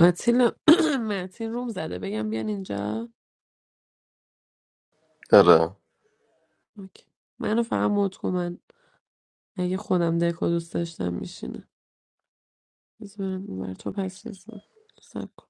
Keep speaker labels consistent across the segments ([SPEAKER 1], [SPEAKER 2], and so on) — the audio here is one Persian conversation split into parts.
[SPEAKER 1] آتیلا متین روم زده بگم بیان اینجا
[SPEAKER 2] آره
[SPEAKER 1] اوکی. منو فقط مد کن من اگه خودم دکو دوست داشتم میشینه بذارم بر تو پس بزن سب کن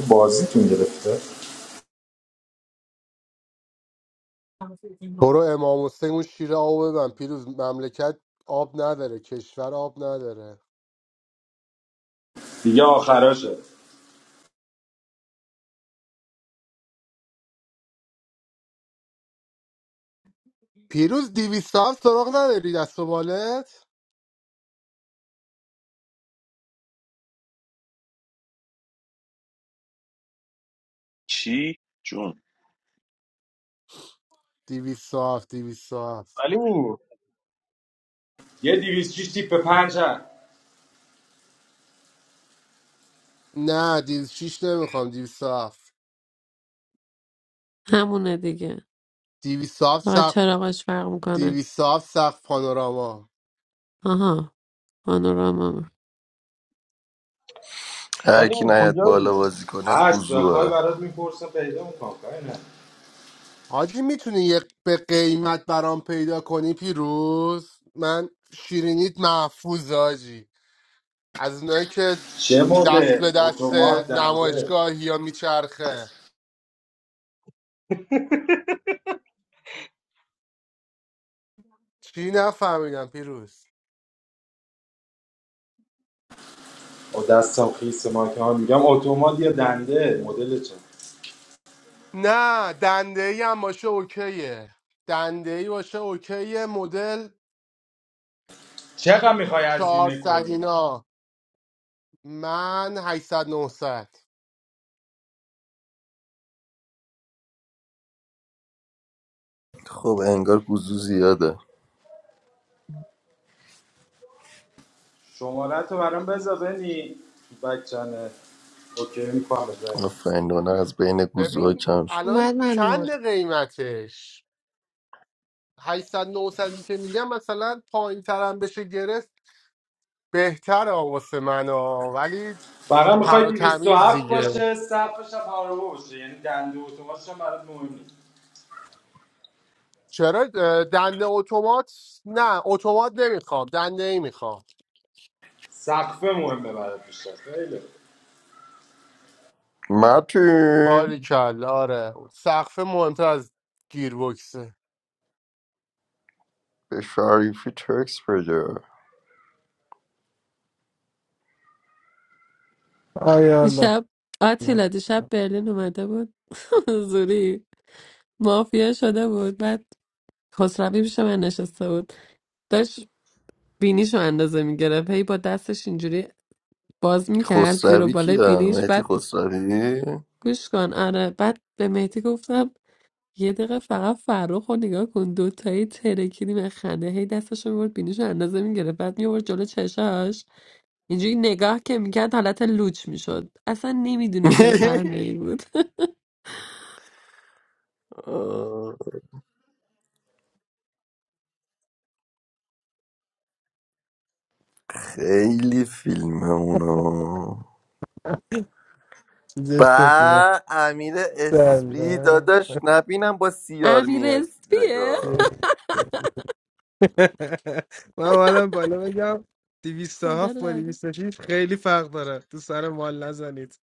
[SPEAKER 3] بازیتون گرفته
[SPEAKER 4] برو امام حسین اون شیر آب من پیروز مملکت آب نداره کشور آب نداره
[SPEAKER 3] دیگه آخراشه
[SPEAKER 4] پیروز 207 سراغ نداری دست و بالت
[SPEAKER 5] چی جون
[SPEAKER 4] 207 207
[SPEAKER 6] Salim,
[SPEAKER 3] یه 206 تیپ پنج هست
[SPEAKER 4] نه 206 نمیخوام 207
[SPEAKER 1] همونه دیگه
[SPEAKER 4] 207
[SPEAKER 1] فقط
[SPEAKER 4] سقف
[SPEAKER 1] چراغاش فرق میکنه
[SPEAKER 4] 207 سقف پانوراما
[SPEAKER 1] آها پانوراما
[SPEAKER 2] هر کی
[SPEAKER 6] Salim
[SPEAKER 2] نیاد
[SPEAKER 6] Khaja,
[SPEAKER 2] بالا بازی کنه
[SPEAKER 3] هست بخوای
[SPEAKER 2] گوزوه
[SPEAKER 3] برات میپرسم پیدا میکنم کاری نه
[SPEAKER 4] حاجی میتونی یک به قیمت برام پیدا کنی پیروز من شیرینیت محفوظ حاجی از اونایی که
[SPEAKER 3] چه
[SPEAKER 4] دست به
[SPEAKER 3] مدل
[SPEAKER 4] دست
[SPEAKER 3] اتومات دنده
[SPEAKER 4] نمایشگاه یا میچرخه چی نفهمیدم پیروز
[SPEAKER 3] او دستم خیس ما که ها میگم اتومات یا دنده مدل چه
[SPEAKER 4] نه دنده ای هم باشه اوکیه دنده ای باشه اوکیه مدل
[SPEAKER 3] چقدر میخوای هزینه
[SPEAKER 4] 400
[SPEAKER 3] کنی
[SPEAKER 4] اینا من 800 900
[SPEAKER 2] خب انگار گوزو زیاده
[SPEAKER 3] شماره تو برام بذار بنی تو بک چنل اوکی میکنم بذار
[SPEAKER 2] آفرین دونه از بین گوزوها
[SPEAKER 4] ببین
[SPEAKER 2] کم شد
[SPEAKER 7] I'm
[SPEAKER 4] الان
[SPEAKER 7] not mad at you.
[SPEAKER 4] چند قیمتش 800 900 که میگم مثلا پایین ترم بشه گرفت بهتر واسه من ها. ولی
[SPEAKER 3] فقط
[SPEAKER 4] تر
[SPEAKER 3] میخوای
[SPEAKER 4] و تمیز
[SPEAKER 3] 207
[SPEAKER 4] دیگه
[SPEAKER 3] باشه سقفش هم پارو باشه یعنی دنده اتوماتش هم برات مهم نیست
[SPEAKER 4] چرا اه، دنده اتومات نه اتومات نمیخوام دنده ای میخوام
[SPEAKER 3] سقفه مهمه برات بیشتر خیلی
[SPEAKER 2] متین
[SPEAKER 4] باریکلا آره سقف مهمتر از گیربکسه
[SPEAKER 2] به شریفی تکس بده
[SPEAKER 8] آیا الله
[SPEAKER 1] دیشب
[SPEAKER 8] الله.
[SPEAKER 1] آتیلا دیشب برلین اومده بود زوری مافیا شده بود بعد خسروی پیش من نشسته بود داشت بینیشو اندازه میگرفت هی با دستش اینجوری باز میکرد زیر و
[SPEAKER 2] خسروی
[SPEAKER 1] بالای
[SPEAKER 2] کیه
[SPEAKER 1] بینیش
[SPEAKER 2] مهدی
[SPEAKER 1] بعد
[SPEAKER 2] خسروی
[SPEAKER 1] گوش کن آره بعد به مهدی گفتم یه دقیقه فقط فرخ رو نگاه کن دوتایی ترکیدیم از خنده هی دستش رو میبرد بینیش اندازه میگرفت بعد میبرد جلو چشاش اینجوری نگاه که میکرد حالت لوچ میشد اصلا نمیدونی چه صحنه ای بود
[SPEAKER 2] آه، خیلی فیلم اونا
[SPEAKER 8] چیزش خوب بوده
[SPEAKER 2] با امیر اسپی
[SPEAKER 8] سلام
[SPEAKER 2] داداش نبینم با سیار
[SPEAKER 1] امیر
[SPEAKER 2] میاد
[SPEAKER 1] اسپیه
[SPEAKER 2] نگاه
[SPEAKER 8] من اومدم بالا بگم
[SPEAKER 1] خدا
[SPEAKER 8] 207 با
[SPEAKER 1] لعنه
[SPEAKER 8] 206 خیلی فرق داره تو سر مال نزنید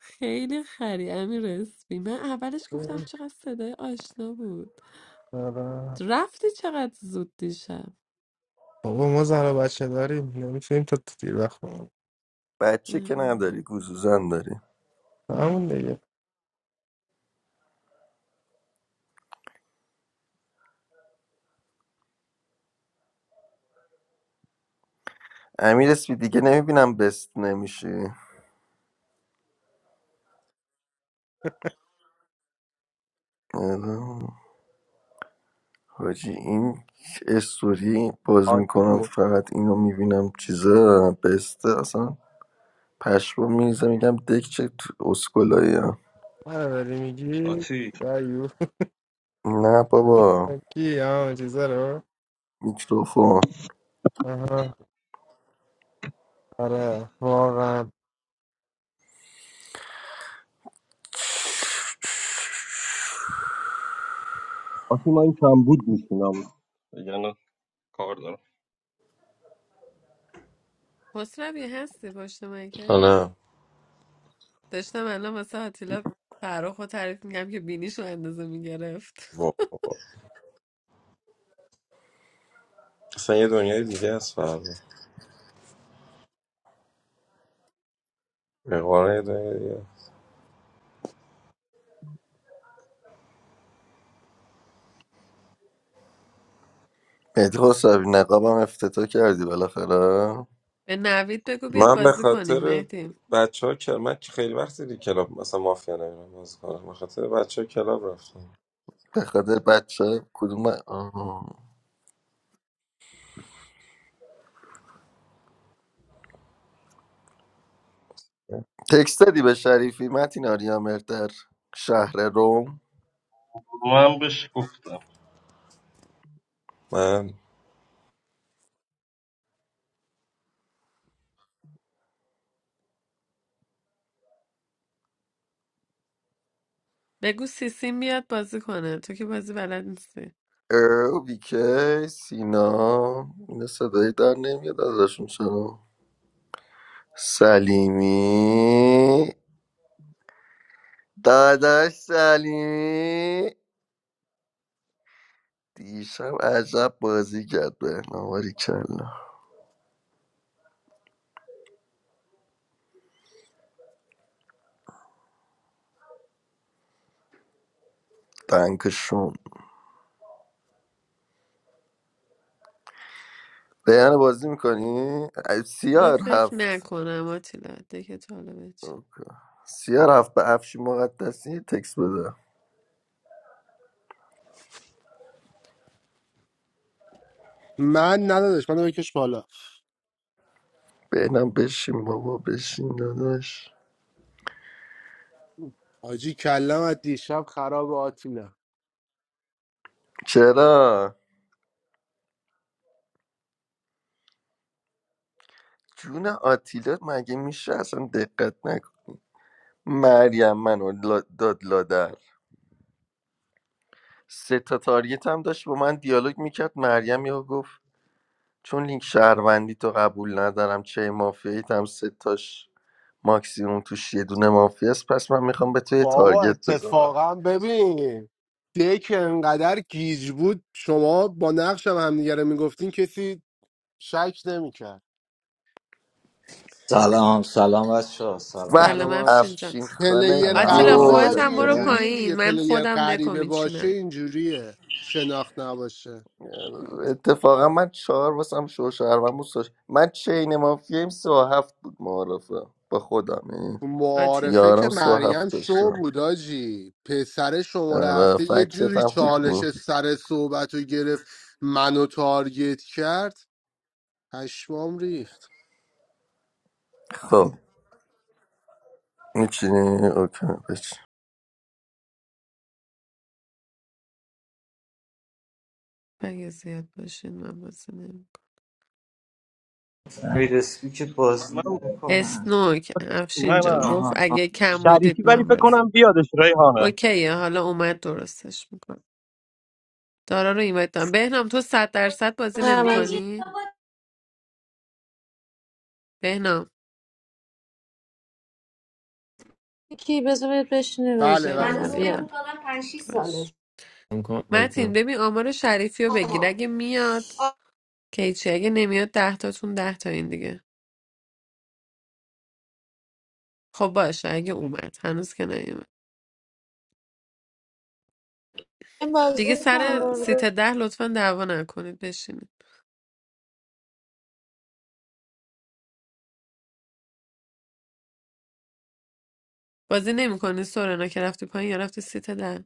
[SPEAKER 1] خیلی خری امیر اسپی من اولش گفتم
[SPEAKER 8] آره.
[SPEAKER 1] چقدر صدای آشنا بود رفتی چقدر زود دیشب
[SPEAKER 8] بابا ما زن و بچه داریم نمیتونیم تا تو دیر وقت بمونیم.
[SPEAKER 2] بچه که
[SPEAKER 1] آره
[SPEAKER 2] نداری گوزوزن داری
[SPEAKER 8] همون دیگه
[SPEAKER 2] امیر اسمی دیگه نمیبینم بست نمیشه حاجی این استوری باز
[SPEAKER 6] Achi,
[SPEAKER 2] میکنم فقط اینو میبینم چیزا بسته اصلا پشمو میریزه میگم دک چه اسکولایی
[SPEAKER 8] من داری میگی
[SPEAKER 6] Achi,
[SPEAKER 8] دایو
[SPEAKER 2] نه بابا
[SPEAKER 8] کی همون چیزا رو
[SPEAKER 2] میکروفون
[SPEAKER 8] آها آره واقعا
[SPEAKER 6] Achi, man, you are good, man. Yes, I have heard.
[SPEAKER 1] خسروی هستی پشت مایکت
[SPEAKER 9] نه
[SPEAKER 1] داشتم الان واسه آتیلا فرخ رو تعریف میگم که بینیش رو اندازه میگرفت
[SPEAKER 9] وا. اصلا یه دنیای دیگه است فردا اقوانه یه دنیای دیگه
[SPEAKER 2] مهدی خسروی نقابم افتتاح کردی بالاخره
[SPEAKER 1] به نوید بگو بیاد
[SPEAKER 9] من به
[SPEAKER 1] بازی کنیم
[SPEAKER 9] خاطر
[SPEAKER 1] مهدی
[SPEAKER 9] بچه ها کل... من خیلی وقت دیگه کلاب مثلا مافیا نمیرم بازی کنم به خاطر بچه ها کلاب رفتم
[SPEAKER 2] به خاطر بچه کدوم آه. تکست دادی به شریفی متین آریا مرتر شهر روم
[SPEAKER 6] I have not heard.
[SPEAKER 9] من
[SPEAKER 1] بگو سیسیم بیاد بازی کنه تو که بازی بلد نیستی
[SPEAKER 2] ارو بیکی سینا اینا صدایی در نمیاد ازشون چرا سلیمی داداش سلیمی دیشب عجب بازی کرد به نواری کلا دنکشون بیان بازی میکنی؟
[SPEAKER 1] من
[SPEAKER 2] سیار
[SPEAKER 1] فکر
[SPEAKER 2] هفت
[SPEAKER 1] نکنم آتیلا دیگه طالبه. حالا
[SPEAKER 2] سیار هفت به افشی مقدسی تکس بده
[SPEAKER 4] من ندادش منو بکش بالا
[SPEAKER 2] بینم بشین بابا بشین داداش
[SPEAKER 4] آجی کلم از دیشب خراب آتیلا
[SPEAKER 2] چرا؟ جون آتیلا مگه میشه اصلا دقت مریم منو لا- داد لادر سه تا تارگت هم داشت با من دیالوگ میکرد مریم یا گفت چون لینک شهروندی تو قبول ندارم چه مافیاییت هم سه تاش ماکسیموم توش یه دونه مافیا است پس من میخوام به تو یه
[SPEAKER 4] بابا
[SPEAKER 2] تارگت بزنم
[SPEAKER 4] اتفاقا ببین دک انقدر گیج بود شما با نقشم همدیگه رو میگفتین کسی شک نمیکرد
[SPEAKER 10] سلام سلام بچه ها، سلام
[SPEAKER 2] و
[SPEAKER 1] سلام
[SPEAKER 4] سلام
[SPEAKER 1] افشین
[SPEAKER 4] افش
[SPEAKER 1] جان
[SPEAKER 2] افشین خانه
[SPEAKER 4] پلیر
[SPEAKER 1] آتیلا
[SPEAKER 4] غریبه
[SPEAKER 10] سلام
[SPEAKER 1] خودت
[SPEAKER 4] حاجی
[SPEAKER 1] هم
[SPEAKER 2] گل
[SPEAKER 1] برو
[SPEAKER 10] فکرم
[SPEAKER 4] اینجوریه دیگه
[SPEAKER 1] پایین من
[SPEAKER 4] پلیر
[SPEAKER 1] خودم دکو
[SPEAKER 4] غریبه باشه
[SPEAKER 1] میچینم
[SPEAKER 4] اینجوریه شناخت نباشه
[SPEAKER 2] اتفاقا من چهار واسم شو شهروند بود سه- من چین مافیایم سه و هفت بود معارفه با خودم یعنی
[SPEAKER 4] تو معارفه
[SPEAKER 1] آتیلا
[SPEAKER 4] که
[SPEAKER 2] یارم سه و
[SPEAKER 4] مریم
[SPEAKER 2] هفت
[SPEAKER 4] شو
[SPEAKER 2] داشتم
[SPEAKER 4] بود آجی پسر شما
[SPEAKER 2] آره
[SPEAKER 4] رفته یه
[SPEAKER 2] فکتت
[SPEAKER 4] جوری
[SPEAKER 2] هم خوب بود
[SPEAKER 4] چالش سر صحبت رو گرفت منو تارگت کرد پشمام ریخت
[SPEAKER 2] خب میچینی اوکی بچین
[SPEAKER 1] اگه زیاد باشین من بازی نمیکنم
[SPEAKER 10] نوید اسپی که بازی نمیکنن
[SPEAKER 1] اسنوک
[SPEAKER 6] I
[SPEAKER 1] افشین
[SPEAKER 6] have not heard.
[SPEAKER 1] جان گفت
[SPEAKER 10] آها آها.
[SPEAKER 1] اگه کم بودید
[SPEAKER 6] Sharifi,
[SPEAKER 1] من
[SPEAKER 6] Sharifi, I
[SPEAKER 1] بازی
[SPEAKER 6] remember Rayhan.
[SPEAKER 1] اوکیه حالا اومد درستش میکنم دارا رو اینوایت دارم بهنام تو صد درصد بازی
[SPEAKER 7] I'm not. I'm just
[SPEAKER 1] نمیکنی بهنام
[SPEAKER 7] a bit tired. I'm just
[SPEAKER 4] بله
[SPEAKER 7] a bit
[SPEAKER 1] خیلی
[SPEAKER 4] بله,
[SPEAKER 1] خوب
[SPEAKER 4] بله.
[SPEAKER 1] بیا
[SPEAKER 7] tired.
[SPEAKER 1] بالا باش
[SPEAKER 11] I'm going to
[SPEAKER 1] متین
[SPEAKER 11] Baltimore.
[SPEAKER 1] ببین آمار شریفی رو بگیر اگه میاد که هیچی اگه نمیاد ده تاتون ده تا این دیگه خب باشه اگه اومد هنوز که نیومد
[SPEAKER 7] I'm just
[SPEAKER 1] دیگه
[SPEAKER 7] a bit
[SPEAKER 1] سر
[SPEAKER 7] tired.
[SPEAKER 1] سیت ده لطفا دعوا نکنید بشینید بازی نمیکنی سورنا که رفتی پایین یا رفتی سیت ده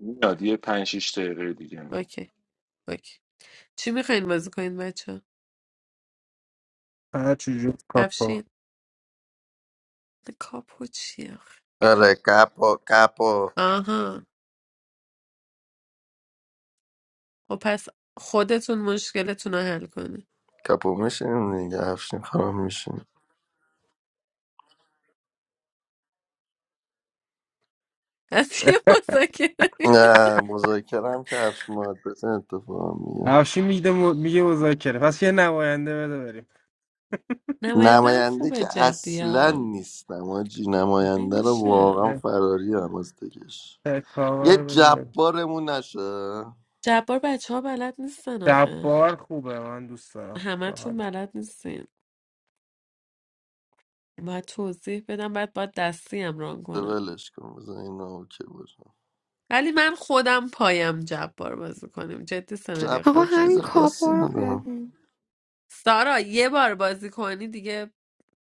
[SPEAKER 5] میاد یه پنج شیش دقیقه دیگه میاد
[SPEAKER 1] اوکی اوکی چی میخواین بازی کنید بچه
[SPEAKER 8] هر چی جور کافا
[SPEAKER 1] افشین کاپو چی آخه؟
[SPEAKER 2] آره کپو کپو
[SPEAKER 1] آها خب پس خودتون مشکلتون رو حل کنید
[SPEAKER 2] کپو میشیم دیگه افشین خانم میشیم
[SPEAKER 1] از یه مذاکره
[SPEAKER 2] نه مذاکره هم که افشین مقدس اتفاق میگه
[SPEAKER 8] افشین میگه م... میگه مذاکره پس یه نماینده بده بریم
[SPEAKER 1] نماینده هم
[SPEAKER 2] نماینده
[SPEAKER 1] خوبه
[SPEAKER 2] که
[SPEAKER 1] جدی
[SPEAKER 2] اصلا
[SPEAKER 1] هم
[SPEAKER 2] نیستم آجی نماینده رو
[SPEAKER 1] نمیشه
[SPEAKER 2] واقعا فراری هم از دکش
[SPEAKER 8] بهتر
[SPEAKER 2] یه
[SPEAKER 8] کاور بده
[SPEAKER 2] جبارمون نشه
[SPEAKER 1] جبار بچه ها بلد نیستن آخه
[SPEAKER 8] جبار خوبه من دوست دارم
[SPEAKER 1] همه
[SPEAKER 8] به
[SPEAKER 1] تون
[SPEAKER 8] حالا
[SPEAKER 1] بلد نیستین باید توضیح بدم بعد باید دستی هم ران کنم
[SPEAKER 2] ولش کن بزن این اوکی باشه
[SPEAKER 1] ولی من خودم پایم جبار بازی کنیم جدی سناریو
[SPEAKER 12] آقا
[SPEAKER 2] جبار چیز
[SPEAKER 12] همین
[SPEAKER 1] خفنیه
[SPEAKER 12] کاپو
[SPEAKER 2] خاصی
[SPEAKER 12] رو
[SPEAKER 2] ندارم
[SPEAKER 12] ببین
[SPEAKER 1] سارا یه بار بازی کنی دیگه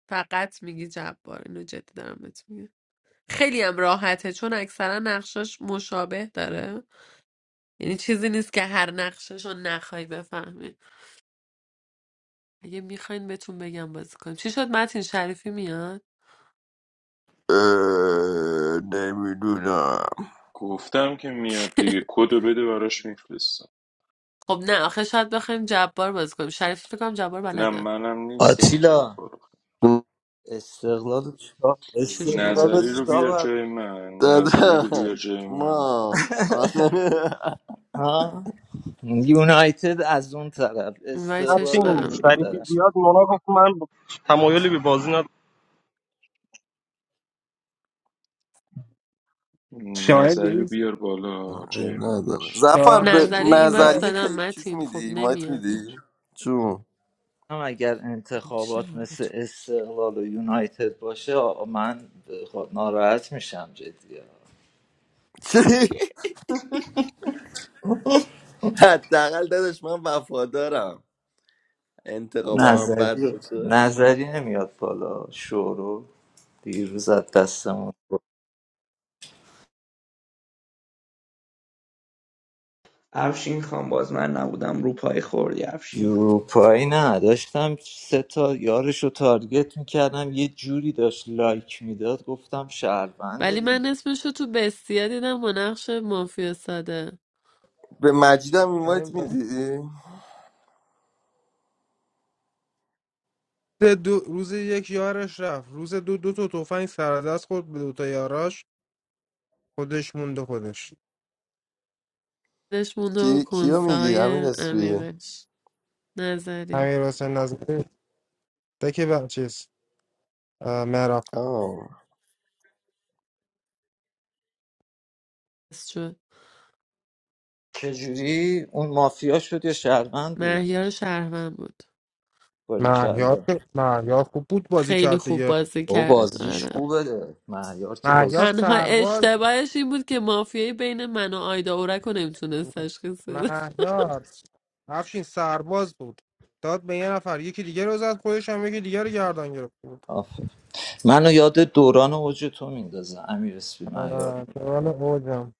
[SPEAKER 1] فقط میگی جبار اینو جدی دارم بهت میگم خیلی هم راحته چون اکثرا نقشاش مشابه داره یعنی چیزی نیست که هر نقشش رو نخوای بفهمی اگه میخواین بهتون بگم بازی کنیم چی شد متین شریفی میاد
[SPEAKER 2] نمیدونم
[SPEAKER 5] گفتم که میاد دیگه کدو بده براش میفرستم
[SPEAKER 1] خب نه آخه شاید بخوایم جبار بازی کنیم شریفی فکر کنم جبار
[SPEAKER 5] نه
[SPEAKER 1] بلده
[SPEAKER 5] منم نیستم جواب
[SPEAKER 10] آتیلا
[SPEAKER 5] برو
[SPEAKER 10] استقلال رو چیکار
[SPEAKER 1] چجوری
[SPEAKER 10] استقلال رو
[SPEAKER 1] بلد
[SPEAKER 5] نظری رو
[SPEAKER 10] چیکار
[SPEAKER 1] نیست
[SPEAKER 5] بیار
[SPEAKER 10] باید
[SPEAKER 5] جای
[SPEAKER 10] بکنه؟
[SPEAKER 5] من نظری رو بیار
[SPEAKER 2] داداش
[SPEAKER 5] جای من
[SPEAKER 2] ما
[SPEAKER 10] ها یونایتد از اون طرف
[SPEAKER 1] اینوایتش
[SPEAKER 6] Achi,
[SPEAKER 10] استقلال از
[SPEAKER 1] دادم
[SPEAKER 10] این
[SPEAKER 1] دیگه
[SPEAKER 6] Sharifi, I
[SPEAKER 10] طرف
[SPEAKER 1] باش
[SPEAKER 6] remember Monak. I have not
[SPEAKER 8] شاهین
[SPEAKER 5] نظری رو
[SPEAKER 8] دیروز
[SPEAKER 5] بیار بالا
[SPEAKER 2] عیب
[SPEAKER 5] جای من
[SPEAKER 2] نداره
[SPEAKER 5] بش یه
[SPEAKER 2] زفر به
[SPEAKER 8] شاهین
[SPEAKER 5] نظری
[SPEAKER 1] نظری
[SPEAKER 8] دیروز
[SPEAKER 5] من
[SPEAKER 1] اینوایت
[SPEAKER 8] نه
[SPEAKER 2] نظریه
[SPEAKER 1] دادم
[SPEAKER 2] تی... چیز
[SPEAKER 1] متین خب
[SPEAKER 2] میدی مایت
[SPEAKER 1] نمیاد
[SPEAKER 2] میدی چون
[SPEAKER 10] هم اگر
[SPEAKER 1] چی
[SPEAKER 10] انتخابات
[SPEAKER 1] بود؟
[SPEAKER 10] مثل استقلال و یونایتد باشه آ- من خب ناراحت میشم جدی ها.
[SPEAKER 2] چی؟ حداقل داداش من وفادارم انتقابم هم بد
[SPEAKER 10] نظری
[SPEAKER 2] باشه
[SPEAKER 10] نظری نمیاد بالا شورو دیروز از دستمون
[SPEAKER 13] افشین خان باز من نبودم رو پای خوردی افشین خان
[SPEAKER 10] گروپایی نه داشتم سه تا یارش رو تارگت میکردم یه جوری داشت لایک میداد گفتم شهرونده
[SPEAKER 1] ولی من
[SPEAKER 10] دیگه
[SPEAKER 1] اسمش رو تو بسیا دیدم با نقش مافیا ساده
[SPEAKER 2] به مجیدم
[SPEAKER 8] شاهین
[SPEAKER 2] اینوایت
[SPEAKER 8] دیروز-
[SPEAKER 2] میدی
[SPEAKER 8] روز دو روز یک یارش رفت روز دو دو تا تفنگ سر دست خورد به دو تا یاراش خودش موند خودش
[SPEAKER 1] دلش مونده و
[SPEAKER 2] کی... کیو
[SPEAKER 1] کنسه
[SPEAKER 2] میگی امیر
[SPEAKER 1] های
[SPEAKER 2] اسپی
[SPEAKER 1] عمیقش نظری
[SPEAKER 8] امیر حسین نظری تک بر چیز اه، مهراب
[SPEAKER 2] آه.
[SPEAKER 1] بس شد
[SPEAKER 10] چه جوری اون مافیا شد یا
[SPEAKER 1] ش-
[SPEAKER 10] شهروند بود
[SPEAKER 1] مهیار شهروند بود
[SPEAKER 8] مهیار
[SPEAKER 10] باریکلا
[SPEAKER 8] که- مهیار خوب بود بازی
[SPEAKER 1] خیلی
[SPEAKER 8] کرد
[SPEAKER 1] خوب
[SPEAKER 8] دیگه
[SPEAKER 1] بازی
[SPEAKER 10] او
[SPEAKER 1] کرد
[SPEAKER 10] بازیش
[SPEAKER 1] آره
[SPEAKER 10] خوبه ده مهیار که
[SPEAKER 8] مهیار
[SPEAKER 10] بازیش
[SPEAKER 1] تنها
[SPEAKER 8] سرباز
[SPEAKER 1] اشتباهش این بود که مافیایی بین من و آیدا اورک رو نمیتونست تشخیص بده
[SPEAKER 8] مهیار افشین سرباز بود داد به یه نفر یکی دیگه رو زد خودش هم یکی دیگه رو گردن گرفت
[SPEAKER 10] آفه. منو یاد دوران اوج تو میندازه امیر اسپی مهیار
[SPEAKER 8] آره تو دوران اوجم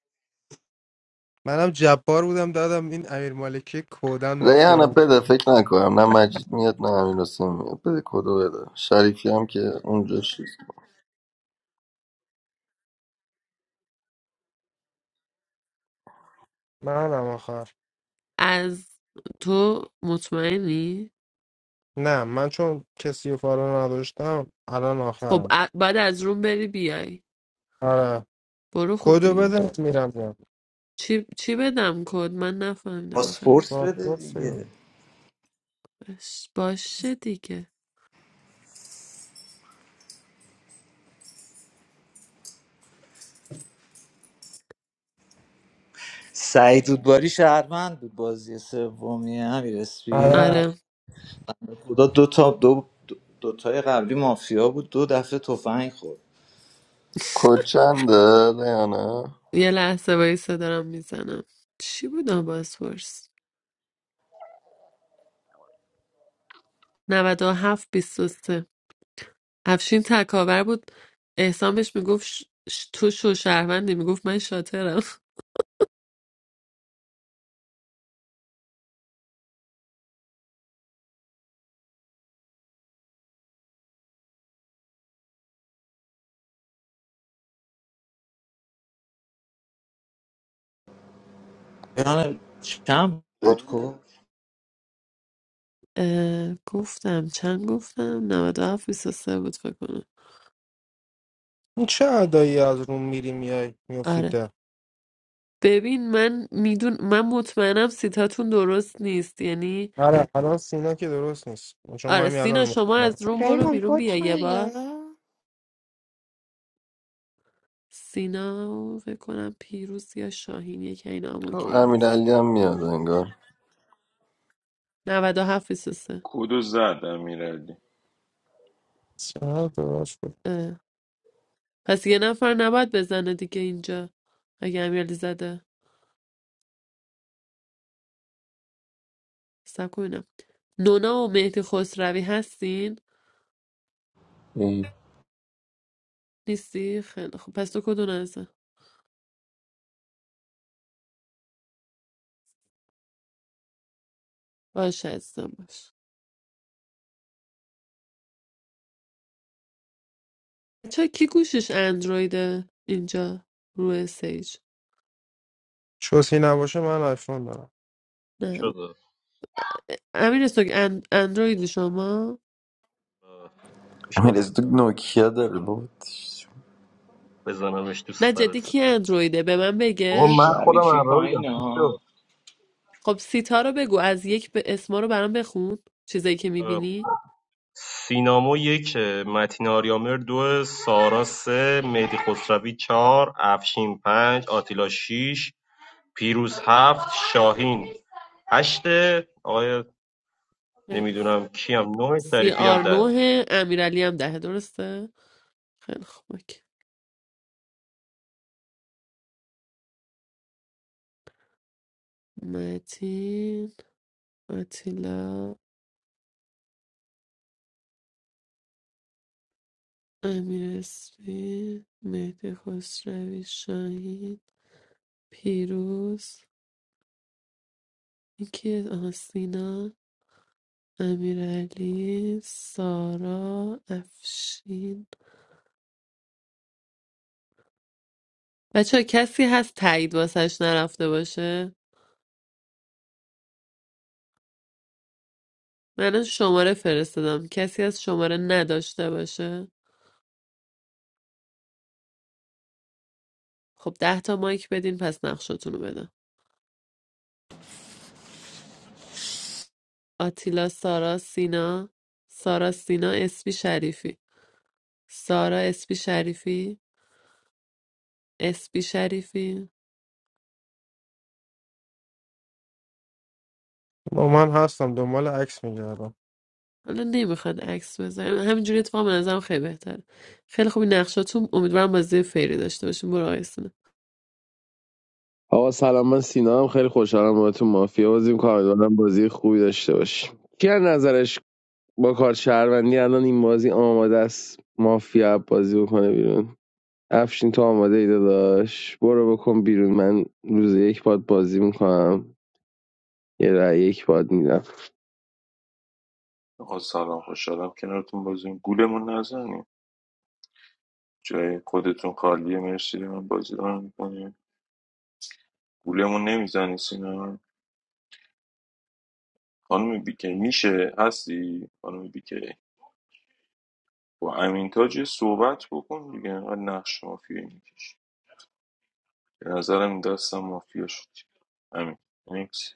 [SPEAKER 8] منم جبار بودم دادم این امیر مالکی کودن مافیا
[SPEAKER 2] ریحانه
[SPEAKER 8] بود
[SPEAKER 2] بده فکر نکنم نه مجید میاد نه امیر حسین میاد بده کدو بده شریفی هم که اونجا شد
[SPEAKER 8] منم آخر
[SPEAKER 1] از تو مطمئنی؟
[SPEAKER 8] نه من چون کسی رو فالو نداشتم الان
[SPEAKER 1] خب
[SPEAKER 8] آخرم
[SPEAKER 1] ا- بعد از روم بری بیای
[SPEAKER 8] آره
[SPEAKER 1] برو خب
[SPEAKER 8] کدو
[SPEAKER 1] دیگه
[SPEAKER 8] بده میرم جم
[SPEAKER 1] چی, چی بدم کد من نفهمیدم آخر
[SPEAKER 10] پاسپورت بده
[SPEAKER 8] پاسپورت چیه؟
[SPEAKER 10] دیگه
[SPEAKER 1] باش باشه دیگه
[SPEAKER 10] سعید رودباری شهروند بود بازی سومی امیر اسپی
[SPEAKER 8] آره
[SPEAKER 1] آره
[SPEAKER 10] خدا دو تا دو دو تای قبلی مافیا بود دو دفعه تفنگ خورد
[SPEAKER 2] کد چنده ریحانه
[SPEAKER 1] یه لحظه وایسه دارم میزنم چی بود آباسپورس 97 23 افشین تکاور بود احسان بهش میگفت ش... ش- تو شو شهروندی میگفت من شاطرم
[SPEAKER 10] یعنی چم بود کو
[SPEAKER 1] اه، گفتم چند گفتم 97 23 بود فکر کنم
[SPEAKER 8] این چه ادایی از روم میری میای میفتی
[SPEAKER 1] آره
[SPEAKER 8] ده
[SPEAKER 1] ببین من میدون من مطمئنم سیتاتون درست نیست یعنی
[SPEAKER 8] آره الان سینا که درست نیست چون ما
[SPEAKER 1] آره
[SPEAKER 8] همین الان
[SPEAKER 1] سینا
[SPEAKER 8] رو
[SPEAKER 1] شما
[SPEAKER 8] می‌خوریم.
[SPEAKER 1] از روم برو
[SPEAKER 12] ریحان
[SPEAKER 1] بیرون بیا
[SPEAKER 12] کوچ
[SPEAKER 1] یه بار
[SPEAKER 12] میده
[SPEAKER 1] سینا و فکر کنم پیروز یا شاهین یکی اینا هم اوکی
[SPEAKER 2] امیر
[SPEAKER 1] نیست
[SPEAKER 2] علی هم میاد انگار
[SPEAKER 1] 97 23
[SPEAKER 5] کدو زد امیرعلی
[SPEAKER 8] چقدر درست بود
[SPEAKER 1] اه. پس یه نفر نباید بزنه دیگه اینجا اگه امیرعلی زده سب نونا و مهدی خسروی هستین؟
[SPEAKER 9] اون
[SPEAKER 1] نیستی؟ خیلی خب پس تو کدوم هستن؟ باشه هستم باش چرا کی گوشش اندرویده اینجا روی سیج
[SPEAKER 8] چوسی نباشه من آیفون دارم
[SPEAKER 1] نه امیر استوک اند... اندروید شما؟
[SPEAKER 14] Öyle de Nokia der baba.
[SPEAKER 1] نه جدی کی اندرویده به من بگه؟
[SPEAKER 10] شریفی
[SPEAKER 6] heard. I
[SPEAKER 10] پایین
[SPEAKER 6] have not
[SPEAKER 10] ها
[SPEAKER 1] خب سیتا رو بگو از یک به اسما رو برام بخون چیزایی که
[SPEAKER 6] heard.
[SPEAKER 1] میبینی
[SPEAKER 6] Sinema one, Matinari Amir two, Sara three, Medichostavi four, Afshin five, Atila six, Pirous seven, Shahin eight. Oh, I
[SPEAKER 1] خیلی
[SPEAKER 6] don't
[SPEAKER 1] خب
[SPEAKER 6] know who is ninth.
[SPEAKER 1] سی
[SPEAKER 6] Sorry, please
[SPEAKER 1] آر نوه امیرعلی هم دهه درسته؟ خیلی خب اوکی. متین آتیلا امیر اسپی مهدی خسروی شاهین پیروز یکی آها سینا امیرعلی سارا افشین بچه کسی هست تایید واسش نرفته باشه من الان شماره فرستادم کسی از شماره نداشته باشه خب ده تا مایک بدین پس نقشتون رو بدم آتیلا سارا سینا سارا سینا اسپی شریفی سارا اسپی شریفی اسپی شریفی
[SPEAKER 8] با من هستم دنبال عکس میگردم
[SPEAKER 1] حالا نمیخواد عکس بزنیم همینجوری اتفاق به نظرم خیلی بهتره خیلی خوبی نقشاتون امیدوارم بازی فیری داشته باشیم برو آیسونه
[SPEAKER 15] آقا سلام من سینا هم خیلی خوشحالم باهاتون مافیا بازی می‌کنم امیدوارم بازی خوبی داشته باشیم کی از نظرش با کار شهروندی الان این بازی آماده است مافیا بازی بکنه بیرون افشین تو آماده ای داداش برو بکن بیرون من روز یک باد بازی میکنم یه رای یک باد میدم
[SPEAKER 5] آقا سلام خوشحالم کنارتون بازیم گولمون نزنیم جای خودتون خالیه مرسی من بازی رو میکنیم گولمون نمیزنی سینا خانم بیکی میشه هستی خانم بیکی با امین تاج یه صحبت بکن دیگه انقدر نقش مافیایی میکش به نظرم این داستان مافیا شد امین نیکس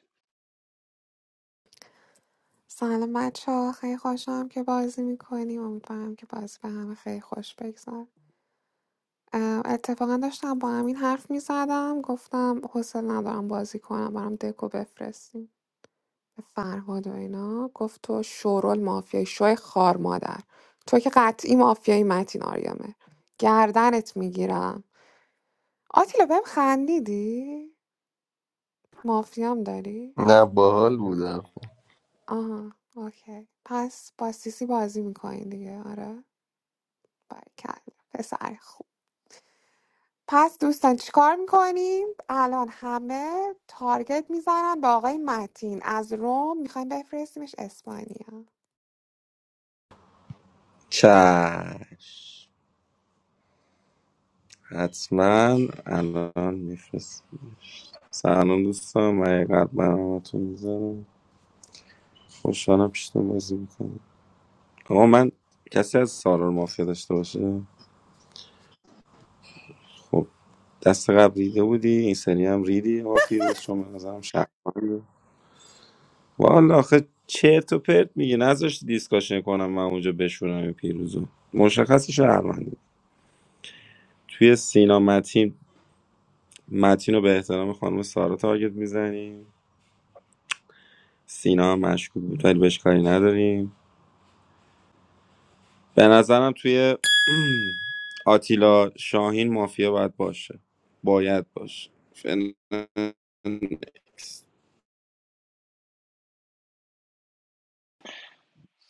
[SPEAKER 12] سلام بچه ها خیلی خوشم که بازی میکنیم امیدوارم که بازی به همه خیلی خوش بگذار اتفاقا داشتم با همین حرف میزدم گفتم حوصله ندارم بازی کنم برام دکو بفرستیم به فرهاد و اینا گفت تو شورول مافیای شوی خار مادر تو که قطعی مافیای متین آریامه گردنت میگیرم آتیلا بهم خندیدی مافیام داری
[SPEAKER 2] نه باحال بودم
[SPEAKER 12] آها اوکی پس با سیسی بازی میکنین دیگه آره برکلا پسر خوب پس دوستان چیکار میکنیم الان همه تارگت میزنن به آقای متین از روم میخوایم بفرستیمش اسپانیا
[SPEAKER 9] چشم حتما الان میفرست سلام دوستان من یه قلب برامتون میذارم خوشحالم پیشتون بازی میکنم آقا من کسی از سالار مافیا داشته باشه خب دست قبل ریده بودی این سری هم ریدی آقا پیروز چون به نظرم شهروندی والا آخه چرت و پرت میگی نذاشتی دیسکاشن کنم من اونجا بشورم این پیروزو مشخص شهروندی توی سینا متین متین رو به احترام خانم سارا تارگت میزنیم سینا هم مشکوک بود ولی بهش کاری نداریم به نظرم توی آتیلا شاهین مافیا باید باشه باید باشه فعلا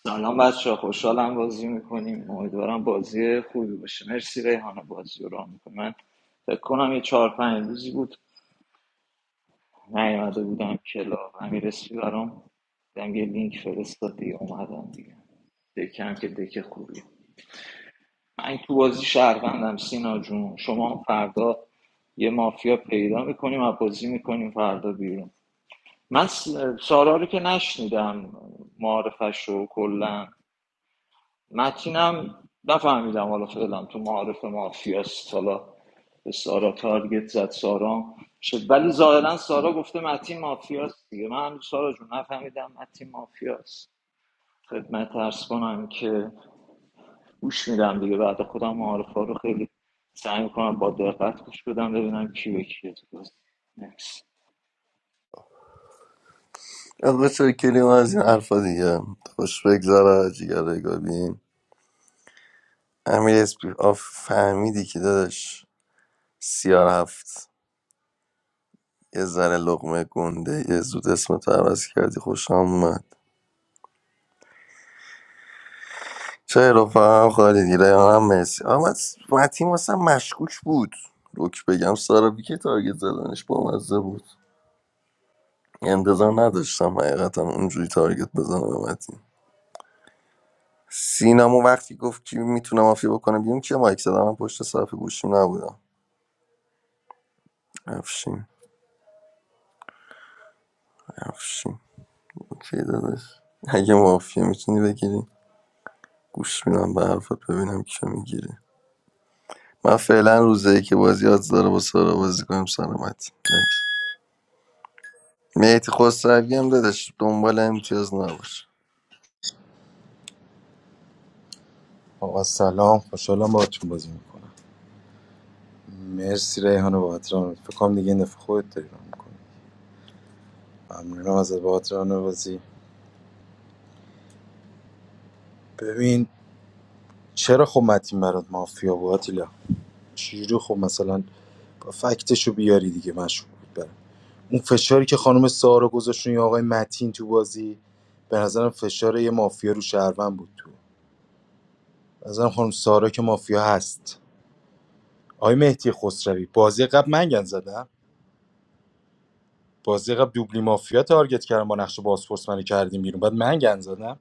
[SPEAKER 10] سلام بچه خوشحالم بازی میکنیم امیدوارم بازی خوبی باشه مرسی ریحانه بازی رو راه میکنم من فکر کنم یه چهار پنج روزی بود نیومده بودم کلا امیر اسپی برام دنگ لینک فرستاد دیگه اومدم دیگه دکم که دک خوبی من تو بازی شهروندم سینا جون شما هم فردا یه مافیا پیدا میکنیم و بازی میکنیم فردا بیرون من س- سارا رو که نشنیدم معارفش رو کلا متینم نفهمیدم حالا فعلا تو معارف مافیاست حالا به سارا تارگت زد سارا شد ولی ظاهرا سارا گفته متین مافیاست دیگه من هم سارا جون نفهمیدم متین مافیاست خدمت ترس کنم که گوش میدم دیگه بعد خودم معارفه ها رو خیلی سعی میکنم با دقت گوش بدم ببینم کی به کیه تو بازی مرسی.
[SPEAKER 2] آقا شکریم از این حرفا دیگه خوش بگذره جیگر گابین امیر اسپی آف فهمیدی که داداش سیار هفت یه ذره لقمه گنده یه زود اسم تو عوض کردی خوشم اومد چه رفاقم خالی دیره هم مرسی آمد متیم واسه مشکوک بود روک بگم سارا که تارگت زدنش با مزه بود انتظار نداشتم حقیقتا اونجوری تارگت بزنم به متین. سینامو وقتی گفت کی میتونه مافیا بکنه بیرون که مایک زدم من پشت صرف گوشیم نبودم افشین افشین اوکی داداش اگه مافیا میتونی بگیری گوش میدم به حرفت ببینم کیو میگیری من فعلا روزه ای که بازی آدز داره با سارا بازی کنیم سلامت نکس میتی خسروی هم دادش دنبال امتیاز نباش
[SPEAKER 3] آقا سلام خوشحالم باهاتون بازی میکنم مرسی ریحان بابت فکر کنم دیگه این دفعه خودت داری ران میکنی ممنونم از بابت ران بازی ببین چرا خب متین برات مافیا بود آتیلا چجوری خب مثلا با فکتشو بیه مشهور بود برام. اون فشاری که خانم سارا گذاشت روی آقای متین تو بازی به نظرم فشار یه مافیا رو شهروند بود تو به نظرم خانم سارا که مافیا هست آقای مهدی خسروی بازی قبل من گن زدم بازی قبل دوبلی مافیا تارگت کردم با نقش بازپرس منو کردیم بیرون بعد من گن زدم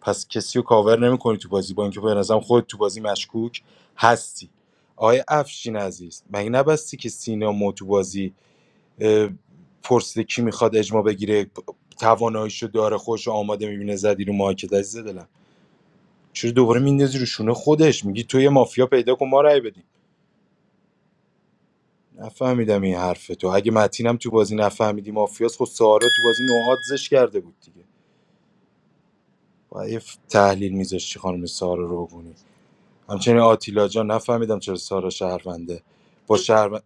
[SPEAKER 3] پس کسی رو کاور نمیکنی تو بازی با اینکه به نظرم خود تو بازی مشکوک هستی آقای افشین عزیز مگه نبستی که سینا مو تو بازی اه، پرسیده کی میخواد اجماع بگیره پ- تواناییشو داره خودشو آماده میبینه زدی رو مارکت عزیز دلم چرا دوباره میندازی رو شونه خودش میگی تو یه مافیا پیدا کن ما رأی بدیم نفهمیدم این حرف تو اگه متینم تو بازی نفهمیدی مافیاس خود سارا تو بازی نوعات زش کرده بود دیگه و یه تحلیل میذاشتی خانم سارا رو بگونی همچنین آتیلا جان نفهمیدم چرا سارا شهرونده با شهر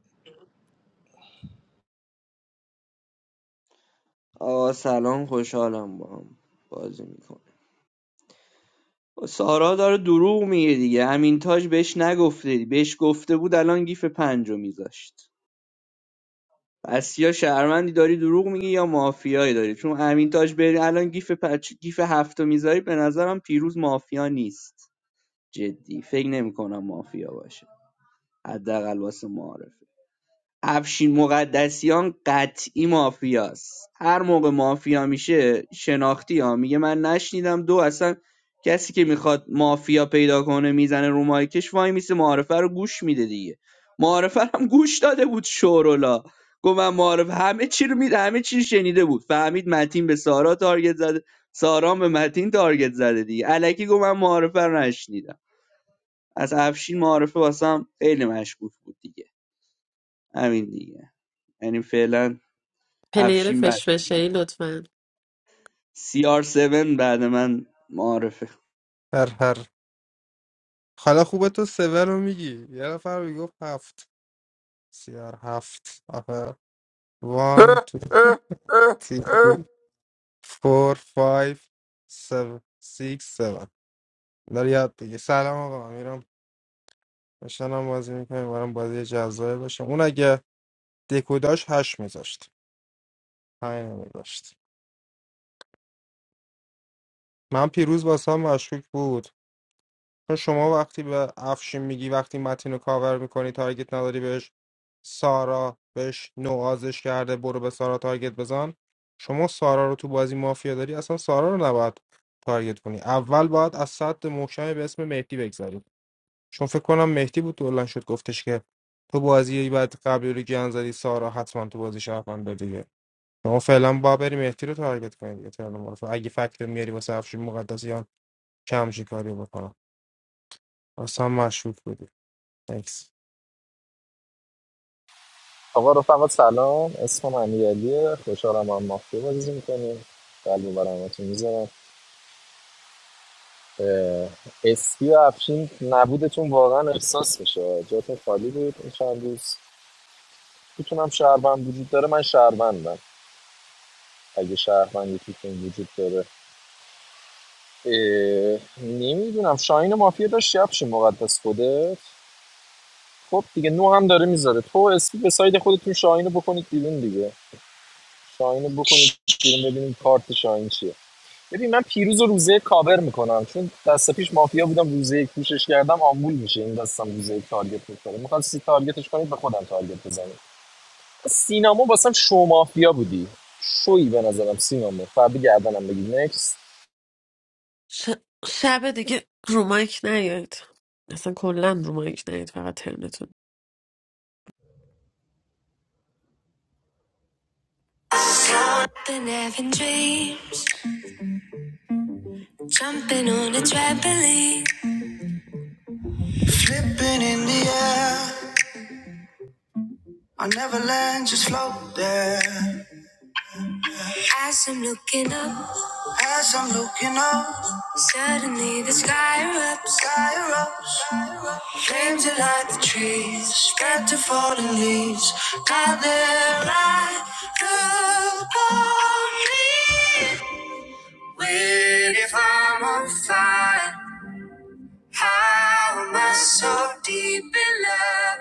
[SPEAKER 13] آقا سلام خوشحالم با هم بازی میکنه سارا داره دروغ میگه دیگه همین تاج بهش نگفته بهش گفته بود الان گیف پنجو میذاشت پس یا شهرمندی داری دروغ میگی یا مافیایی داری چون امین تاج بری الان گیف پچ گیف هفتو میذاری به نظرم پیروز مافیا نیست جدی فکر نمیکنم مافیا باشه حداقل واسه معارف افشین مقدسیان قطعی مافیاست هر موقع مافیا میشه شناختی ها میگه من نشنیدم دو اصلا کسی که میخواد مافیا پیدا کنه میزنه رو مایکش وای میسه معارفه رو گوش میده دیگه معارفه هم گوش داده بود شورولا گفت من معارفه همه چی رو میده همه چی رو شنیده بود فهمید متین به سارا تارگت زده سارا هم به متین تارگت زده دیگه الکی گفت من معارفه رو نشنیدم از افشین معارفه واسم خیلی مشکوک بود دیگه همین دیگه یعنی فعلا
[SPEAKER 1] پلیر
[SPEAKER 13] افشین بعد
[SPEAKER 1] فشفشه ای لطفا
[SPEAKER 13] سی آر 7 بعد من معارفه
[SPEAKER 8] هر هر حالا خوبه تو سوه رو میگی یه نفر میگفت هفت سیار هفت آخر وان تو تیری فور فایف سو سیکس سوان داری یاد بگی سلام آقا میرم هم بازی میکنیم برام بازی جذابه باشه اون اگه دکوداش هشت میذاشت همین میذاشت من پیروز واسه هم مشکوک بود چون شما وقتی به افشین میگی وقتی متین رو کاور میکنی تارگت نداری بهش سارا بهش نوازش کرده برو به سارا تارگت بزن شما سارا رو تو بازی مافیا داری اصلا سارا رو نباید تارگت کنی اول باید از سد محکمی به اسم مهدی بگذاری چون فکر کنم مهدی بود بلند شد گفتش که تو بازی بعد قبلی رو گن زدی سارا حتما تو بازی شهرونده دیگه شما فعلا با بری مهدی رو تارگت کنید دیگه ترن معرف. اگه فکت رو میاری واسه افشین مقدسیان کم کاری بکنم اصلا مشکوک بودی Thanks.
[SPEAKER 16] آقا رفقا سلام اسمم امیرعلیه خوشحالم با هم مافیا بازی میکنیم قلب برامتون میذارم اه، اسپی و افشین نبودتون واقعا احساس میشه جاتون خالی بود این چند روز میتونم شهروند وجود داره من شهروندم اگه شهروند یکیتون وجود داره نمیدونم شاهین مافیا داشت یه افشین مقدس خوده خب دیگه نو هم داره میذاره تو اسپی به ساید خودتون شاهین رو بکنید بیرون دیگه شاهین رو بکنید بیرون ببینیم کارت شاهین چیه ببین من پیروز و روزه کاور میکنم چون دست پیش مافیا بودم روزه یک پوشش کردم آمبول میشه این دستم روزه یک تارگت میکنه میخواد سی تارگتش کنید به خودم تارگت بزنید سینما واسم شو مافیا بودی شویی به نظرم سینما فرد گردنم بگید نکس
[SPEAKER 1] ش... شب دیگه رومایک نیاید اصلا کلا رومایک نیاید فقط ترنتون Been having dreams, jumping on a trampoline. Flipping in the air, I never land, just float there. As I'm looking up. As I'm looking up, suddenly the sky erupts. Sky erupts. Flames that light the trees, spread to fallen leaves. Gather right upon me. Wait, if I'm on fire, how am I so deep in love?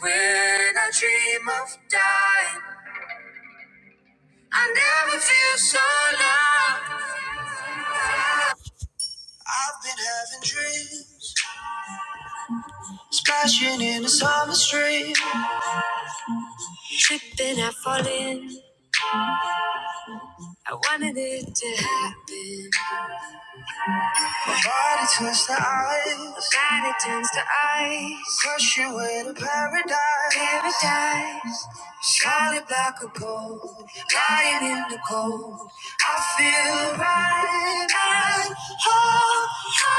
[SPEAKER 1] When I dream of dying, I never feel so loved. I've been having dreams. Splashing in the summer stream. Tripping, I fall I wanted it to happen. My body turns to ice. My body turns to ice. Crush you in a paradise. Paradise. Solid black of gold. Lying in the cold. I feel right. I, oh, oh.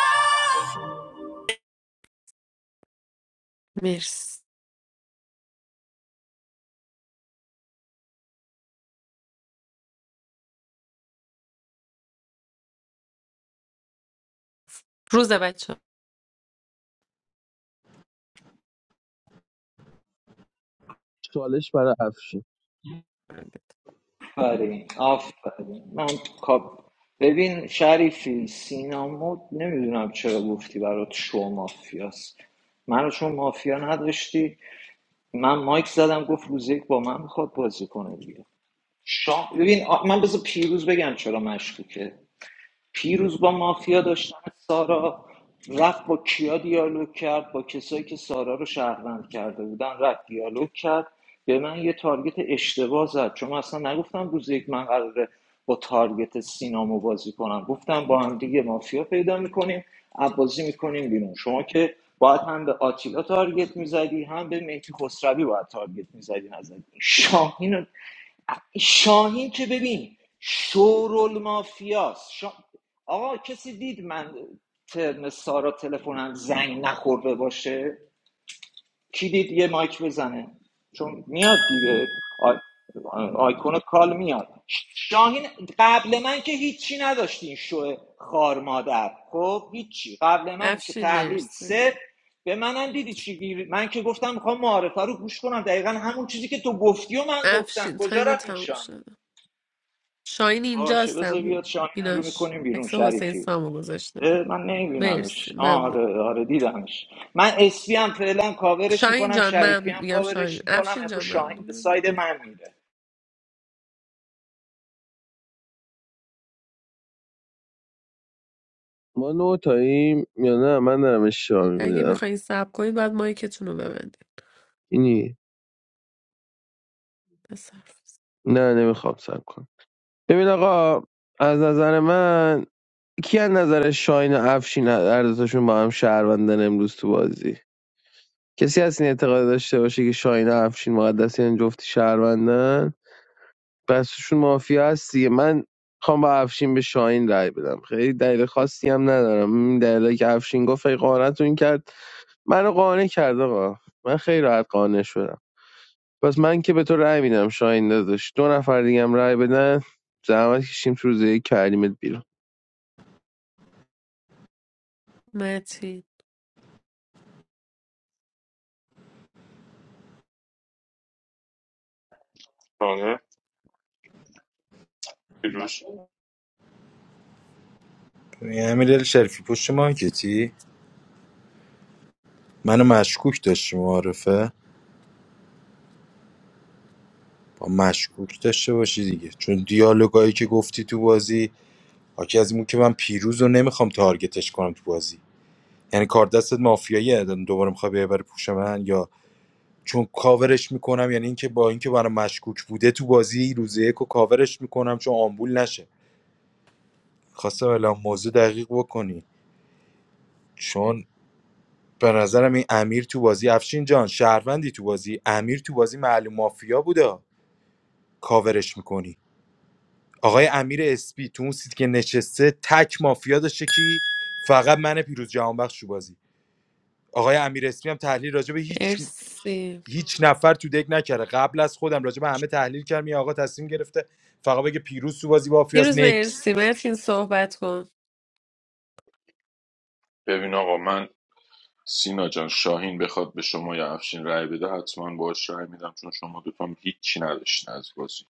[SPEAKER 1] مرسی روز بچه
[SPEAKER 15] چالش برای افشین
[SPEAKER 10] آفرین آفرین من کاب ببین شریفی سینامو نمیدونم چرا گفتی برات شو مافیاست منو چون مافیا نداشتی من مایک زدم گفت روز یک با من میخواد بازی کنه دیگه شام ببین آ- من بذار پیروز بگم چرا مشکوکه پیروز با مافیا داشتن سارا رفت با کیا دیالوگ کرد با کسایی که سارا رو شهروند کرده بودن رفت دیالوگ کرد به من یه تارگت اشتباه زد چون من اصلا نگفتم روز یک من قراره با تارگت سینامو بازی کنم گفتم با هم دیگه مافیا پیدا میکنیم بازی میکنیم بیرون شما که باید هم به آتیلا تارگت میزدی هم به مهدی خسروی باید تارگت میزدی نزدی شاهین شاهین که ببین شورول مافیاست شا... آقا کسی دید من ترم سارا تلفنم زنگ نخورده باشه کی دید یه مایک بزنه چون میاد دیگه آی... آیکون کال میاد شاهین قبل من که هیچی نداشتی این شو خار مادر خب هیچی قبل من که
[SPEAKER 1] افشین
[SPEAKER 10] تحلیل
[SPEAKER 1] مرسی
[SPEAKER 10] سه به منم دیدی چی من که گفتم میخوام معارفه رو گوش کنم دقیقا همون چیزی که تو گفتی و من گفتم
[SPEAKER 1] افشین
[SPEAKER 10] کجا
[SPEAKER 1] تایم
[SPEAKER 10] رفت این
[SPEAKER 1] تموم
[SPEAKER 10] شاهین
[SPEAKER 1] شد شاین
[SPEAKER 10] باشه
[SPEAKER 1] اینجاست
[SPEAKER 10] بذار
[SPEAKER 1] هم
[SPEAKER 10] بیاد شاهین رو
[SPEAKER 1] بیناش
[SPEAKER 10] میکنیم بیرون
[SPEAKER 1] عکس حسین
[SPEAKER 10] شریفی
[SPEAKER 1] سامو گذاشته
[SPEAKER 10] اه، من
[SPEAKER 1] مرسی
[SPEAKER 10] نمیبینمش
[SPEAKER 1] ممنون
[SPEAKER 10] آره آره دیدمش من اسی هم فعلا کاورش
[SPEAKER 1] شاین
[SPEAKER 10] میکنم
[SPEAKER 1] جان
[SPEAKER 10] شریفی
[SPEAKER 1] من
[SPEAKER 10] هم
[SPEAKER 1] میگم شاین
[SPEAKER 10] کاورش میکنم
[SPEAKER 1] افشین
[SPEAKER 10] امروز
[SPEAKER 1] جان
[SPEAKER 10] شاهین به
[SPEAKER 1] ممنونم
[SPEAKER 10] ساید
[SPEAKER 1] دیگه
[SPEAKER 10] من میره
[SPEAKER 15] ما نو تاییم یا نه من دارم اشتباه
[SPEAKER 1] اگه
[SPEAKER 15] میبینم
[SPEAKER 1] میخواین سب کنید باید مایکتون رو ببندید
[SPEAKER 15] اینی
[SPEAKER 1] بصرف
[SPEAKER 15] نه نمیخوام سب کن ببین آقا از نظر من کی از نظر شاین و افشین هر دوتاشون با هم شهروندن امروز تو بازی کسی هست این اعتقاد داشته باشه که شاین و افشین مقدسیان جفتی شهروندن پس توشون مافیا هست دیگه من خوام با افشین به شاین رای بدم خیلی دلیل خاصی هم ندارم این دلیلی که افشین گفت خیلی قانعتون کرد منو قانع کرد آقا من خیلی راحت قانع شدم پس من که به تو رای میدم شاین داداش دو نفر دیگه هم رای بدن زحمت کشیم تو روزه یک کردیمت بیرون
[SPEAKER 1] متین
[SPEAKER 5] آره پیروز
[SPEAKER 3] امیرعلی شریفی پشت مارکتی منو مشکوک داشتی معارفه با مشکوک داشته باشی دیگه چون دیالوگایی که گفتی تو بازی حاکی از این بود که من پیروز رو نمیخوام تارگتش کنم تو بازی یعنی کار دستت مافیایی دوباره میخوای ببری پوش من یا چون کاورش میکنم یعنی اینکه با اینکه برای مشکوک بوده تو بازی روزه یک و کاورش میکنم چون آمبول نشه خواسته الان موضوع دقیق بکنی چون به نظرم این امیر تو بازی افشین جان شهروندی تو بازی امیر تو بازی معلوم مافیا بوده کاورش میکنی آقای امیر اسپی تو اون سیتی که نشسته تک مافیا داشته کی فقط من پیروز جهانبخش تو بازی آقای امیر اسپی هم تحلیل راجع به هیچ
[SPEAKER 1] مرسی
[SPEAKER 3] هیچ نفر تو دک نکرده قبل از خودم راجع به همه تحلیل کردم این آقا تصمیم گرفته فقط بگه پیروز تو بازی مافیاس
[SPEAKER 1] پیروز
[SPEAKER 3] نکس
[SPEAKER 1] مرسی متین صحبت کن
[SPEAKER 5] ببین آقا من سینا جان شاهین بخواد به شما یا افشین رأی بده حتما باش رأی میدم چون شما دوتام هیچی نداشتین از بازی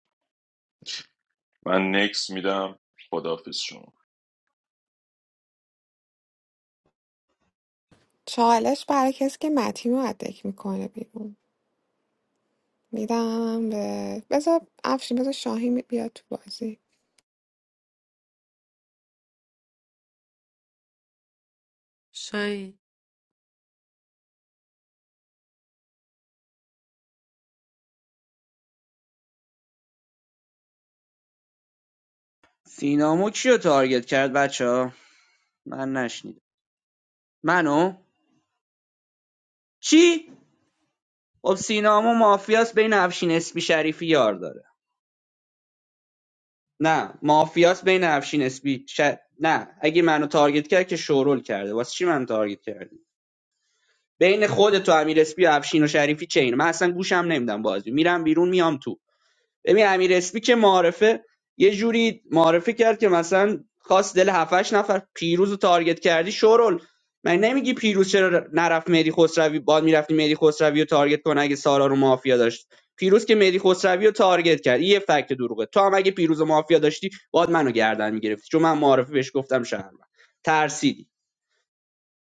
[SPEAKER 5] من نکس میدم خداحافظ شما
[SPEAKER 12] چالش برای کسی که متین رو ادک میکنه بیرون میدم به بذار افشین بذار شاهین بیاد تو بازی
[SPEAKER 1] شاین
[SPEAKER 13] سینامو کیو تارگت کرد بچه ها من نشنیدم منو چی خب سینامو مافیاس بین افشین اسبی شریفی یار داره نه مافیاس بین افشین اسبی ش... نه اگه منو تارگت کرد که شورول کرده واسه چی منو تارگت کردی بین خودت و امیر اسپی و افشین و شریفی چه اینه من اصلا گوشم نمیدم بازی میرم بیرون میام تو ببین امیر اسپی که معارفه یه جوری معارفه کرد که مثلا خاص دل هفتش نفر پیروز رو تارگت کردی شورول من نمیگی پیروز چرا نرفت مهدی خسروی باد میرفتی مهدی خسروی رو تارگت کنه اگه سارا رو مافیا داشت پیروز که مهدی خسروی رو تارگت کرد این یه فکت دروغه تو هم اگه پیروز و مافیا داشتی باد منو گردن میگرفتی چون من معارفه بهش گفتم شهر ترسیدی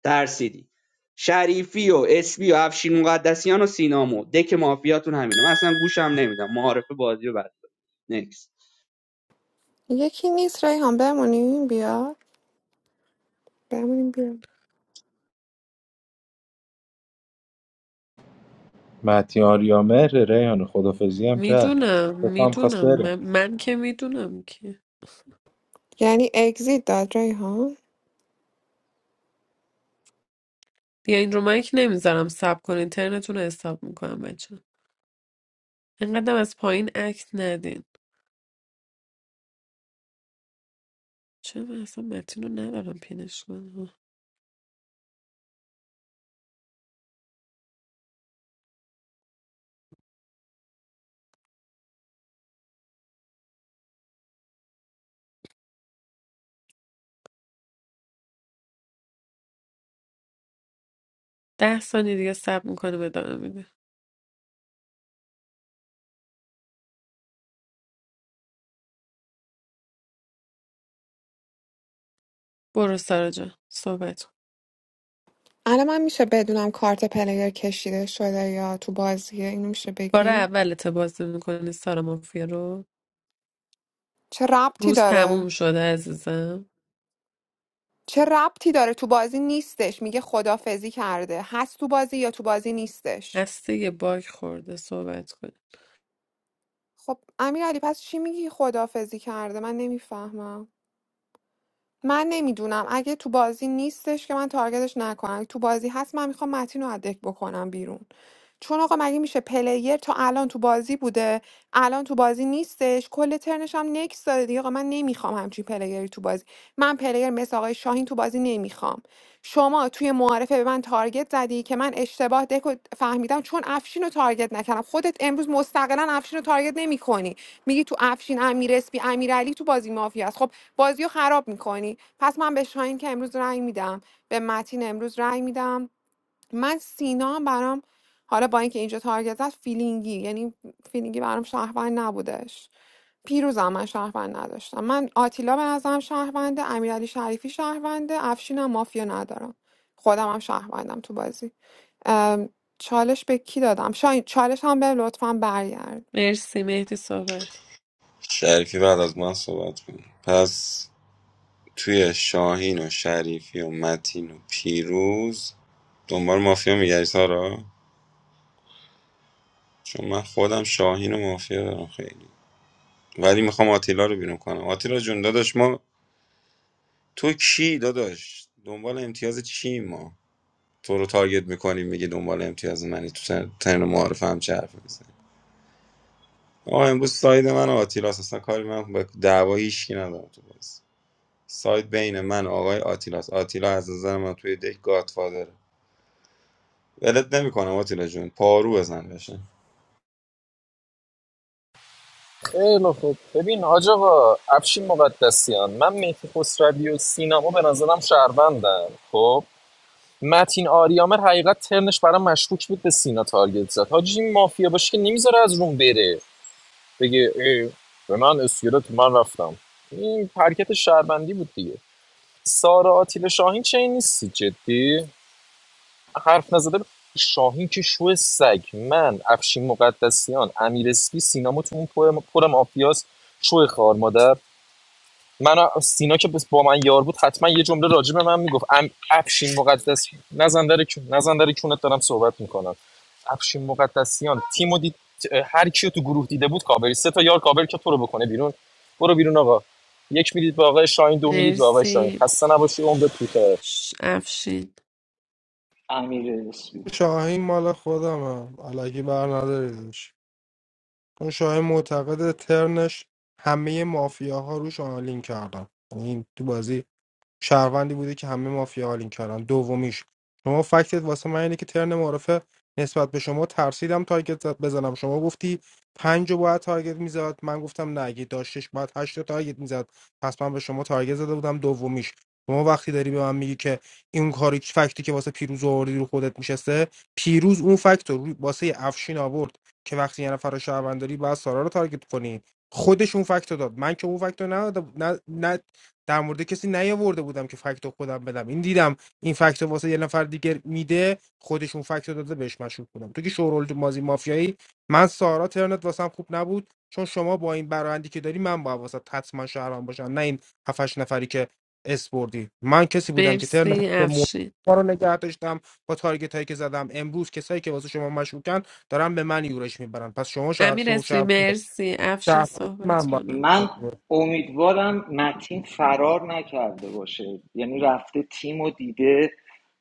[SPEAKER 13] ترسیدی شریفی و اسبی و افشین مقدسیان و سینامو دک مافیاتون همینه من اصلا گوشم نمیدم معارفه بازی رو بعد
[SPEAKER 12] یکی نیست ریحان بمونیم بیا بمونیم بیا
[SPEAKER 3] متیار یا مهر ریحان خدافظی هم کرد
[SPEAKER 1] میدونم
[SPEAKER 3] تو هم خواست
[SPEAKER 1] میدونم
[SPEAKER 3] بره
[SPEAKER 1] من, من که میدونم که
[SPEAKER 12] یعنی اگزیت داد ریحان
[SPEAKER 1] دیگه این رو مایک نمیذارم سب کنین اینترنتون رو حساب میکنم بچه اینقدر از پایین عکس ندین چرا من اصلا متین رو ندارم پینش کنم ده ثانیه دیگه صبر میکنه ادامه میده برو سارا جان صحبت کن
[SPEAKER 12] الان من میشه بدونم کارت پلیر کشیده شده یا تو بازیه اینو میشه
[SPEAKER 1] بار
[SPEAKER 12] بگی
[SPEAKER 1] اولت بازی میکنی سارا مافیا رو
[SPEAKER 12] چه ربطی
[SPEAKER 1] روز
[SPEAKER 12] داره
[SPEAKER 1] تموم شده عزیزم
[SPEAKER 12] چه ربطی داره تو بازی نیستش میگه خدافزی کرده هست تو بازی یا تو بازی نیستش
[SPEAKER 1] هستی یه باگ خورده صحبت کن
[SPEAKER 12] خب امیر علی پس چی میگی خدافزی کرده من نمیفهمم من نمیدونم اگه تو بازی نیستش که من تارگتش نکنم اگه تو بازی هست من میخوام متین رو ادک بکنم بیرون چون آقا مگه میشه پلیر تا الان تو بازی بوده الان تو بازی نیستش کل ترنش هم نکس داده دیگه آقا من نمیخوام همچین پلیری تو بازی من پلیر مثل آقای شاهین تو بازی نمیخوام شما توی معارفه به من تارگت زدی که من اشتباه دکو فهمیدم چون افشین رو تارگت نکردم خودت امروز مستقلا افشین رو تارگت نمیکنی میگی تو افشین امیر اسپی امیرعلی تو بازی مافیا است خب بازی رو خراب میکنی پس من به شاهین که امروز رنگ میدم به متین امروز رنگ میدم من سینا هم برام حالا با اینکه اینجا تارگت زد فیلینگی یعنی فیلینگی برام شهروند نبودش پیروزم من شهروند نداشتم من آتیلا به نظرم شهرونده امیرعلی شریفی شهرونده افشینم مافیا ندارم خودم هم شهروندم تو بازی ام، چالش به کی دادم شاین چالش هم به لطفا برگرد
[SPEAKER 1] مرسی مهدی صحبت کن.
[SPEAKER 9] شریفی بعد از من صحبت کن پس توی شاهین و شریفی و متین و پیروز دنبال مافیا میگردی سارا چون من خودم شاهین و مافیا دارم خیلی ولی میخوام آتیلا رو بیرون کنم آتیلا جون داداش ما تو کی داداش دنبال امتیاز چی ما تو رو تارگت میکنیم میگی دنبال امتیاز منی تو تر- ترن معارف هم چه حرف میزنی آه امروز ساید من و آتیلا اصلا کاری من به دعوا هیچکی ندارم تو بازی ساید بین من و آقای آتیلاس آتیلا از نظر من توی دک گادفادره ولت نمیکنم آتیلا جون پارو بزن بشه
[SPEAKER 16] خیلی خوب ببین حاج آقا افشین مقدسیان من میتی خسروی و سینما به نظرم شهروندن خب متین آریامر حقیقت ترنش برام مشکوک بود به سینا تارگت زد حاجی این مافیا باشه که نمیذاره از روم بره بگه ای به من اسکلت من رفتم این حرکت شهروندی بود دیگه سارا آتیل شاهین چه این نیستی جدی حرف نزده ب- شاهین که شو سگ من افشین مقدسیان امیر اسپی سینما تو اون پر, پر مافیاست شو خار مادر من سینا که با من یار بود حتما یه جمله راجع به من میگفت ام ابشین مقدس نزن در کون نزن در کونت دارم صحبت میکنم ابشین مقدسیان تیمو دید هر کیو تو گروه دیده بود کابری سه تا یار کابری که تو رو بکنه بیرون برو بیرون آقا یک میدید به آقای شاهین دو میدید به آقای شاهین
[SPEAKER 1] مرسی
[SPEAKER 16] خسته نباشی عمر توته
[SPEAKER 1] ش- افشین
[SPEAKER 10] امیر اسپی
[SPEAKER 8] شاهین مال خودمه الکی بر نداریدش چون شاهین معتقد ترنش همه مافیاها روش آنالین کردن یعنی این تو بازی شهروندی بوده که همه مافیا آلین کردن دومیش شما فکتت واسه من اینه که ترن معرفه نسبت به شما ترسیدم تارگت بزنم شما گفتی پنج رو باید تارگت میزد من گفتم نه اگه داشتش باید هشت رو تارگت میزد پس من به شما تارگت زده بودم دومیش شما وقتی داری به من میگی که این کاری فکتی که واسه پیروز آوردی رو خودت میشسته پیروز اون فکت رو روی- واسه افشین آورد که وقتی یه نفر رو شهروند داری باید سارا رو تارگت کنی خودش اون فکت رو داد من که اون فکت رو ندادم- نه در مورد کسی نیاورده بودم که فکتو خودم بدم این دیدم این فکتو واسه یه نفر دیگه میده خودشون فکتو داده بهش مشروط بودم تو که شورول مازی مافیایی من سارا ترنت واسم خوب نبود چون شما با این برایندی که داری من با واسه حتما شهران باشم نه این هفتش نفری که اس بردی من کسی بودم که
[SPEAKER 1] مرسی
[SPEAKER 8] ترنت مو-
[SPEAKER 1] افشین
[SPEAKER 8] ما رو نگه داشتم با تارگت هایی که زدم امروز کسایی که واسه شما مشکوکن دارن به من یورش میبرن پس شما شهر
[SPEAKER 1] امیر
[SPEAKER 8] شو
[SPEAKER 1] اسمی
[SPEAKER 8] شهر
[SPEAKER 1] مرسی افشین
[SPEAKER 8] شهر
[SPEAKER 1] صحبت
[SPEAKER 8] من با
[SPEAKER 1] کنم
[SPEAKER 10] من امیدوارم متین فرار نکرده باشه یعنی رفته تیم و دیده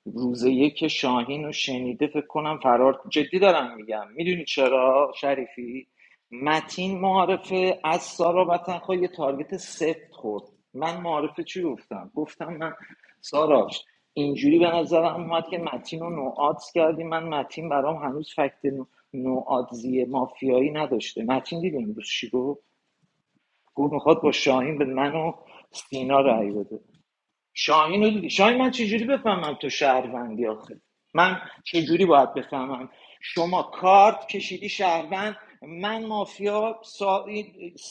[SPEAKER 10] روز یک شاهین رو شنیده فکر کنم فرار جدی دارم میگم میدونی چرا شریفی متین معارفه از سارا وطنخواه یه تارگت سفت خورد من معارفه چی گفتم گفتم من ساراش اینجوری به نظرم اومد که متین رو نوعاتس کردی من متین برام هنوز فکت نوعاتزی مافیایی نداشته متین دیدیم امروز چی گفت گفت میخواد با شاهین به من و سینا رأی بده شاهین رو شاهین من چجوری بفهمم تو شهروندی آخه من چجوری باید بفهمم شما کارت کشیدی شهروند من مافیا سا...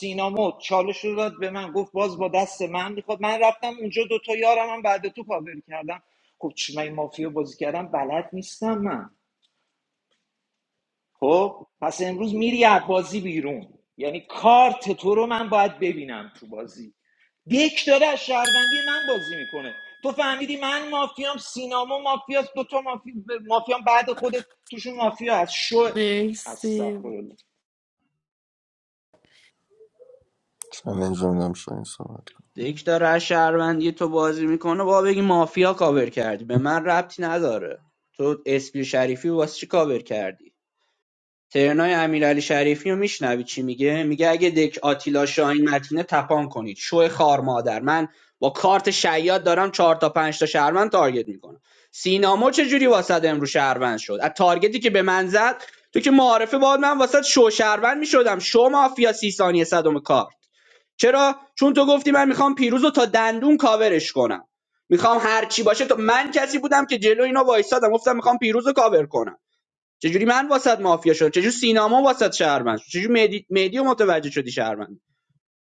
[SPEAKER 10] سینا چالش رو داد به من گفت باز با دست من میخواد من رفتم اونجا دوتا یارم هم بعد تو کاور کردم خب چی من این مافیا بازی کردم بلد نیستم من خب پس امروز میری از بازی بیرون یعنی کارت تو رو من باید ببینم تو بازی دک داره از شهروندی من بازی میکنه تو فهمیدی من مافیام سینامو مافیاست دوتا مافی... مافیام بعد خودت توشون مافیا هست شو
[SPEAKER 1] مرسی
[SPEAKER 10] استغفرالله
[SPEAKER 2] چند اینجا میدم شاید
[SPEAKER 13] دک داره از شهروندی تو بازی میکنه با بگی مافیا کاور کردی به من ربطی نداره تو اسپی شریفی واسه چی کاور کردی ترنای امیرعلی شریفی رو میشنوی چی میگه میگه اگه دک آتیلا شاهین متینه تپان کنید شو خار مادر من با کارت شیاد دارم چهار تا پنج تا شهروند تارگت میکنم سینامو چه جوری واسط امرو شهروند شد از تارگتی که به من زد تو که معارفه باید من واسط شو شهروند میشدم شو مافیا سی ثانیه صدم کار چرا چون تو گفتی من میخوام پیروز تا دندون کاورش کنم میخوام هر چی باشه تو من کسی بودم که جلو اینا وایسادم گفتم میخوام پیروز رو کاور کنم چجوری من واسط مافیا شدم چجوری سینما واسط شهروند شد؟ چجوری مهدی مهدی رو متوجه شدی شهروند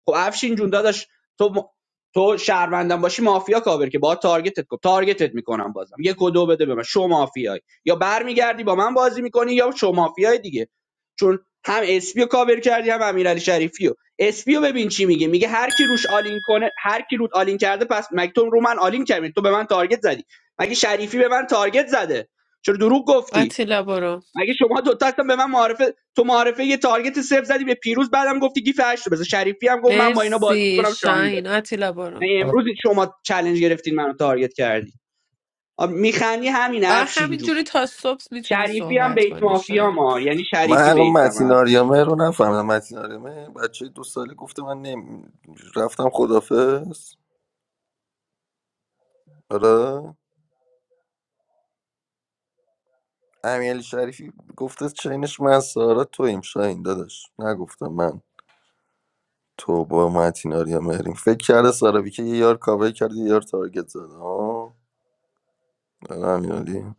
[SPEAKER 13] خب افشین جون داداش تو تو شهروندم باشی مافیا کاور که با تارگتت کنم تارگتت میکنم بازم یک و دو بده به من شو مافیایی یا برمیگردی با من بازی میکنی یا شو مافیای دیگه چون هم اسپی رو کاور کردی هم امیرعلی شریفی رو اسپی رو ببین چی میگه میگه هر کی روش آلین کنه هر کی رود آلین کرده پس مگه تو رو من آلین کردی تو به من تارگت زدی مگه شریفی به من تارگت زده چرا دروغ گفتی
[SPEAKER 1] آتیلا برو
[SPEAKER 13] مگه شما دو تا هستن به من معارفه تو معارفه یه تارگت صفر زدی به پیروز بعدم گفتی گیف هشت بزن شریفی هم گفت من با اینا بازی
[SPEAKER 1] مرسی
[SPEAKER 13] میکنم شاهین بره
[SPEAKER 1] شاهین آتیلا برو
[SPEAKER 13] یعنی امروز شما چالش گرفتین منو تارگت کردی میخندی همین
[SPEAKER 1] آه
[SPEAKER 13] افشین جون
[SPEAKER 1] همینجوری تا صبح میتونی
[SPEAKER 13] شریفی هم
[SPEAKER 1] صحبت
[SPEAKER 13] بیت
[SPEAKER 1] کنی
[SPEAKER 13] مافیا
[SPEAKER 1] شاهین
[SPEAKER 13] ما یعنی
[SPEAKER 2] من
[SPEAKER 13] شریفی
[SPEAKER 2] الان
[SPEAKER 13] بیت
[SPEAKER 2] متین
[SPEAKER 13] ما
[SPEAKER 2] آریامه رو نفهمیدم متین آریامه بچه دو ساله گفته من نمی... رفتم خدافز آره امیرعلی شریفی گفته چینش من سارا توییم شاهین داداش نگفتم من تو با متین آریامه ریم فکر کرده سارا که یه یار کاور کرده یه یار تارگت زده آه، آره امیرعلی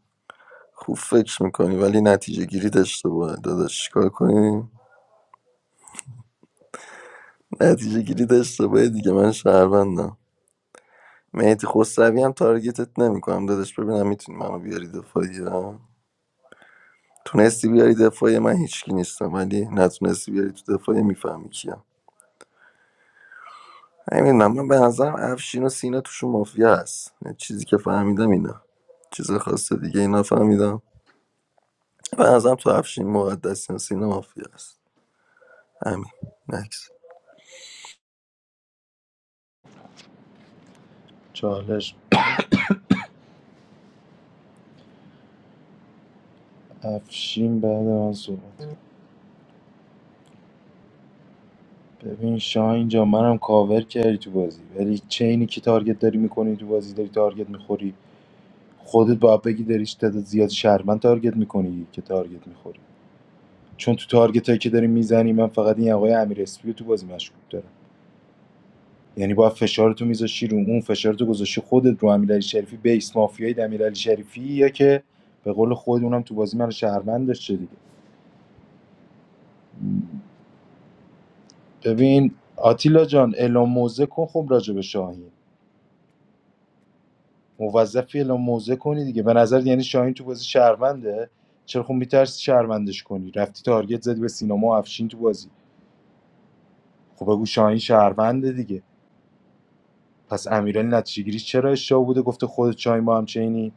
[SPEAKER 2] خوب فکر میکنی ولی نتیجه گیری داشته باید داداش چیکار کنی نتیجه گیری داشته باید دیگه من شهروندم مهدی خسروی هم تارگتت نمیکنم داداش ببینم میتونی منو بیاری دفاعی ها؟ تونستی بیاری دفاعی من هیچکی نیستم ولی نتونستی بیاری تو دفاعی میفهمی کیم نمیدونم من به نظرم افشین و سینا توشون مافیا هست یه چیزی که فهمیدم اینا چیز خاص دیگه اینا فهمیدم به نظرم تو افشین مقدسیان و سینا مافیا هست همین نکس
[SPEAKER 3] چالش افشین بعد من صحبت ببین شاه اینجا منم کاور کردی تو بازی ولی چه اینی که تارگت داری میکنی تو بازی داری تارگت میخوری خودت باید بگی داری تعداد زیاد شهرمند تارگت میکنی که تارگت میخوری چون تو تارگت هایی که داری میزنی من فقط این آقای امیر اسپی رو تو بازی مشکوک دارم یعنی با فشارتو میذاشی رو اون فشارتو گذاشتی خودت رو امیرعلی شریفی بیس مافیای امیرعلی شریفی یا که به قول خود اونم تو بازی من شهروند داشته دیگه ببین آتیلا جان اعلام موزه کن خب راجع به شاهین موظفی اعلام موضع کنی دیگه به نظر یعنی شاهین تو بازی شهرونده چرا خب میترسی شهروندش کنی رفتی تارگت زدی به سینما و افشین تو بازی خب بگو شاهین شهرونده دیگه پس امیرعلی نتیجه گیریش چرا اشتباه بوده گفته خودت شاهین با هم چینی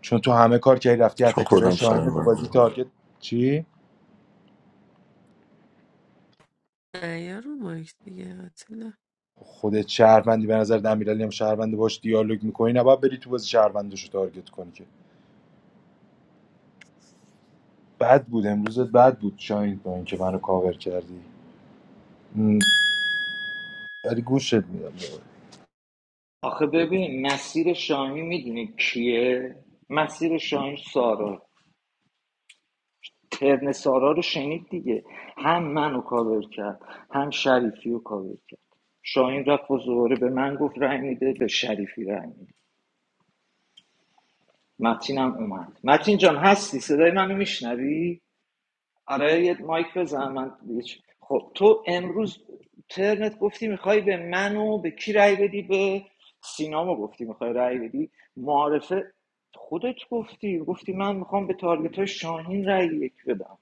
[SPEAKER 3] چون تو همه کار کردی رفتی
[SPEAKER 2] چون
[SPEAKER 3] اتکرای
[SPEAKER 2] خودم
[SPEAKER 3] شاهین رو تو بازی
[SPEAKER 2] شنوندم
[SPEAKER 3] تارگت چی
[SPEAKER 1] نه یا رو مایک دیگه آتیلا
[SPEAKER 3] خودت شهروندی به نظر امیرعلی هم شهرونده باش دیالوگ میکنی نباید بری تو بازی شهروندش رو تارگت کنی که بد بود امروزت بد بود شاهین با اینکه منو کاور کردی م، ولی گوشت میدم
[SPEAKER 10] آخه ببین مسیر شاهین میدونی کیه مسیر شاهین سارا ترن سارا رو شنید دیگه هم منو کاور کرد هم شریفی رو کاور کرد شاهین رفت و زوره به من گفت رای میده به شریفی رای میده متین هم اومد متین جان هستی صدای منو میشنوی آره یه مایک بزن من خب تو امروز ترنت گفتی میخوای به منو به کی رای بدی به سینامو گفتی میخوای رای بدی معارفه خودت گفتی گفتی من میخوام به تارگت های شاهین رای یک بدم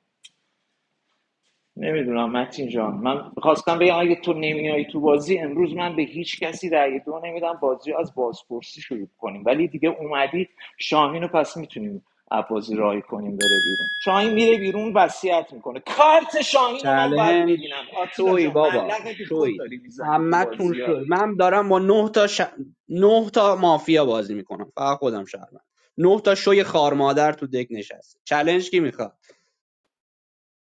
[SPEAKER 10] نمیدونم متین جان من خواستم بگم اگه تو نمیای تو بازی امروز من به هیچ کسی رأی دو نمیدم بازی از بازپرسی شروع کنیم ولی دیگه اومدی شاهین رو پس میتونیم بازی راهی کنیم بره بیرون شاهین میره بیرون وصیت میکنه کارت شاهین رو من باید
[SPEAKER 13] چالش
[SPEAKER 10] ببینم آتیلا
[SPEAKER 13] شوی
[SPEAKER 10] جان
[SPEAKER 13] بابا
[SPEAKER 10] ملق بی خود
[SPEAKER 13] شوی
[SPEAKER 10] داری میزنی تو
[SPEAKER 13] همتون
[SPEAKER 10] بازی ها.
[SPEAKER 13] شوی من دارم با نه تا ش... نه تا مافیا بازی میکنم فقط خودم شهرم نه تا شوی خار مادر تو دک نشست چالش کی میخواد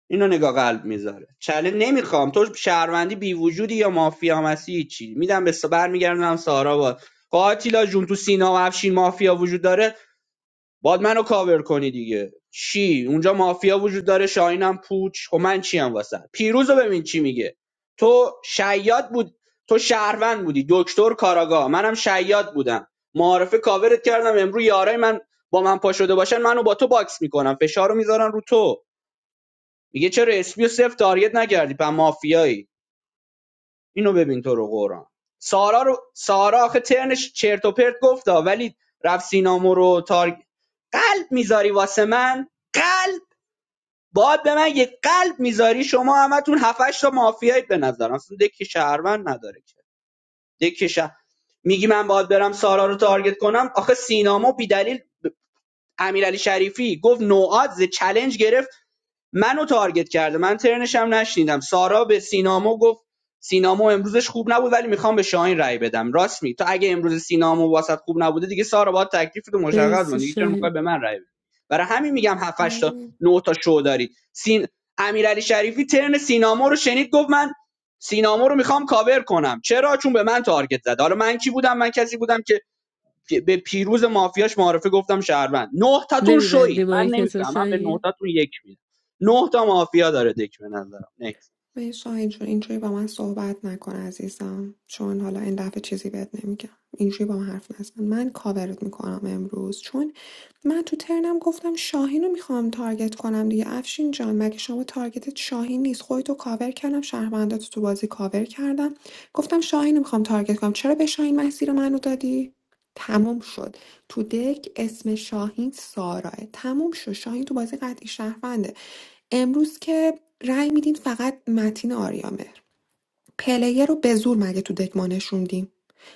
[SPEAKER 13] اینو نگاه قلب میذاره چله نمیخوام تو شهروندی بی وجودی یا مافیا مسی چی میدم به سبر میگردم سارا باد قاتیلا آتیلا جون تو سینا و افشین مافیا وجود داره باد منو کاور کنی دیگه چی اونجا مافیا وجود داره شاهینم پوچ خب من چی ام واسه پیروزو ببین چی میگه تو شیاد بود تو شهروند بودی دکتر کاراگاه منم شیاد بودم معارفه کاورت کردم امروز یارای من با من پا باشن منو با تو باکس میکنم فشار میذارن رو تو میگه چرا اسپیو صفر تارگت نکردی پس مافیایی اینو ببین تو رو قرآن سارا رو سارا آخه ترنش چرت و پرت گفتا ولی رفت سینامو رو تارگ قلب میذاری واسه من قلب باید به من یه قلب میذاری شما همتون هفتش تا مافیایید به نظرم اصلا دکی شهروند نداره که دکی شه- میگی من باید برم سارا رو تارگت کنم آخه سینامو بیدلیل ب- امیرعلی شریفی گفت نوعاد چلنج گرفت منو تارگت کرده من ترنشم نشنیدم سارا به سینامو گفت سینامو امروزش خوب نبود ولی میخوام به شاهین رای بدم راست می تو اگه امروز سینامو واسط خوب نبوده دیگه سارا باید تکلیف تو مشخص کن
[SPEAKER 1] مرسی
[SPEAKER 13] دیگه چرا میخوای
[SPEAKER 1] شاهین
[SPEAKER 13] به من رأی بدی برای همین میگم 7 8 تا 9 تا شو داری سین امیرعلی شریفی ترن سینامو رو شنید گفت من سینامو رو میخوام کاور کنم چرا چون به من تارگت زد حالا من کی بودم من کسی بودم که به پیروز مافیاش معرفه گفتم شهروند نه تاتون
[SPEAKER 1] نمیبندی
[SPEAKER 13] شوید من
[SPEAKER 1] مایک تو
[SPEAKER 13] نمیفهمم به نه
[SPEAKER 1] شاهین
[SPEAKER 13] تاتون یک میدم نه تا مافیا داره دک به نظرم نکس
[SPEAKER 12] به شاهین اینجوری با من صحبت نکن عزیزم چون حالا این دفعه چیزی بهت نمیگم اینجوری با من حرف نزن من کاورت میکنم امروز چون من تو ترنم گفتم شاهین رو میخوام تارگت کنم دیگه افشین جان مگه شما تارگتت شاهین نیست خودتو کاور کردم شهروندات رو تو بازی کاور کردم گفتم شاهین رو میخوام تارگت کنم چرا به شاهین مسیر منو دادی تموم شد تو دک اسم شاهین ساراه تموم شد شاهین تو بازی قطعی شهرونده امروز که رأی میدین فقط متین آریامه پلیر رو به زور مگه تو دک ما نشوندیم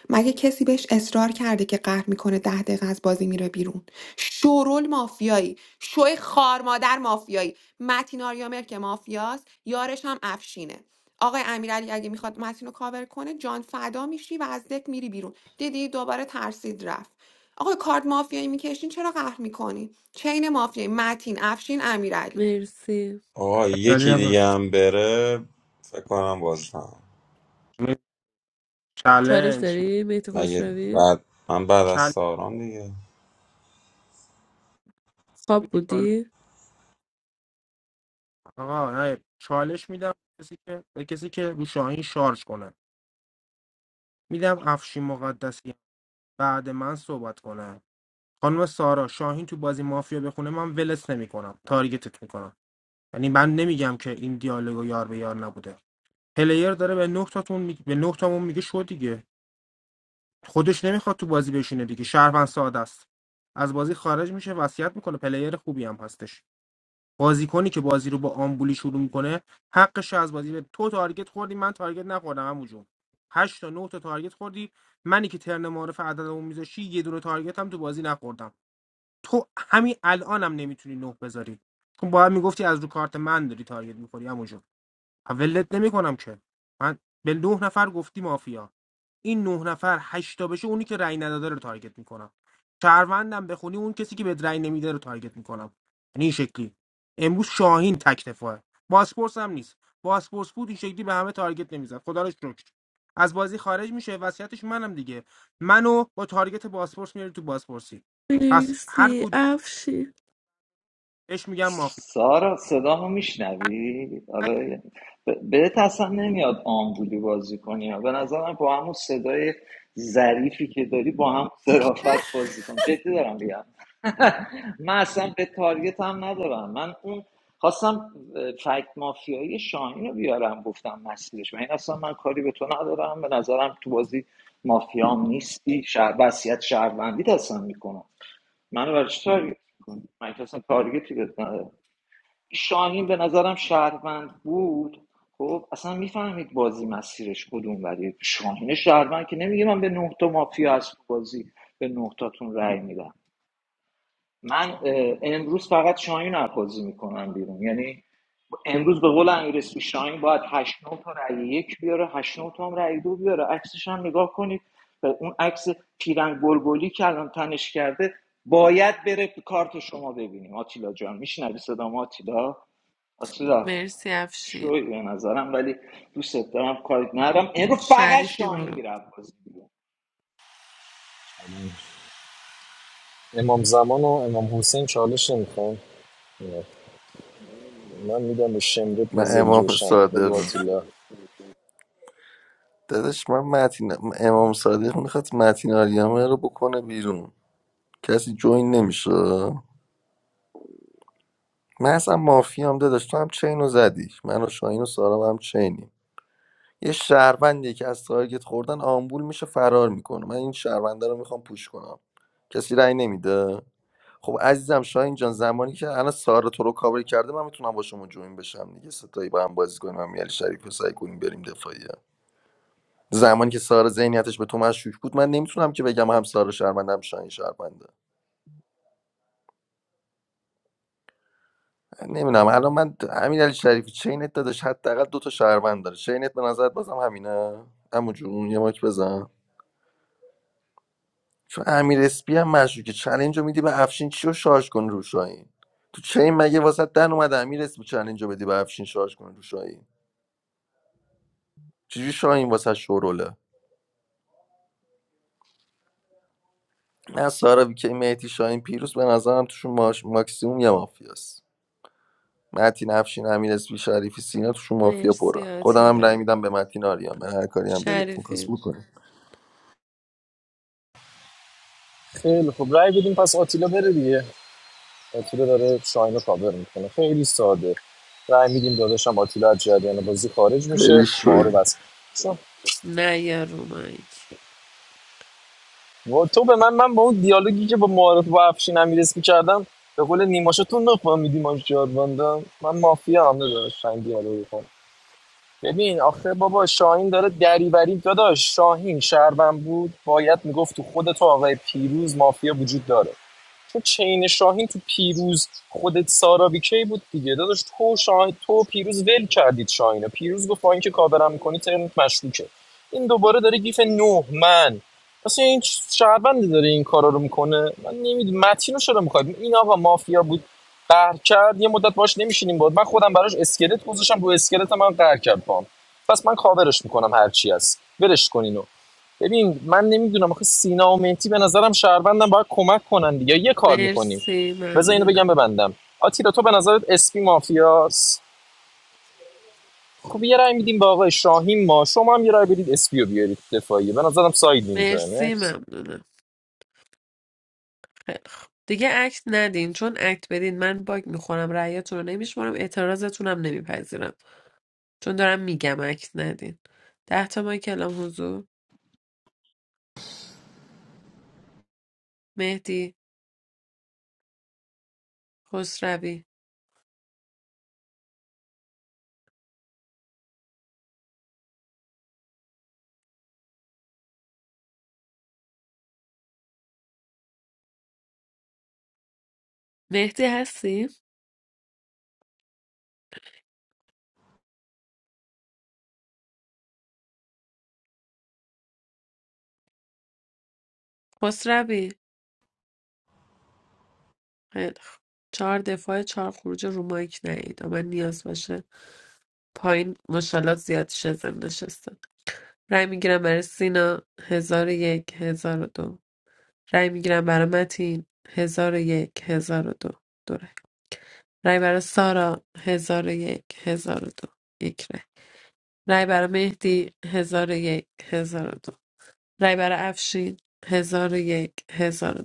[SPEAKER 12] مگه کسی بهش اصرار کرده که قهر میکنه ده دقیقه از بازی میره بیرون شورول مافیایی شوی خارمادر مافیایی متین آریامر که مافیاست یارش هم افشینه آقای امیرعلی اگه میخواد متین رو کاور کنه جان فدا میشی و از دک میری بیرون دیدی دوباره ترسید رفت آقای کارد مافیایی میکشین چرا قهر میکنی چین مافیایی متین افشین امیرعلی
[SPEAKER 1] مرسی
[SPEAKER 9] آقا
[SPEAKER 8] علی
[SPEAKER 9] یکی
[SPEAKER 8] هم
[SPEAKER 9] دیگه
[SPEAKER 8] رفت.
[SPEAKER 9] هم بره فکر کنم باز تمام
[SPEAKER 1] چالش
[SPEAKER 8] چالش
[SPEAKER 1] داری مهدی
[SPEAKER 9] مگه
[SPEAKER 1] خسروی
[SPEAKER 9] بعد من بعد از
[SPEAKER 8] چالش
[SPEAKER 9] سارام دیگه
[SPEAKER 1] خواب
[SPEAKER 8] میدی چالش
[SPEAKER 1] بودی
[SPEAKER 8] آقا نه چالش میدم کسی که به کسی که رو شاهین شارژ کنه میدم افشین مقدسی بعد من صحبت کنه خانم سارا شاهین تو بازی مافیا بخونه من ولس نمیکنم تارگتت میکنم یعنی من نمیگم که این دیالوگو یار به یار نبوده پلیر داره به نه تاتون می... به نه تامون میگه شو دیگه خودش نمیخواد تو بازی بشینه دیگه شهروند ساده است از بازی خارج میشه وصیت میکنه پلیر خوبی هم هستش بازیکنی که بازی رو با آمبولی شروع میکنه حقش رو از بازی به تو تارگت خوردی من تارگت نخوردم همون جون هشت تا نه تا تارگت خوردی منی که ترن معارف عددمو میذاشی یه دونه تارگت هم تو بازی نخوردم تو همین الانم نمیتونی نه بذاری چون باید میگفتی از رو کارت من داری تارگت میخوری همون جون ولت نمیکنم که من به نه نفر گفتی مافیا این نه نفر هشت تا بشه اونی که رأی نداده رو تارگت میکنم شهروندم بخونی اون کسی که به رأی نمیده رو تارگت میکنم یعنی این شکلی امروز شاهین تک دفاعه باسپورس هم نیست باسپورس بود این شکلی به همه تارگت نمیزد خدا رو شکر از بازی خارج میشه وصیتش منم دیگه منو با تارگت باسپورس میاری تو باسپورسی پس هر
[SPEAKER 1] مرسی
[SPEAKER 8] کدومش
[SPEAKER 1] افشین
[SPEAKER 8] میگم مافی
[SPEAKER 10] سارا صدامو میشنوی آره بهت اصلا نمیاد آمبولی بازی کنی ها. به نظرم با همون صدای ظریفی که داری با هم ظرافت بازی کن جدی دارم میگم من اصلا به تارگت هم ندارم من اون خواستم فکت مافیایی شاهین رو بیارم گفتم مسیرش من این اصلا من کاری به تو ندارم به نظرم تو بازی مافیام نیستی شهر وصیت شهروندی اصلا میکنم منو برای چی تارگت میکنی من که اصلا تارگتی بهت ندارم. شاهین به نظرم شهروند بود خب اصلا میفهمید بازی مسیرش کدوم ولی شاهین شهروند که نمیگه من به نه تا مافیا از بازی به نه تاتون رأی میدم من امروز فقط شاهین رو بازی میکنم بیرون یعنی امروز به قول امیرسپی شاهین باید هشت 9 تا رأی یک بیاره هشت 9 تا هم رأی دو بیاره عکسش هم نگاه کنید به اون عکس پیرن گلگلی که الان تنش کرده باید بره کارت شما ببینیم آتیلا جان میشنوی صدام آتیلا آتیلا
[SPEAKER 1] مرسی افشین
[SPEAKER 10] شوی به نظرم ولی دوست دارم کاری ندارم این رو فقط
[SPEAKER 1] شریفی
[SPEAKER 10] شاهین
[SPEAKER 1] برو
[SPEAKER 10] میره بازی بیرون.
[SPEAKER 16] امام زمان و امام حسین چالش نمیخوان من میدم به شمرت
[SPEAKER 2] من
[SPEAKER 16] نزل
[SPEAKER 2] امام
[SPEAKER 16] جوشن بگو
[SPEAKER 2] صادقم
[SPEAKER 16] آتیلا
[SPEAKER 2] داداش من متین امام صادق میخواد متین آریامه رو بکنه بیرون کسی جوین نمیشه من اصلا مافیام داداش تو هم چین رو زدی من و شاهین و سارا هم چینیم یه شهروندی که از تارگت خوردن آمبول میشه فرار میکنه من این شهرونده رو میخوام پوش کنم کسی رأی نمیده خب عزیزم شاهین جان زمانی که الان سارا تو رو کاور کرده من میتونم با شما جوین بشم دیگه ستایی با هم بازی کنیم من علی شریف رو سعی کنیم بریم دفاعیه زمانی که سارا ذهنیتش به تو مشکوک بود من نمیتونم که بگم هم سارا شهروندم شاهین شهرونده نمیدونم الان من امین علی شریفی چینت داداش حداقل دو تا شهروند داره چینت به نظرت بازم همینه عمو جون یه ماک بزن چون امیر اسپی هم مشروع که چلنج رو میدی به افشین چی رو شارژ کنه رو شاهین تو چین مگه واسه دن اومده امیر اسپی چلنج رو بدی به افشین شارژ کنه رو شاهین چجوری شاهین واسه شوروله نه سارا بیکی مهدی شاهین پیروز به نظرم توشون ماش... ماکسیموم یه مافیاست متین افشین امیر اسپی شریفی سینا توشون مافیا پره
[SPEAKER 1] مرسی
[SPEAKER 2] خودم هم رای
[SPEAKER 1] آتیلا
[SPEAKER 2] میدم به متین آریا من هر کاری هم دلت میخواست
[SPEAKER 1] شریفی
[SPEAKER 2] بکنی
[SPEAKER 16] خیلی خب رای بدیم پس آتیلا بره دیگه آتیلا داره شاین رو کاور میکنه خیلی ساده رای میدیم داداشم آتیلا از جریان بازی خارج میشه
[SPEAKER 2] خیلی
[SPEAKER 16] ما
[SPEAKER 2] شوی.
[SPEAKER 16] رو بس چون
[SPEAKER 1] نه یا رو مایک
[SPEAKER 16] و تو به من من با اون دیالوگی که با معارف با افشین امیرس میکردم به قول نیماشو تو نفهمیدی ما چیار بندم من مافیا هم نداشت این دیالوگ کن ببین آخه بابا شاهین داره دریوری داداش شاهین شهروند بود باید میگفت تو خود تو آقای پیروز مافیا وجود داره چون چین شاهین تو پیروز خودت سارا ویکی بود دیگه داداش تو شاه... تو پیروز ول کردید شاهینو پیروز گفت با اینکه کاورم میکنی ترنت مشکوکه این دوباره داره گیف نه من پس این شهروندی داره این کارا رو میکنه من نمیدونم متین رو چرا میخواد این آقا مافیا بود قهر کرد یه مدت باش نمیشینیم بود من خودم براش اسکلت گذاشتم رو اسکلت من قهر کرد پام پس من کاورش میکنم هر چی هست برش کنینو ببین من نمیدونم آخه سینا و مهدی به نظرم شهروندم باید کمک کنن دیگه یه کار میکنیم
[SPEAKER 1] مرسی
[SPEAKER 16] بذار اینو بگم
[SPEAKER 1] ممنونم
[SPEAKER 16] ببندم آتیلا تو به نظرت اسپی مافیاس خب یه رای میدیم به آقای شاهین ما شما هم یه رای بدید اسپی رو بیارید دفاعیه به نظرم ساید اینجا
[SPEAKER 1] مرسی
[SPEAKER 16] نکس
[SPEAKER 1] ممنونم خیلی خوب. دیگه اکت ندین چون اکت بدین من باگ میخورم رأیاتون رو نمیشمارم اعتراضتون هم نمیپذیرم چون دارم میگم اکت ندین ده تا مایک کلام حضور مهدی خسروی مهدی هستی خسروی خیلی خوب. چهار دفاع چهار خروج رو مایک نیید من نیاز باشه پایین مشالات زیاد شزن نشسته رأی میگیرم برای سینا هزار و یک هزار و دو رأی میگیرم برای متین هزار و یک هزار و دو دو رأی. رای برای سارا هزار 1002 یک هزار و دو، یک رای رای برای مهدی 1001 دو رای برای افشین 1001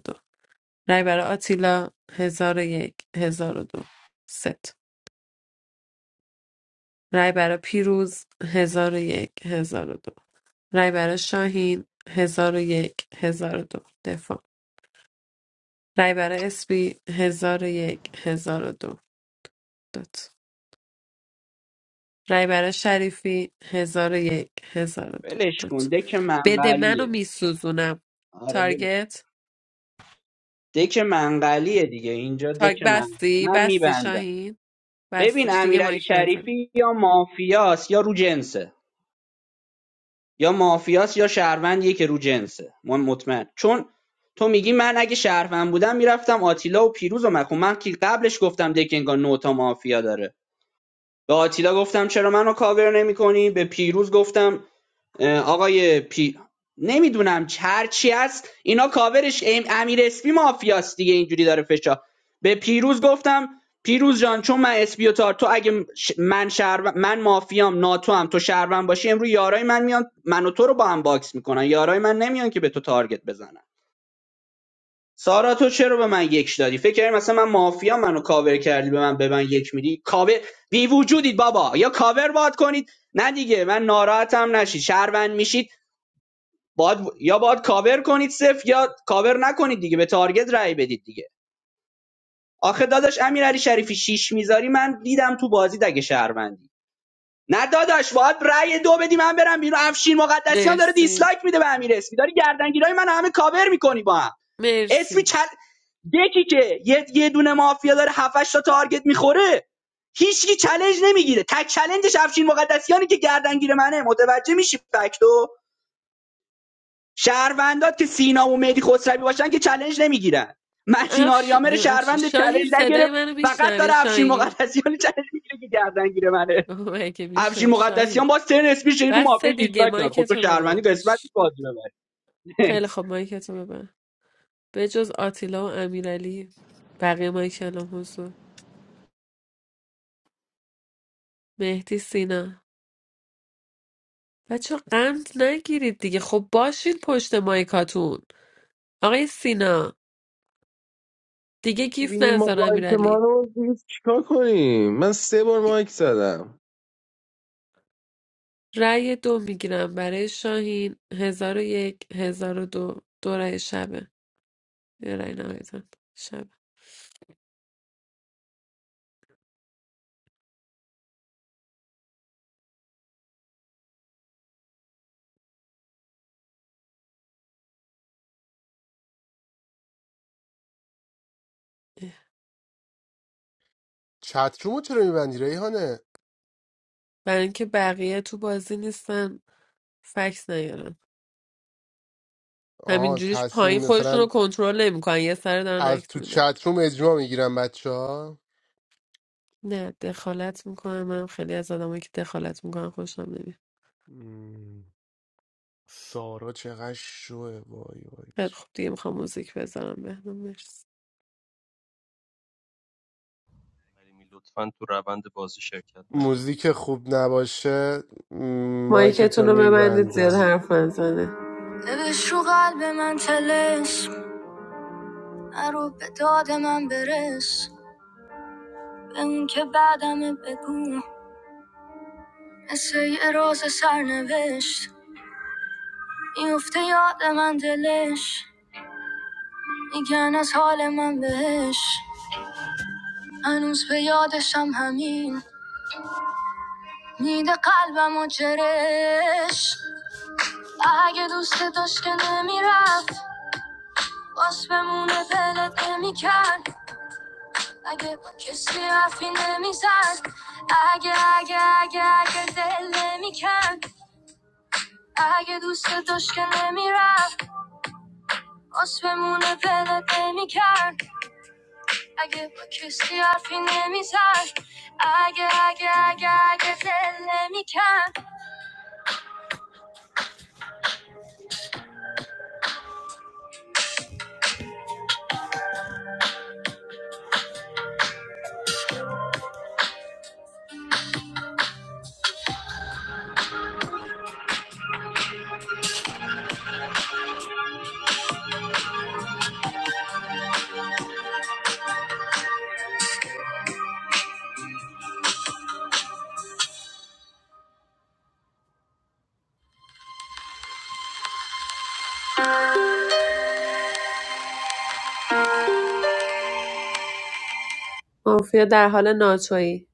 [SPEAKER 1] دو رای برای آتیلا 1001 دو ست رای برای پیروز 1001 دو رای برای شاهین 1001 دو دفاع رای برای اسبی هزار هزار یک هزار و دو 1002 رهبر شریفی هزار و یک هزار و دو
[SPEAKER 13] ولش کن
[SPEAKER 1] دوتا
[SPEAKER 13] دک
[SPEAKER 1] بده منو
[SPEAKER 13] منقلیه
[SPEAKER 1] میسوزونم
[SPEAKER 13] آره ولش کن.
[SPEAKER 1] تارگت
[SPEAKER 13] دک منقلیه دیگه اینجا دک
[SPEAKER 1] تارگ
[SPEAKER 13] من
[SPEAKER 1] بستی
[SPEAKER 13] من
[SPEAKER 1] بستی
[SPEAKER 13] میبندم
[SPEAKER 1] شاهین
[SPEAKER 13] ببین
[SPEAKER 1] بستش دیگه
[SPEAKER 13] امیرعلی
[SPEAKER 1] مایک نزن
[SPEAKER 13] شریفی یا مافیاس یا رو جنسه یا مافیاس یا شهروندیه که رو جنسه من مطمئن چون تو میگی من اگه شهروند بودم میرفتم آتیلا و پیروز و مکن من که قبلش گفتم دک انگار نوتا مافیا داره به آتیلا گفتم چرا منو کاور نمی کنی به پیروز گفتم آقای پی نمیدونم چرچی هست اینا کاورش ام... امیر اسپی مافیاست دیگه اینجوری داره فشا به پیروز گفتم پیروز جان چون من اسپی تار تو اگه ش- من شهر من مافیام ناتو هم تو شهروند باشی امروز یارای من میان من و تو رو با هم باکس میکنن یارای من نمیان که به تو تارگت بزنن سارا تو چرا به من یک دادی فکر کردی مثلا من مافیا منو کاور کردی به من به من یک میدی کاور بی وجودید بابا یا کاور باد کنید نه دیگه من ناراحتم نشید شهروند میشید باد یا باد کاور کنید صفر یا کاور نکنید دیگه به تارگت رای بدید دیگه آخه داداش امیرعلی شریفی شیش میذاری من دیدم تو بازی دگه شهروندی نه داداش باید رأی دو بدی من برم بیرون افشین مقدسیان داره
[SPEAKER 1] مرسی
[SPEAKER 13] دیسلایک میده به امیر اسمی داری گردنگیرای من همه کاور میکنی با هم اسمی
[SPEAKER 1] مرسی
[SPEAKER 13] کل دکی که یه, یه دونه مافیا داره 7 تا تارگت میخوره هیچکی چالش نمیگیره تک چلنجش افشین مقدسیانی که گردنگیر منه متوجه میشی فکتو شهروندات که سینا و مهدی خسروی باشن که چالش نمیگیرن متین
[SPEAKER 1] افش...
[SPEAKER 13] آریامر
[SPEAKER 1] نیم افش...
[SPEAKER 13] شهروند چالش
[SPEAKER 1] شاهین صدای
[SPEAKER 13] نگرفت
[SPEAKER 1] منو
[SPEAKER 13] فقط داره
[SPEAKER 1] میشنوی
[SPEAKER 13] افشین
[SPEAKER 1] شاهین
[SPEAKER 13] مقدسیان چالش میگیره که گردنگیر منه
[SPEAKER 1] اوه مگه
[SPEAKER 13] افشین
[SPEAKER 1] میشه شاهین
[SPEAKER 13] مقدسیان باز ترن اسپیش رو مافیا
[SPEAKER 1] بسته دیگه
[SPEAKER 13] دیسلایک داد
[SPEAKER 1] مایک
[SPEAKER 13] خب تو
[SPEAKER 1] تو
[SPEAKER 13] شهروندی
[SPEAKER 1] ببند
[SPEAKER 13] قسمت بازی ببری
[SPEAKER 1] خیلی خب مایک تو ببند به جز آتیلا و امیرعلی بقیه مایک الان حضور مهدی سینا بچه قند نگیرید دیگه خب باشین پشت مایکاتون آقای سینا دیگه گیف
[SPEAKER 15] ببینیم ما
[SPEAKER 1] نزن
[SPEAKER 15] مایک ما
[SPEAKER 1] امیرعلی
[SPEAKER 15] رو دیگه چیکار کنیم من سه بار مایک زدم
[SPEAKER 1] رأی دو میگیرم برای شاهین هزار و یک هزار و دو دو رأی شبه یه رأی نهایتاً. شب
[SPEAKER 4] چترومو چرا میبندی ریحانه
[SPEAKER 1] برای اینکه بقیه تو بازی نیستن فکس نیارن
[SPEAKER 4] آها
[SPEAKER 1] همینجوریش
[SPEAKER 4] تاثیر
[SPEAKER 1] پایین خودشون رو
[SPEAKER 4] مثلا
[SPEAKER 1] کنترل نمیکنن یه سر دارن
[SPEAKER 4] از
[SPEAKER 1] اکت
[SPEAKER 4] تو
[SPEAKER 1] میدن
[SPEAKER 4] چتروم اجماع میگیرم بچه ها
[SPEAKER 1] نه دخالت میکنم من خیلی از آدمایی که دخالت میکنن خوشم نمیاد
[SPEAKER 4] سارا چقدر شوه وای وای
[SPEAKER 1] خیلی خوب دیگه میخوام موزیک بذارم بهنام مرسی
[SPEAKER 6] don't play the
[SPEAKER 4] موزیک خوب نباشه م،
[SPEAKER 1] مایکتون
[SPEAKER 4] مایکتو
[SPEAKER 1] رو ببندید زیاد
[SPEAKER 4] میبندم
[SPEAKER 1] حرف نزنه ببش رو قلب من تلش نرو به داد من برس به اون که بعدم بگو مثل یه راز سرنوشت میفته یاد من دلش میگن از حال من بهش هنوز به یادشم همین میده قلبم و جرش اگه دوست داشت که نمیرفت باز بمونه دلت نمیکرد اگه کسی حرفی نمیزد اگه اگه اگه اگه دل نمیکرد اگه دوست داشت که نمیرفت باز بمونه دلت نمیکرد اگه با کسی حرفی نمیزد اگه اگه اگه اگه دل نمیکن مافیا در حال ناچویی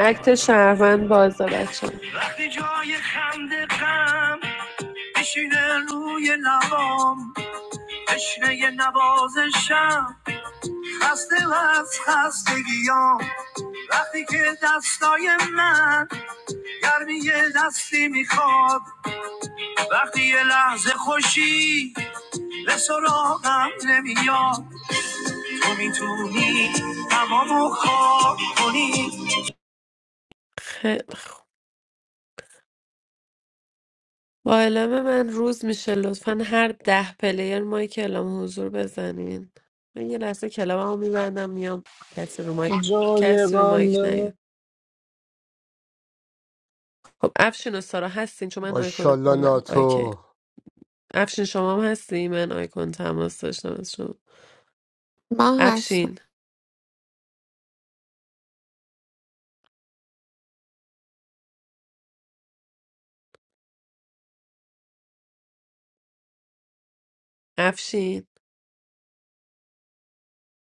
[SPEAKER 1] اکت شهروند بازه بچه وقتی جای خنده غم بشینه روی لبام تشنه نوازشم خسته و از خستگیام وقتی که دستای من گرمی یه دستی میخواد وقتی یه لحظه خوشی به سراغم نمیاد تو میتونی تمامو خواب کنی خیلی خوب. با اعلام من روز میشه لطفا هر ده پلیر مایک اعلام حضور بزنین من یه لحظه کلاممو میبندم میام کسی رو مایک
[SPEAKER 16] جای
[SPEAKER 1] کسی رو مایک
[SPEAKER 16] قندم
[SPEAKER 1] نیاد خب افشین و سارا هستین چون من آیکون
[SPEAKER 4] ماشالله
[SPEAKER 1] کالا اوکی
[SPEAKER 4] ناتو
[SPEAKER 1] افشین شما هم هستی من آیکون تماس داشتم از شما
[SPEAKER 12] من هستم
[SPEAKER 1] افشین افشین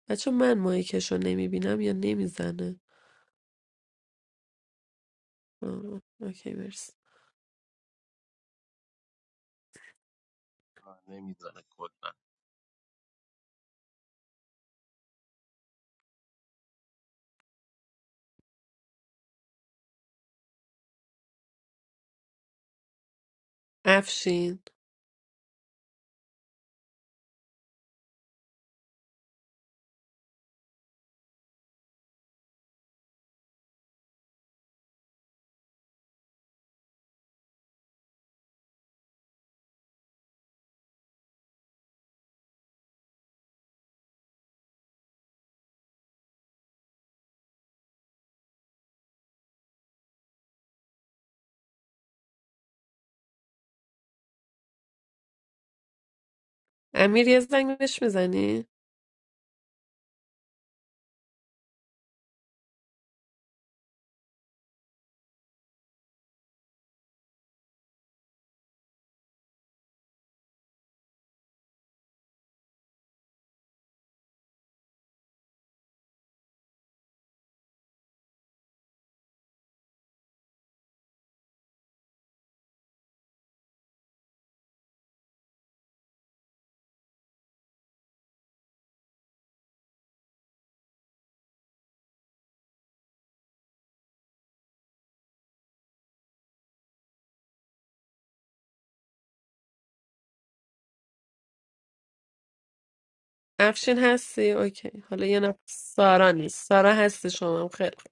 [SPEAKER 1] بچه من مایکش رو نمیبینم یا نمیزنه آه، اوکی مرسی
[SPEAKER 6] game.
[SPEAKER 1] افشین امیر یه زنگ بهش میزنی افشین هستی اوکی حالا یه نفر سارا نیست سارا هستی شما هم خیلی خوب.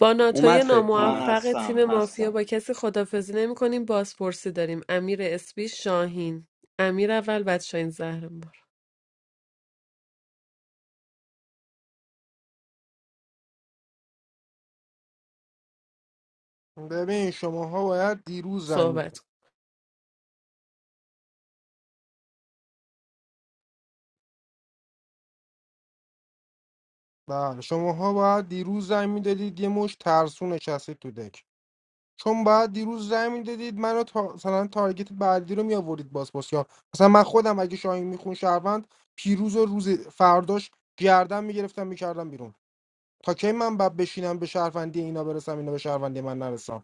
[SPEAKER 1] با
[SPEAKER 13] اومد
[SPEAKER 1] ناتوی
[SPEAKER 13] فکر
[SPEAKER 10] من
[SPEAKER 13] کنم
[SPEAKER 1] ناموفق
[SPEAKER 10] هستم
[SPEAKER 1] تیم مافیا
[SPEAKER 10] هستم
[SPEAKER 1] با کسی خدافزی نمی کنیم بازپرسی داریم امیر اسبی شاهین امیر اول بعد شاهین زهرمار
[SPEAKER 8] ببین شماها باید دیروز زنگ میدادید
[SPEAKER 1] صحبت کن.
[SPEAKER 8] بله شماها باید دیروز زنگ میدادید یه مش ترسو نشستید تو دک چون باید دیروز رای میدادید منو تا... مثلا تارگت بعدی رو میآورید باز باز، یا مثلا من خودم اگه شاهین میخون شهروند پیروز و روز فرداش گردن میگرفتم میکردم بیرون تا کی من بعد بشینم به شهروندی اینا برسم اینا به شهروندی من نرسم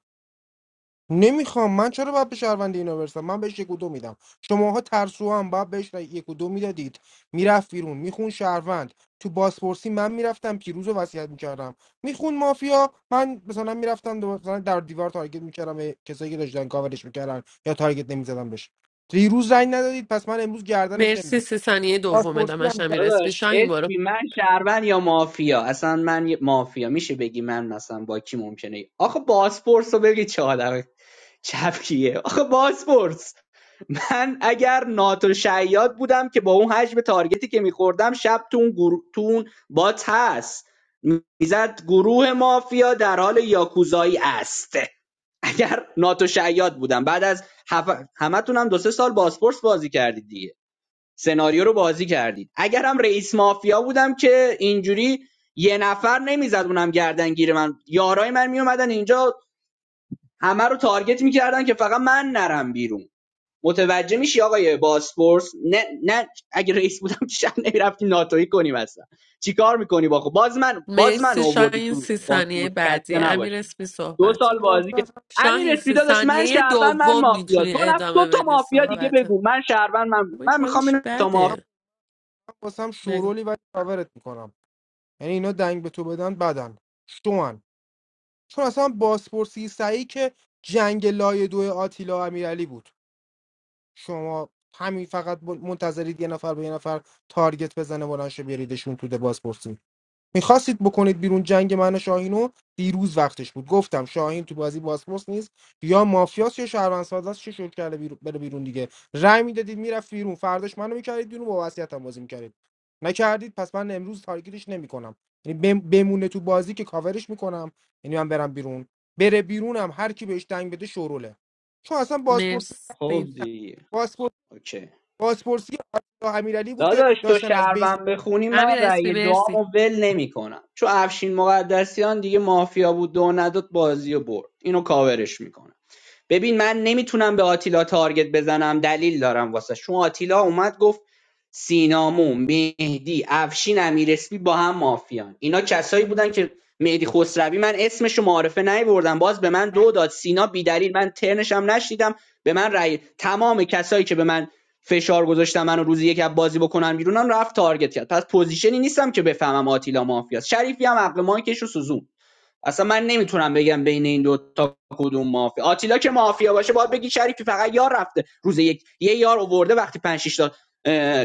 [SPEAKER 8] نمیخوام من چرا باید به شهروندی اینا برسم من بهش یک و دو میدم شماها ترسو هم باید بهش یک و دو میدادید میرفت بیرون میخون شهروند تو بازپرسی من میرفتم پیروز رو وصیت میکردم میخون مافیا من مثلا میرفتم دو مثلا در دیوار تارگت میکردم به کسایی که داشتن کاورش میکردن یا تارگت نمیزدم بهش دیروز زنگ ندادید پس من امروز گردنش
[SPEAKER 1] مرسی
[SPEAKER 8] نمیگیرم
[SPEAKER 1] سی ثانیه دومه
[SPEAKER 8] بازپرسی
[SPEAKER 1] دمش
[SPEAKER 8] هم
[SPEAKER 1] امیر
[SPEAKER 13] داداش
[SPEAKER 1] اسبی شاهین برو
[SPEAKER 13] اسمی من شهروند یا مافیا اصلا من یه مافیا میشه بگی من مثلا با کی ممکنه آخه باسپورس رو بگی چه آدم چپکیه آخه باسپورس من اگر ناتو شیاد بودم که با اون حجم تارگتی که میخوردم شب تو اون, گرو... تو اون بات هست میزد گروه مافیا در حال یاکوزایی است اگر ناتو شیاد بودم بعد از هف... همتونم دو سه سال باسپورس بازی کردید دیگه سناریو رو بازی کردید اگرم رئیس مافیا بودم که اینجوری یه نفر نمیزد اونم گردنگیر من یارای من میومدن اینجا همه رو تارگت میکردن که فقط من نرم بیرون متوجه میشی آقای باسپورس نه نه اگه رئیس بودم که شب نمیرفتی ناتوی کنی مثلا چیکار میکنی با خود باز من باز من
[SPEAKER 1] مرسی
[SPEAKER 13] آوردی
[SPEAKER 1] شاهین
[SPEAKER 13] تو
[SPEAKER 1] سی ثانیه
[SPEAKER 13] باسپورس خسته
[SPEAKER 1] بعدی
[SPEAKER 8] گردن
[SPEAKER 1] امیر
[SPEAKER 13] نباشی
[SPEAKER 1] اسبی
[SPEAKER 13] دو
[SPEAKER 1] صحبت کن.
[SPEAKER 13] سال بازی
[SPEAKER 8] واسه هم
[SPEAKER 13] که امیر
[SPEAKER 1] شاهین سی
[SPEAKER 13] اسپیدا داشت من
[SPEAKER 1] ثانیه
[SPEAKER 13] شهروند من
[SPEAKER 1] دوم
[SPEAKER 13] مافیا
[SPEAKER 1] میتونی
[SPEAKER 13] دو نفر دو
[SPEAKER 1] ادامه
[SPEAKER 13] تا
[SPEAKER 1] بدی
[SPEAKER 13] مافیا دیگه
[SPEAKER 1] صحبتت
[SPEAKER 13] بگو من شهروند من
[SPEAKER 1] خب این
[SPEAKER 13] من میخوام
[SPEAKER 1] حالش
[SPEAKER 13] این تا مافیا
[SPEAKER 8] هم-
[SPEAKER 1] بده
[SPEAKER 8] واسه هم
[SPEAKER 1] بگو
[SPEAKER 8] شورولی ولی کاورت میکنم یعنی اینا دنگ به تو بدن بدن شوان چون اصلا بازپرسی سعی که جنگ لایه دو آتیلا امیرعلی بود شما همین فقط منتظرید یه نفر به یه نفر تارگت بزنه بلند شه بیاریدشون تو ده میخواستید بکنید بیرون جنگ من و شاهینو دیروز وقتش بود گفتم شاهین تو بازی باسپورس نیست یا مافیاس یا شهروند ساز چه شد کرده بیرون بره بیرون دیگه رأی میدادید میرفت بیرون فرداش منو میکردید بیرون با وصیتم بازی میکردید نکردید پس من امروز تارگتش نمیکنم یعنی بم- بمونه تو بازی که کاورش میکنم یعنی من برم بیرون بره بیرونم هر کی بهش دنگ بده شوروله چون اصلا باسپورت
[SPEAKER 13] خب
[SPEAKER 1] مرسی
[SPEAKER 13] دیگه
[SPEAKER 8] باسپورت
[SPEAKER 13] اوکی
[SPEAKER 8] باسپورسی آتilla امیرعلی بود که
[SPEAKER 13] داداش تو
[SPEAKER 8] داشتن از بیس
[SPEAKER 13] شهروند بخونی من
[SPEAKER 1] امیر اسپی
[SPEAKER 13] رأی
[SPEAKER 1] مرسی
[SPEAKER 13] دعامو ول نمیکنم چون افشین مقدسیان دیگه مافیا بود دو نداد بازی و برد اینو کاورش میکنم ببین من نمیتونم به آتیلا تارگت بزنم دلیل دارم واسه چون آتیلا اومد گفت سینامو مهدی افشین امیرسپی با هم مافیان اینا کسایی بودن که مهدی خسروی من اسمش رو معارفه نیوردم باز به من دو داد سینا بیدلیل من ترنشم نشیدم به من رأی تمام کسایی که به من فشار گذاشتن منو روزی یک از بازی بکنن بیرونم رفت تارگت کرد پس پوزیشنی نیستم که بفهمم آتیلا مافیاست شریفی هم عقل مایکش رو سوزون اصلا من نمیتونم بگم بین این دو تا کدوم مافیا آتیلا که مافیا باشه باید بگی شریفی فقط یار رفته روز یک یه یار آورده وقتی 5 6 تا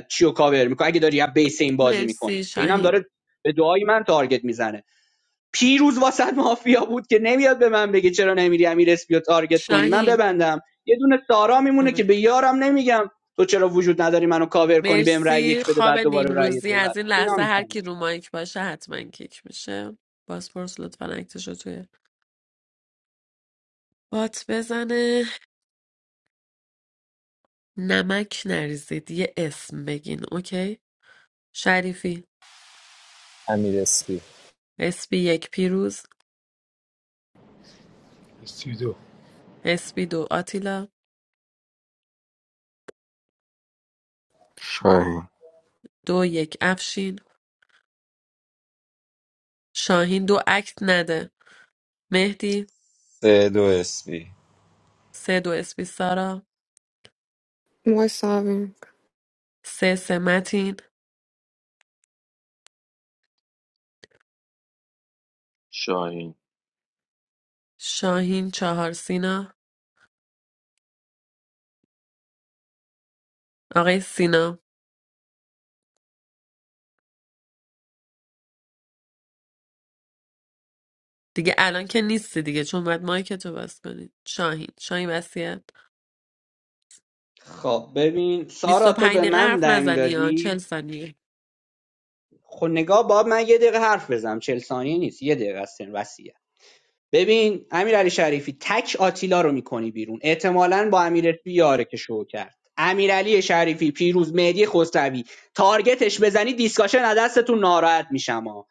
[SPEAKER 13] چیو کاور میکنه اگه داری از بیس این بازی میکنی
[SPEAKER 1] مرسی
[SPEAKER 13] که اینم
[SPEAKER 1] شاهین
[SPEAKER 13] داره به دعای من تارگت میزنه پیروز واسط مافیا بود که نمیاد به من بگه چرا نمیری امیر اسپیو تارگت کنی من
[SPEAKER 1] شاهین
[SPEAKER 13] ببندم یه دونه سارا میمونه که به
[SPEAKER 1] ببند.
[SPEAKER 13] یارم نمیگم تو چرا وجود نداری منو کاور کنی بهم رأی
[SPEAKER 1] مرسی
[SPEAKER 13] یک بده
[SPEAKER 1] خواب
[SPEAKER 13] بعد دوباره رأی
[SPEAKER 1] نیمروزی
[SPEAKER 13] دو
[SPEAKER 1] از
[SPEAKER 13] نده.
[SPEAKER 1] این
[SPEAKER 13] اینا
[SPEAKER 1] لحظه
[SPEAKER 13] میشن
[SPEAKER 1] هر کی
[SPEAKER 13] دیگه.
[SPEAKER 1] رو مایک باشه حتما کیک میشه بازپرس لطفا اکتش رو توی بات بزنه نمک نریزید یه اسم بگین اوکی شریفی
[SPEAKER 16] امیر اسپی
[SPEAKER 1] اسپی یک پیروز
[SPEAKER 3] 22
[SPEAKER 1] اسپیدو آتیلا
[SPEAKER 2] شاهین
[SPEAKER 1] دو یک افشین شاهین دو اکت نده مهدی
[SPEAKER 9] سه دو اسپی
[SPEAKER 1] سه دو اسبی سارا
[SPEAKER 12] مساویم
[SPEAKER 1] سه سه متین
[SPEAKER 5] شاهین
[SPEAKER 1] شاهین چهار سینا آقای سینا دیگه الان که نیستی دیگه چون باید مایک تو بس کنید شاهین شاهین وصیت
[SPEAKER 13] خب ببین سارا تو
[SPEAKER 1] 25
[SPEAKER 13] به
[SPEAKER 1] دقیقه
[SPEAKER 13] من
[SPEAKER 1] حرف
[SPEAKER 13] دنگ
[SPEAKER 1] نزنی یا
[SPEAKER 13] دادی
[SPEAKER 1] چهل ثانیه
[SPEAKER 13] خب نگاه باب من یه دقیقه حرف بزنم چهل ثانیه نیست یه دقیقه است وصیت ببین امیرعلی شریفی تک آتیلا رو میکنی بیرون احتمالاً با امیرعلی یاره که شو کرد امیرعلی شریفی پیروز مهدی خسروی تارگتش بزنی دیسکاشن از دستتون ناراحت میشم ها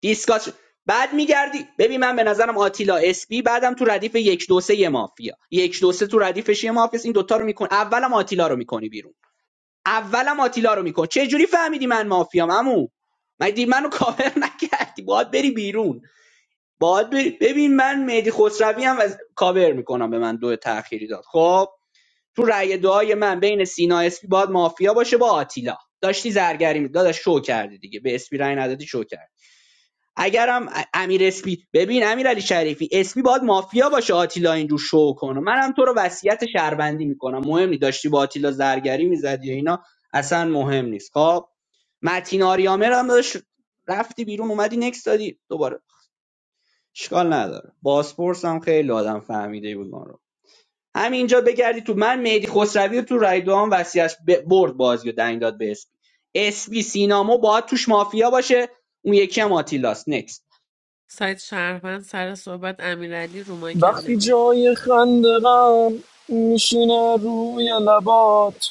[SPEAKER 13] دیسکاشن بعد میگردی ببین من به نظرم آتیلا اسپی بعدم تو ردیف یک دو سه مافیا یک دو سه تو ردیفش یه مافیا این دوتا رو میکن اولم آتیلا رو میکنی بیرون اولم آتیلا رو میکن چه جوری فهمیدی من مافیام عمو مگه منو کاور نکردی باید بری بیرون باید بری ببین من مهدی خسروی هم از کاور میکنم به من دو تأخیری داد خب تو رأی دعای من بین سینا اسپی باید مافیا باشه با آتیلا داشتی زرگری می داداش شو کردی دیگه به اسپی رأی ندادی شو کردی اگرم ا- امیر اسپی ببین امیر علی شریفی اسپی باید مافیا باشه آتیلا اینجور شو کنه منم تو رو وصیت شهروندی میکنم مهم نی داشتی با آتیلا زرگری میزدی یا اینا اصلا مهم نیست خب متین آریامر هم داشت رفتی بیرون اومدی نکس دادی دوباره اشکال نداره باسپورس هم خیلی آدم فهمیده بود ما رو همینجا بگردی تو من مهدی خسروی رو تو رای دوام وصیت ب- برد بازی و دنگ داد به اسپی اسپی سینامو باید توش مافیا باشه اون یکی هم آتیلاست
[SPEAKER 1] سایت شهروند سر صحبت امیرعلی رو مایک هم
[SPEAKER 16] وقتی
[SPEAKER 1] نمیه
[SPEAKER 16] جای خندقم میشینه روی لبات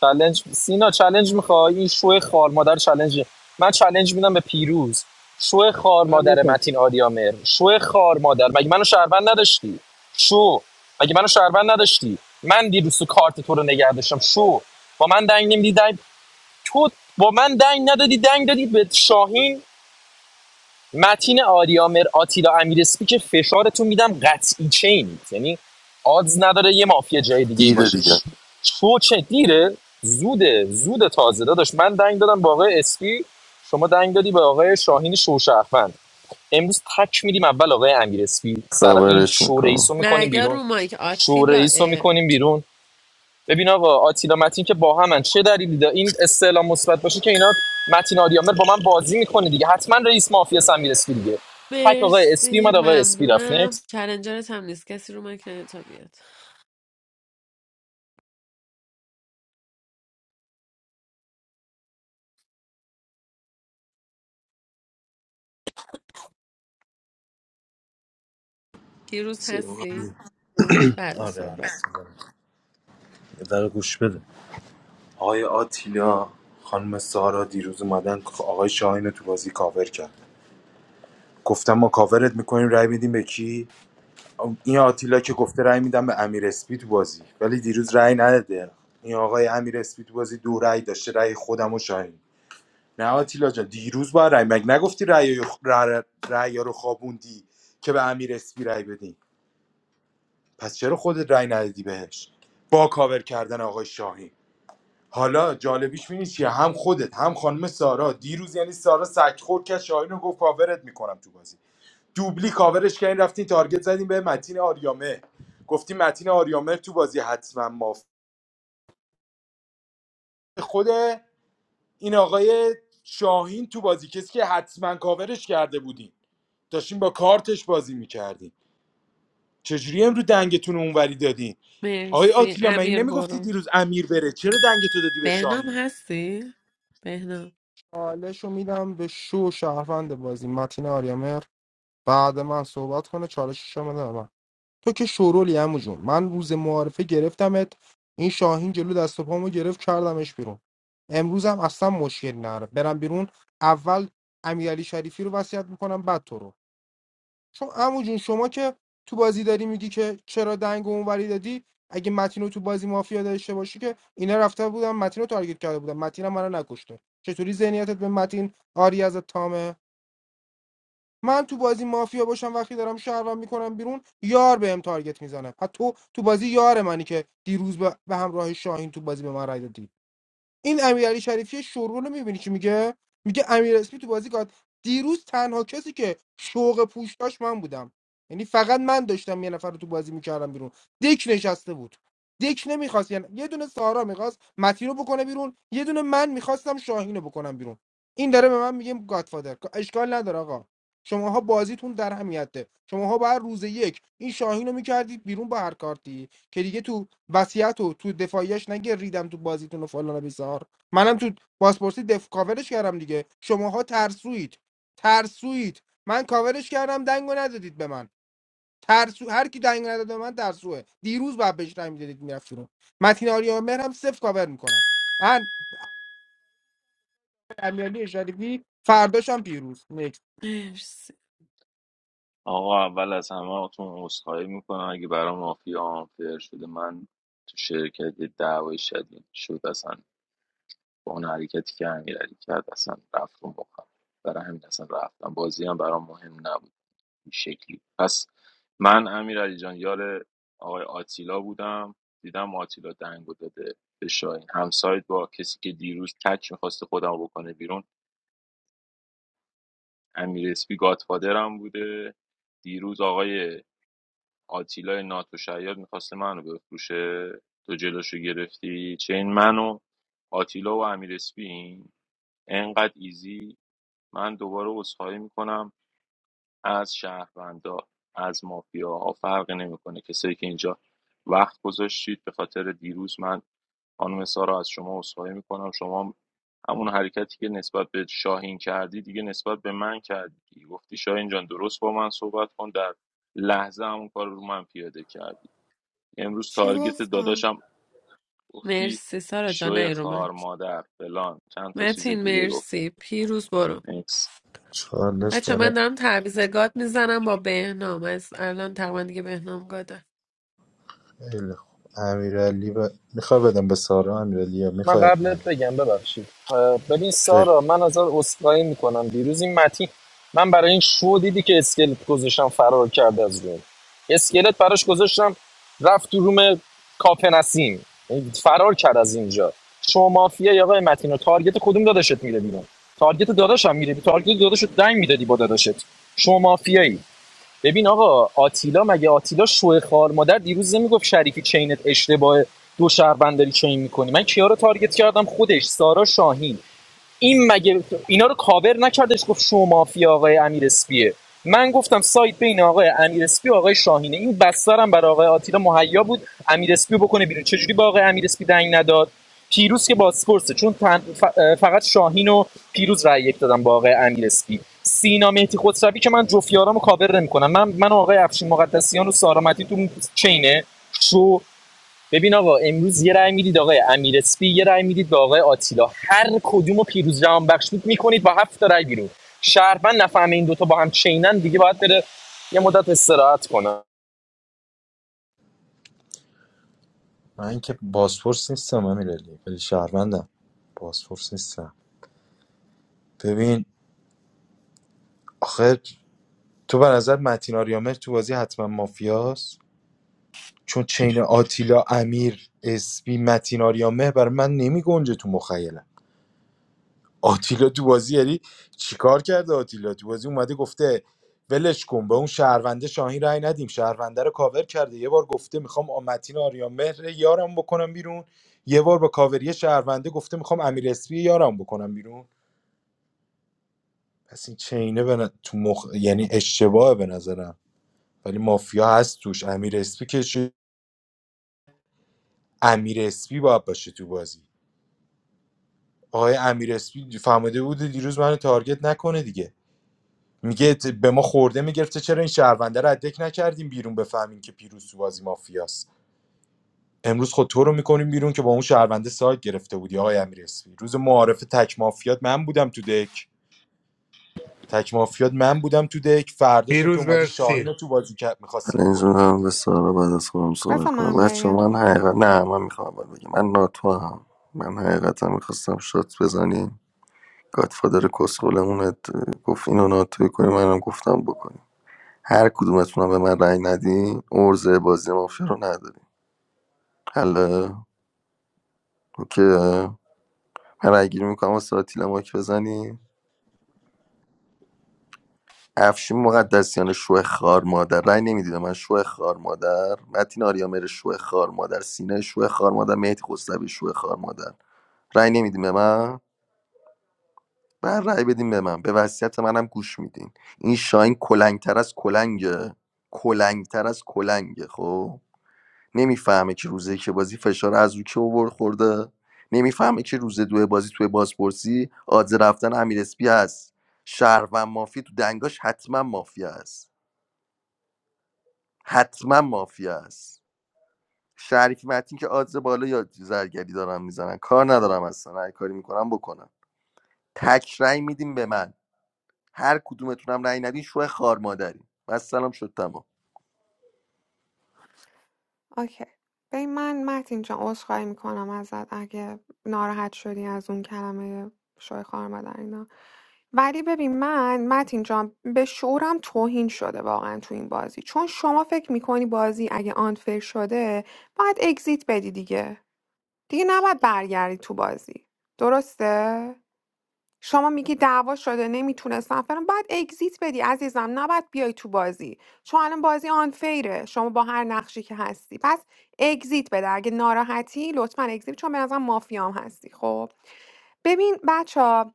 [SPEAKER 16] چالنج سینا چالنج میخوای این شو خار مادر چالنج من چالنج میدم به پیروز شو خار
[SPEAKER 15] من
[SPEAKER 16] مادر متین آریامر شو خار مادر مگه منو شهروند نداشتی شو مگه منو شهروند نداشتی من دیروز تو کارت تو رو نگه داشتم شو با من دنگ نمیدی دنگ تو با من دنگ ندادی دنگ دادی به شاهین متین آریامر آتیلا امیرسپی که فشارتون میدم قطعی چینید یعنی آدز نداره یه مافیا جای دیگه ای
[SPEAKER 2] دیره
[SPEAKER 16] باشه
[SPEAKER 2] دیگه
[SPEAKER 16] شو چه دیره زوده زود تازه داداش من دنگ دادم با آقای اسپی شما دنگ دادی به آقای شاهین شوشهروند امروز تک میدیم اول آقای امیر سر این
[SPEAKER 2] کاورش
[SPEAKER 16] شو
[SPEAKER 2] میکنم
[SPEAKER 16] رئیس رو میکنیم
[SPEAKER 1] نه یا
[SPEAKER 16] بیرون
[SPEAKER 1] رو مایک
[SPEAKER 16] شو
[SPEAKER 1] آتیلا
[SPEAKER 16] رئیس رو
[SPEAKER 1] اه.
[SPEAKER 16] میکنیم بیرون ببین آقا آتیلا متین که با همن چه دلیلی دا این استعلام مثبت باشه که اینا متین آریامر با من بازی میکنه دیگه حتما رئیس مافیا هم میرسی دیگه تک آقای اسپی
[SPEAKER 1] مرسی
[SPEAKER 16] اومد آقای اسپی رفت Next.
[SPEAKER 1] ممنونم چلنجرت هم نیست کسی رو مایک نیاد تا بیاد پیروز هستی؟ بله
[SPEAKER 3] آره آره
[SPEAKER 1] صحبت کن
[SPEAKER 3] یه دقیقه گوش بده آقای آتیلا خانم سارا دیروز اومدن آقای شاهین رو تو بازی کاور کرد گفتم ما کاورت میکنیم رای میدیم به کی این آتیلا که گفته رای میدم به امیر اسپی تو بازی ولی دیروز رای نداده این آقای امیر اسپی تو بازی دو رای داشته رای خودم و شاهین نه آتیلا جان دیروز با رای مگ نگفتی رای رای, رای رو خوابوندی که به امیر اسپی رای بدیم پس چرا خودت رای ندادی بهش با کاور کردن آقای شاهین حالا جالبیش می‌بینی چیه هم خودت هم خانم سارا دیروز یعنی سارا سگ خورد که شاهین رو گفت کاورت میکنم تو بازی دوبلی کاورش کردین رفتین تارگت زدین به متین آریامه گفتی متین آریامه تو بازی حتما ماف خود این آقای شاهین تو بازی کسی که حتما کاورش کرده بودین داشتین با کارتش بازی میکردین چجوری امرو دنگتون رو اونوری دادین آقای
[SPEAKER 1] مرسی
[SPEAKER 3] آتیلا من این
[SPEAKER 1] امیر
[SPEAKER 3] نمیگفتی
[SPEAKER 1] برو
[SPEAKER 3] دیروز امیر بره چرا دنگتو دادی به
[SPEAKER 1] بهنام
[SPEAKER 3] شاهین
[SPEAKER 1] هستی؟ بهنام
[SPEAKER 8] حالش رو میدم به شو شهروند بازی متین آریامر بعد من صحبت کنه چالشش هم بده به من تو که شورولی عمو جون من روز معارفه گرفتمت این شاهین جلو دست و پامو گرفت کردمش بیرون امروزم اصلا مشکل نره برم بیرون اول امیرعلی شریفی رو وصیت میکنم بعد تو رو چون عمو جون شما که تو بازی داری میگی که چرا دنگ اونوری دادی اگه متین رو تو بازی مافیا داشته باشی که اینا رفته بودن متین رو تارگت کرده بودن متین هم منو نکشته چطوری ذهنیتت به متین آری از تامه من تو بازی مافیا باشم وقتی دارم شهروند میکنم بیرون یار بهم تارگت میزنه حتی تو تو بازی یار منی که دیروز به همراه شاهین تو بازی به من رای دادی این امیرعلی شریفی شورو رو میبینی چی میگه میگه امیر اسمی تو بازی گاد دیروز تنها کسی که شوق پوش داشت من بودم یعنی فقط من داشتم یه نفر رو تو بازی میکردم بیرون دک نشسته بود دک نمیخواست یعنی یه دونه سارا میخواست متی رو بکنه بیرون یه دونه من میخواستم شاهین رو بکنم بیرون این داره به من میگه گادفادر اشکال نداره آقا شماها بازیتون در همیته شماها باید روز یک این شاهین رو میکردید بیرون با هر کارتی که دیگه تو وصیت رو تو دفاعیش نگه ریدم تو بازیتون و فلان و بیسار منم تو پاسپورتی دف کاورش کردم دیگه شماها ترسوید ترسوید من کاورش کردم دنگو ندادید به من ترسو هر کی دنگ نداد به من ترسوه دیروز بعد بهش دنگ میدادید میرفت رو متین آریا مهر هم صفر کاور میکنم من امیرعلی شریفی فرداشم پیروز نکست
[SPEAKER 1] مرسی
[SPEAKER 5] آقا اول از همه اتون عذرخواهی میکنم اگه برام مافیا آنفر شده من تو شرکت یه دعوای شدید شد اصلا با اون حرکتی که امیرعلی کرد اصلا رفت اون بخم برای همین اصلا رفتم بازی هم برام مهم نبود این شکلی پس من امیرعلی جان یار آقای آتیلا بودم دیدم آتیلا دنگو داده به شاهین همسایت با کسی که دیروز تک میخواست خودم بکنه بیرون امیر اسپی گادفادرم بوده دیروز آقای آتیلای ناتوشعیاد میخواسته منو بفروشه تو جلوشو گرفتی چه این منو آتیلا و امیر اسپین انقدر ایزی من دوباره عذرخواهی میکنم از شهروندا از مافیاها فرقی نمیکنه کسایی که اینجا وقت گذاشتید به خاطر دیروز من خانم سارا از شما عذرخواهی میکنم شما همون حرکتی که نسبت به شاهین کردی دیگه نسبت به من کردی گفتی شاهین جان درست با من صحبت کن در لحظه همون کار رو من پیاده کردی امروز
[SPEAKER 12] چی
[SPEAKER 5] تارگت
[SPEAKER 12] گفتم
[SPEAKER 5] داداشم گفتی
[SPEAKER 1] مرسی سارا جان
[SPEAKER 5] شوی
[SPEAKER 1] ای رو من
[SPEAKER 5] خار مادر فلان چند تا چیز
[SPEAKER 1] متین
[SPEAKER 5] دیگه گفت
[SPEAKER 1] مرسی پیروز برو
[SPEAKER 5] نیکس
[SPEAKER 3] چالش
[SPEAKER 1] بچه من دارم تعویض گاد میزنم با بهنام از الان تقریبا دیگه بهنام گاده
[SPEAKER 3] خیلی خوب امیرعلی ب... میخوای بدم به سارا امیرعلی یا
[SPEAKER 16] من
[SPEAKER 3] میخواید من
[SPEAKER 16] قبلت بگم ببخشید اه، ببین سارا من ازت عذرخواهی میکنم دیروز این متین من برای این شو دیدی که اسکلت گذاشتم فرار کرد از روم اسکلت براش گذاشتم رفت تو روم کافه نسیم یعنی فرار کرد از اینجا شما مافیا یا آقای متین و تارگت کدوم داداشت میره بیرون تارگت داداشم میره تارگت داداشت دنگ میدادی با داداشت شما مافیایی ببین آقا آتیلا مگه آتیلا شوه خار مادر دیروز نمیگفت شریفی چینت اشتباه دو شهروند داری چین میکنی من کیا رو تارگت کردم خودش سارا شاهین این مگه اینا رو کاور نکردش گفت شما مافیا آقای امیر اسپیه من گفتم سایت بین آقای امیر اسپی و آقای شاهینه این بسترم برای آقای آتیلا مهیا بود امیر اسپی بکنه بیرون چجوری با آقای امیر اسپی دنگ نداد پیروز که بازپرسه چون فقط شاهین و پیروز رأی یک دادم با آقای امیر اسپی سینا مهدی خسروی که من جفیارامو کاور نمیکنم من من و آقای افشین مقدسیان و سارا مدین تو چینه شو ببین آقا امروز یه رأی میدید آقای امیر اسپی یه رأی میدید به آقای آتیلا هر کدومو پیروز جهان بخش میکنید با هفت تا رأی بیرون شهروند نفهمه این دوتا با هم چینن دیگه باید بره یه مدت استراحت کنه
[SPEAKER 3] من که بازپرس نیستم امیرعلی ولی شهروندم بازپرس نیستم ببین آخه تو به نظر متین آریامر تو بازی حتما مافیاست چون چین آتیلا امیر اسپی متین آریامر برای من نمیگنجه تو مخیلم آتیلا تو بازی یعنی چیکار کرده آتیلا تو بازی اومده گفته ولش کن به اون شهرونده شاهین رای ندیم شهرونده رو کاور کرده یه بار گفته میخوام آمتین آریان مهر یارم بکنم بیرون یه بار با کاوری شهرونده گفته میخوام امیر اسپی یارم بکنم بیرون پس این چینه به ن- تو مخ... یعنی اشتباهه به نظرم ولی مافیا هست توش امیر اسپی که چی؟ امیر اسپی باید باشه تو بازی آقای امیر اسپی فهمده بوده دیروز منو تارگت نکنه دیگه میگه ت- به ما خورده میگرفته چرا این شهرونده رو ادک نکردیم بیرون بفهمیم که پیروز تو بازی مافیاست امروز خود تو رو میکنیم بیرون که با اون شهرونده سایت گرفته بودی آقای امیر اسفی روز معارف تک مافیات من بودم تو دک تک مافیات من بودم تو دک فرداشم که
[SPEAKER 4] پیروز
[SPEAKER 3] اومدی شاهین رو
[SPEAKER 4] مرسی
[SPEAKER 3] تو بازی کرد میخواستی
[SPEAKER 2] پرینز
[SPEAKER 3] بکنی بیرون
[SPEAKER 2] میدونم به
[SPEAKER 3] دیگه
[SPEAKER 2] سارا بعد از خودم صحبت
[SPEAKER 12] بذار
[SPEAKER 2] کنم
[SPEAKER 12] من
[SPEAKER 2] بچه من
[SPEAKER 12] بگم
[SPEAKER 2] حقیقت نه من میخوام اول بگم من ناتو هم من حقیقتا میخواستم شات بزنیم گادفادر کسخولمون ات- گفت اینو ناتوی کنیم منم گفتم بکنیم هر کدومتون به من رأی ندین ارزه بازی مافیا رو نداریم حالا اوکی من رأی گیری میکنم واسه آتیلا ماک بزنیم افشین مقدسیان شو خار مادر رای نمیدیدم من شو خار مادر متین آریامر شو خار مادر سینه شو خار مادر مهدی خسروی شو خار مادر رای نمیدیم به من بر رای بدیم به من به وصیت منم گوش میدین این شاین کلنگتر از کلنگه کلنگتر از کلنگه خب نمیفهمه که روزه که بازی فشار از رو که اوور خورده نمیفهمه که روز دو بازی توی بازپرسی آدز رفتن امیر اسپی هست شهروند مافی تو دنگاش حتما مافیا هست حتما مافیا است شریک متین که آدز بالا یا زرگری دارن میزنن کار ندارم اصلا هر کاری میکنم بکنم تک رأی میدیم به من هر کدومتونم رأی ندین شو خار مادری من سلام شد تمام
[SPEAKER 12] اوکی ببین من متین جان عذرخواهی میکنم ازت اگه ناراحت شدی از اون کلمه شوی خواهر مادر اینا ولی ببین من متین جان به شعورم توهین شده واقعا تو این بازی چون شما فکر میکنی بازی اگه آنفر شده باید اگزیت بدی دیگه دیگه نباید برگردی تو بازی درسته شما میگی دعوا شده نمیتونستم فلان باید اگزییت بدی عزیزم نباید بیای تو بازی چون الان بازی آنفیره شما با هر نقشی که هستی پس اگزییت بده اگه ناراحتی لطفا اگزییت چون به نظرم مافیام هستی خب ببین بچه ها،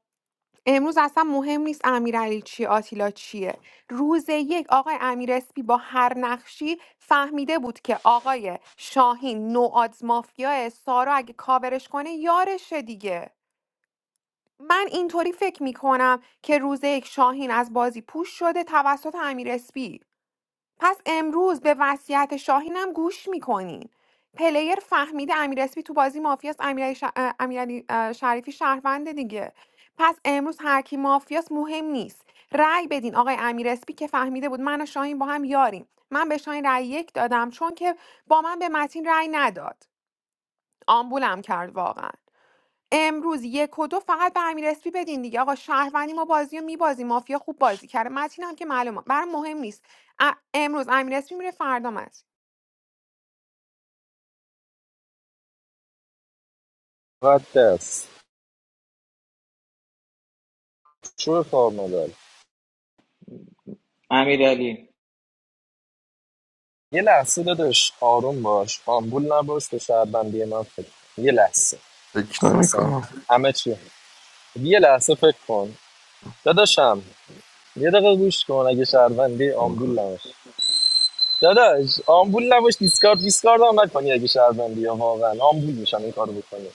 [SPEAKER 12] امروز اصلا مهم نیست امیرعلی چیه آتیلا چیه روز یک آقای امیر اسپی با هر نقشی فهمیده بود که آقای شاهین نوآدز مافیا سارا اگه کاورش کنه یارشه دیگه من اینطوری فکر میکنم که روز یک شاهین از بازی پوش شده توسط امیر اسپی پس امروز به وصیت شاهینم گوش میکنین پلیر فهمیده امیر اسپی تو بازی مافیاست امیرعلی ش... اه، امیرعلی، اه، شریفی شهرونده دیگه پس امروز هر کی مافیاست مهم نیست رأی بدین آقای امیر اسپی که فهمیده بود من و شاهین با هم یاریم من به شاهین رأی یک دادم چون که با من به متین رأی نداد آمبولم کرد واقعا امروز یک و دو فقط به امیر اسپی بدین دیگه آقا شهروندی ما بازی رو میبازی مافیا خوب بازی کرده متین هم که معلومه برام مهم نیست ا- امروز امیر اسپی میره فردا متین
[SPEAKER 16] مقدس شو کار مدار
[SPEAKER 10] امیر علی
[SPEAKER 16] یه لحظه داداش آروم باش آمبول نباش به شهروندی من فکر یه لحظه
[SPEAKER 2] فکر
[SPEAKER 16] اصلا
[SPEAKER 2] نمیکنم
[SPEAKER 16] همه چی یه لحظه فکر کن داداشم یه دقیقه گوش کن اگه شهروندی آمبول نباش داداش آمبول نباش دیسکارد دیسکارد هم نکنی اگه شهروندی یا واقعا آمبول میشم این کارو بکنی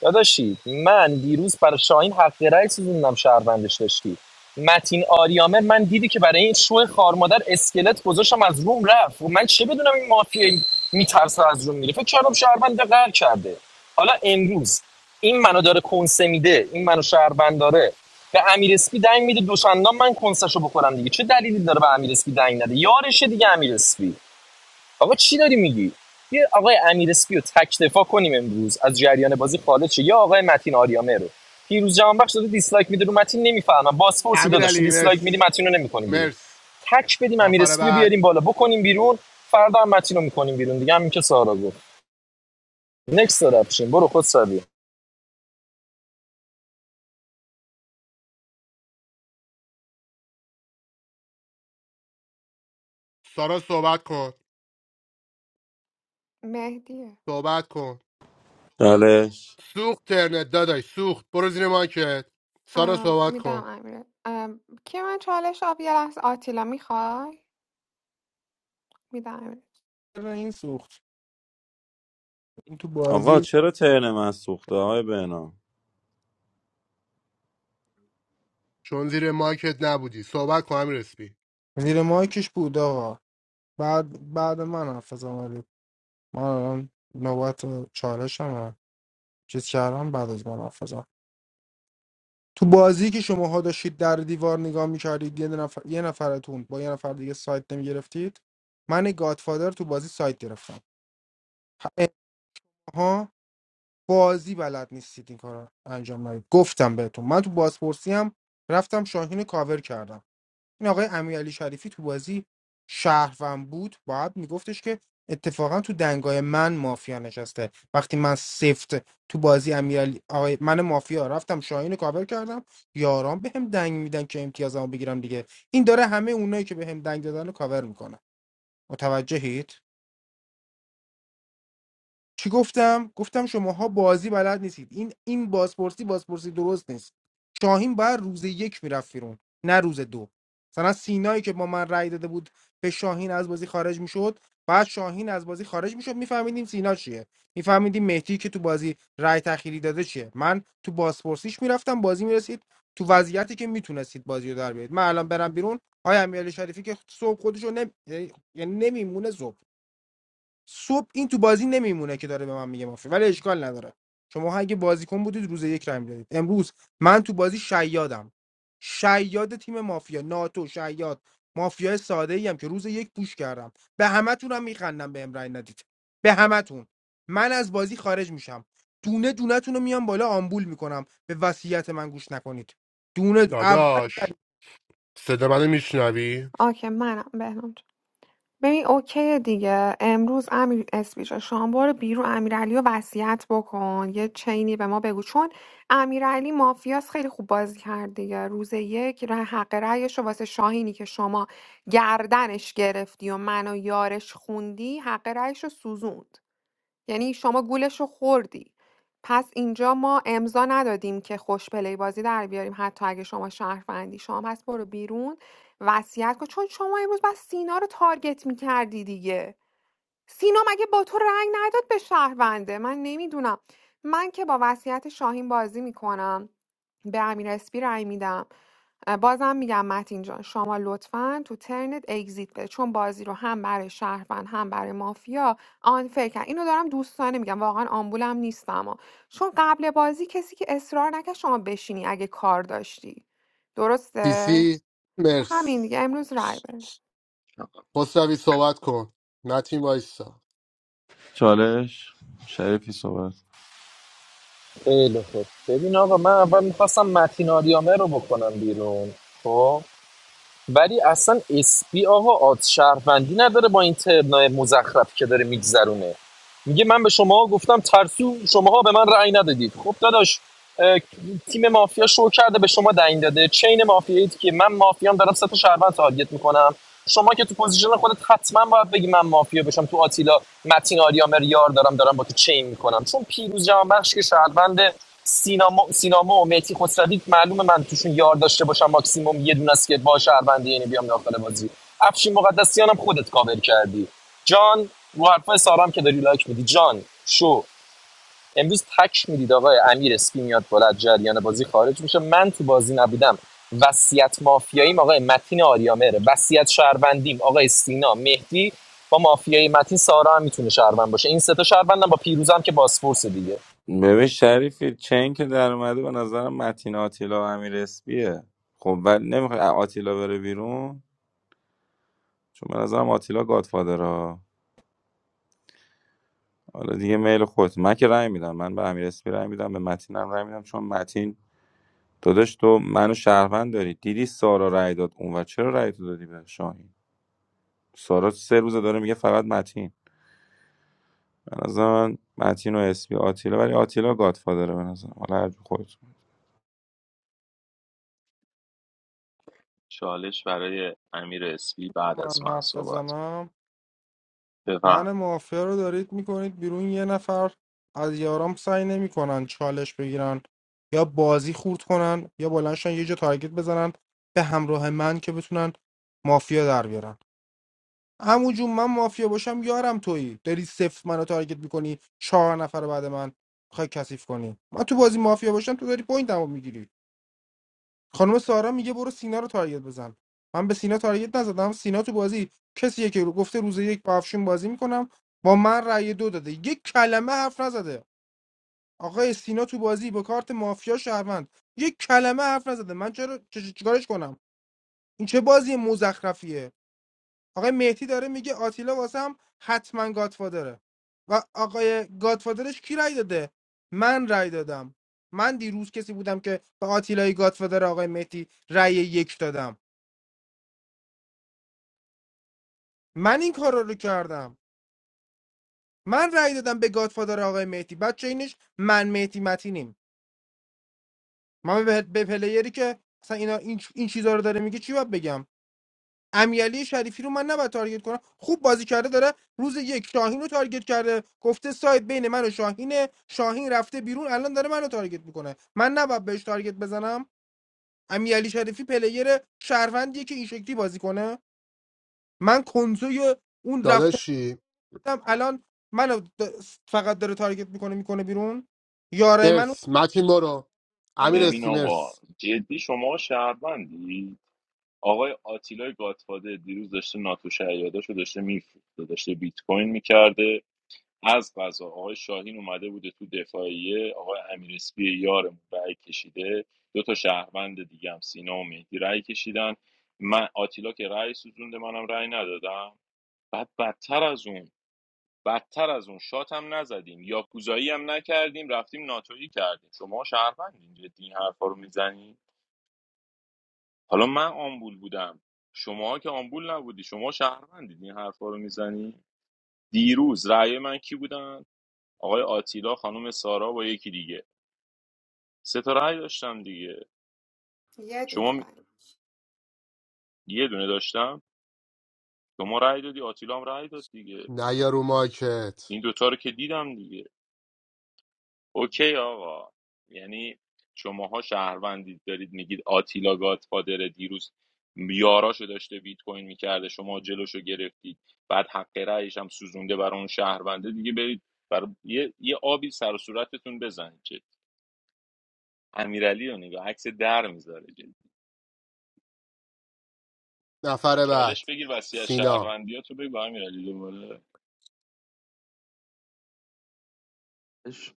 [SPEAKER 16] داداشی من دیروز برای شاهین حق رأی سوزوندم شهروندش داشتی متین آریامر من دیدی که برای این شو خارمادر اسکلت گذاشتم از روم رفت و من چه بدونم این مافیا میترسه از روم میره فکر کردم شهروند قهر کرده حالا امروز این منو داره کنسه میده این منو شهروند داره به امیر اسپی دنگ میده دوشندان من کنسشو بخورم دیگه چه دلیلی داره به امیر اسپی دنگ نده یارشه دیگه امیر اسپی. آقا چی داری میگی یه آقای امیر اسپی رو تک دفاع کنیم امروز از جریان بازی خارج شه یا آقای متین آریامه رو پیروز جهانبخش داده دیسلایک میده رو متین نمیفهمم بازپرسی
[SPEAKER 4] امیر
[SPEAKER 16] داداش تو
[SPEAKER 4] علی
[SPEAKER 16] دیسلایک میدی
[SPEAKER 4] مرسی
[SPEAKER 16] متین رو نمیکنی بیرون
[SPEAKER 4] مرسی
[SPEAKER 16] تک بدیم امیر
[SPEAKER 4] نفر
[SPEAKER 16] اسپی رو
[SPEAKER 4] بعد
[SPEAKER 16] بیاریم بالا بکنیم بیرون فردا هم متین رو میکنیم بیرون دیگه همین که سارا گفت نکس رپشین برو خود سری
[SPEAKER 4] سارا صحبت کن
[SPEAKER 12] مهدیه
[SPEAKER 4] صحبت کن
[SPEAKER 9] چالش
[SPEAKER 4] سوخت ترنت داداش سوخت برو زیر مایکت سارا
[SPEAKER 12] ام،
[SPEAKER 4] صحبت
[SPEAKER 12] میدم
[SPEAKER 4] کن
[SPEAKER 12] امیر ام، کی من چالش آب یه لحظه آتیلا میخوای میدم امیر
[SPEAKER 8] این سوخت این تو
[SPEAKER 9] آقا
[SPEAKER 8] بازی
[SPEAKER 9] چرا ترن من سوخته های بهنام
[SPEAKER 4] چون زیر مایکت نبودی صحبت کن امیر اسپی
[SPEAKER 8] زیر مایکش بود آقا بعد بعد من حرف زدم. ولی من الان نوبت چالشمه چیز کردم بعد از من حرف تو بازی که شماها داشتید در دیوار نگاه میکردید یه نفر یه نفرتون با یه نفر دیگه سایت نمیگرفتید من گادفادر تو بازی سایت گرفتم ه- ها بازی بلد نیستید این کار رو انجام ندید گفتم بهتون من تو بازپرسی هم رفتم شاهین رو کاور کردم این آقای امیرعلی شریفی تو بازی شهروند بود باید میگفتش که اتفاقا تو دنگای من مافیا نشسته وقتی من سفت تو بازی امیرعلی آقای من مافیا رفتم شاهین رو کاور کردم یاران بهم دنگ میدن که امتیازمو بگیرم دیگه این داره همه اونایی که بهم دنگ دادن رو کاور میکنه متوجهید چی گفتم گفتم شماها بازی بلد نیستید این این بازپرسی بازپرسی درست نیست شاهین باید روز یک میرفت بیرون نه روز دو مثلا سینایی که با من رأی داده بود به شاهین از بازی خارج میشد بعد شاهین از بازی خارج میشد میفهمیدیم سینا چیه میفهمیدیم مهدی که تو بازی رأی تخیری داده چیه من تو بازپرسیش میرفتم بازی میرسید تو وضعیتی که میتونستید بازی رو در بیارید من الان برم بیرون آیا امیرعلی شریفی که صبح خودش رو نمی... یعنی نمیمونه صبح صبح این تو بازی نمیمونه که داره به من میگه مافیا ولی اشکال نداره شما اگه بازیکن بودید روز یک رای میدادید امروز من تو بازی شیادم شیاد تیم مافیا ناتو شیاد مافیا ساده ایم که روز یک پوش کردم به همتونم میخندم به امرای ندید به همتون من از بازی خارج میشم دونه دونه رو میام بالا آمبول میکنم به وصیت من گوش نکنید دونه اول
[SPEAKER 4] داداش صدا منو میشنوی
[SPEAKER 12] اوکی منم بهنام جان. ببین اوکیه دیگه امروز امیر اسپیچ شام برو بیرون امیرعلی رو وصیت بکن یه چینی به ما بگو چون امیرعلی مافیاس خیلی خوب بازی کرد دیگه روز یک ر- حق رأیش رو واسه شاهینی که شما گردنش گرفتی و منو یارش خوندی حق رأیش رو سوزوند یعنی شما گولش رو خوردی پس اینجا ما امضا ندادیم که خوش پلی بازی در بیاریم حتی اگه شما شهروندی شما پس برو بیرون وصیت کن چون شما امروز بس سینا رو تارگت میکردی دیگه سینا مگه با تو رأی نداد به شهرونده من نمیدونم من که با وصیت شاهین بازی میکنم به امیر اسپی رأی میدم بازم میگم متین جان شما لطفا تو ترنت اگزییت بده چون بازی رو هم برای شهروند هم برای مافیا آنفر کرد اینو دارم دوستانه میگم واقعا آمبولم نیستم ها. چون قبل بازی کسی که اصرار نکرد شما بشینی اگه کار داشتی درسته
[SPEAKER 4] سیسی مرس
[SPEAKER 12] همین دیگه امروز رای بره
[SPEAKER 4] خسروی صحبت کن متین وایسا
[SPEAKER 9] چالش شریفی صحبت
[SPEAKER 16] خیلی خوب ببین آقا من اول میخواستم متین آریامه رو بکنم بیرون خب ولی اصلا اسپی آقا آد شهروندی نداره با این ترنای مزخرف که داره میگذرونه میگه من به شما گفتم ترسو شماها به من رأی ندادید خب داداش تیم مافیا شو کرده به شما دنگ داده چین مافیایی که من مافیام دارم سه تا شهروند تارگت میکنم شما که تو پوزیشن خودت حتما باید بگی من مافیا بشم تو آتیلا متین آریامر یار دارم دارم با تو چین میکنم چون پیروز جهانبخش که شهروند سینما سینما و مهدی خسروی معلومه من توشون یار داشته باشم ماکسیموم یه دونه است که با شهروندی یعنی بیام داخل بازی افشین مقدسیانم خودت کاور کردی جان رو حرفای سارام که داری لایک میدی جان شو امروز تک میدید آقای امیر اسپی میاد بالا از جریان بازی خارج میشه من تو بازی نبودم وصیت مافیاییم آقای متین آریامهره وصیت شهروندیم آقای سینا مهدی با مافیای متین سارا هم میتونه شهروند باشه این سه تا شهروندم با پیروزم که باسپورس دیگه
[SPEAKER 9] ببین شریفی چین که در اومده به نظرم متین آتیلا و امیر اسپیه خب ولی نمیخوای آتیلا بره بیرون چون به نظرم آتیلا گادفادره حالا دیگه میل خودت من که رأی میدم من به امیر اسپی رأی میدم به متینم رأی میدم چون متین داداش تو منو شهروند داری دیدی سارا رأی داد اون و چرا رأی تو دادی به شاهین سارا سه روزه داره میگه فقط متین به نظر من متین و اسپی آتیلا ولی آتیلا گادفادره به نظر حالا هر جور خودت
[SPEAKER 5] چالش برای امیر اسپی بعد از
[SPEAKER 8] من
[SPEAKER 5] من
[SPEAKER 8] حرف
[SPEAKER 5] صحبت
[SPEAKER 8] بزنم
[SPEAKER 5] بفهم
[SPEAKER 8] من مافیا رو دارید میکنید بیرون یه نفر از یارام سعی نمیکنن چالش بگیرن یا بازی خورد کنن یا بلندشن یه جا تارگت بزنن به همراه من که بتونن مافیا در بیارن عمو جون من مافیا باشم یارم تویی داری سفت منو تارگت میکنی چهار نفر بعد من میخوای کثیف کنی من تو بازی مافیا باشم تو داری پوینتمو میگیری خانم سارا میگه برو سینا رو تارگت بزن من به سینا تارگت نزدم سینا تو بازی کسیه که گفته روز یک با افشین بازی میکنم با من رأی دو داده یک کلمه حرف نزده آقای سینا تو بازی با کارت مافیا شهروند یک کلمه حرف نزده من چرا چ- چ- چیکارش کنم این چه بازی مزخرفیه آقای مهدی داره میگه آتیلا واسم حتما گادفادره و آقای گادفادرش کی رأی داده من رأی دادم من دیروز کسی بودم که به آتیلای گادفادر آقای مهدی رأی یک دادم من این کارا رو کردم من رأی دادم به گادفادر آقای مهدی بعد چینش من مهدی متینیم من به, به پلیری که اصلا اینا این, این چیزا رو داره میگه چی باید بگم امیرعلی شریفی رو من نباید تارگت کنم خوب بازی کرده داره روز یک شاهین رو تارگت کرده گفته ساید بین من و شاهینه شاهین رفته بیرون الان داره منو تارگت میکنه من نباید بهش تارگت بزنم امیرعلی شریفی پلیر شهروندیه که این شکلی بازی کنه من کنسوی اون
[SPEAKER 4] داداشی
[SPEAKER 8] هم الان منو د- فقط داره تارگت میکنه میکنه بیرون یاره منو
[SPEAKER 4] مرس متین برو امیر
[SPEAKER 8] میکنه
[SPEAKER 5] ببین
[SPEAKER 4] اسپی
[SPEAKER 5] آقا
[SPEAKER 4] مرس
[SPEAKER 5] جدی شما شهروندی آقای آتیلای گاتفاده دیروز داشته ناتو شیاداشو داشته میفروخته داشته بیت کوین میکرده از قضا آقای شاهین اومده بوده تو دفاعیه آقای امیر اسپی یارمون رأی کشیده دو تا شهروند دیگه هم سینا و مهدی رأی کشیدن من آتیلا که رأی سوزونده منم رأی ندادم بعد بدتر از اون بدتر از اون شات هم نزدیم یا کوزایی هم نکردیم رفتیم ناتویی کردیم شما شهروندین جدی این حرفا رو میزنید حالا من آمبول بودم شما که آمبول نبودی شما شهروندید این حرفا رو میزنی دیروز رأی من کی بودن آقای آتیلا خانم سارا با یکی دیگه سه تا رأی داشتم دیگه
[SPEAKER 12] یه
[SPEAKER 5] شما
[SPEAKER 12] دونه
[SPEAKER 5] م-
[SPEAKER 12] رای
[SPEAKER 5] یه دونه داشتم شما رأی دادی آتیلا هم رأی داد دیگه
[SPEAKER 4] نیا رو مایکت
[SPEAKER 5] این دوتا رو که دیدم دیگه اوکی آقا یعنی شماها شهروندید دارید میگید آتیلا گادفادر دیروز یاراشو داشته بیت کوین میکرده شما جلوشو گرفتید بعد حق رأیش هم سوزونده برای اون شهرونده دیگه برید بر یه, یه آبی سر و صورتتون بزنید که امیرعلی رو نگاه عکس در میذاره
[SPEAKER 4] نفر بعد
[SPEAKER 5] چالش بگیر وصیت
[SPEAKER 4] سینا
[SPEAKER 5] شهروندی تو بگو امیرعلی دوباره
[SPEAKER 15] میکنمش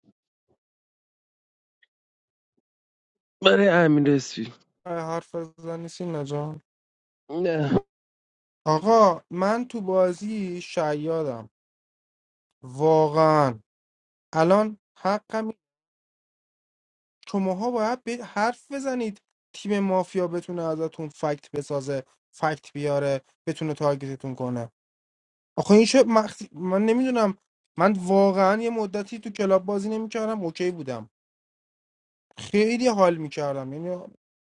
[SPEAKER 15] برای امیر اسفی
[SPEAKER 8] حرف زنی سینا جان
[SPEAKER 15] نه
[SPEAKER 8] آقا من تو بازی شیادم واقعا الان حقم شماها باید به حرف بزنید تیم مافیا بتونه ازتون فکت بسازه فکت بیاره بتونه تارگتتون کنه آخه این شب من نمیدونم من واقعا یه مدتی تو کلاب بازی نمیکردم اوکی بودم خیلی حال میکردم یعنی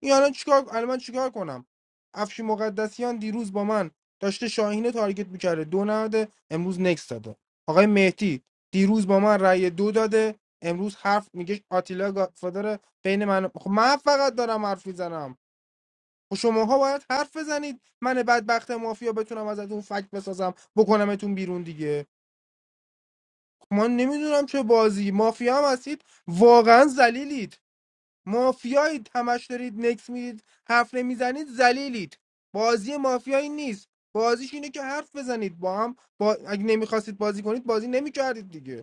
[SPEAKER 8] این الان چیکار الان من چیکار کنم افشی مقدسیان دیروز با من داشته شاهین رو تارگت میکرده دو نده امروز نکس داده آقای مهدی دیروز با من رأی دو داده امروز حرف میگه آتیلا گادفادر بین من خب من فقط دارم حرف میزنم خب شماها باید حرف بزنید من بدبخت مافیا بتونم ازتون فک بسازم بکنمتون بیرون دیگه خب من نمیدونم چه بازی مافیا هم هستید واقعا ذلیلید مافیایید همش دارید نکس میدید حرف نمیزنید ذلیلید بازی مافیایی نیست بازیش اینه که حرف بزنید با هم با... اگه نمیخواستید بازی کنید بازی نمیکردید دیگه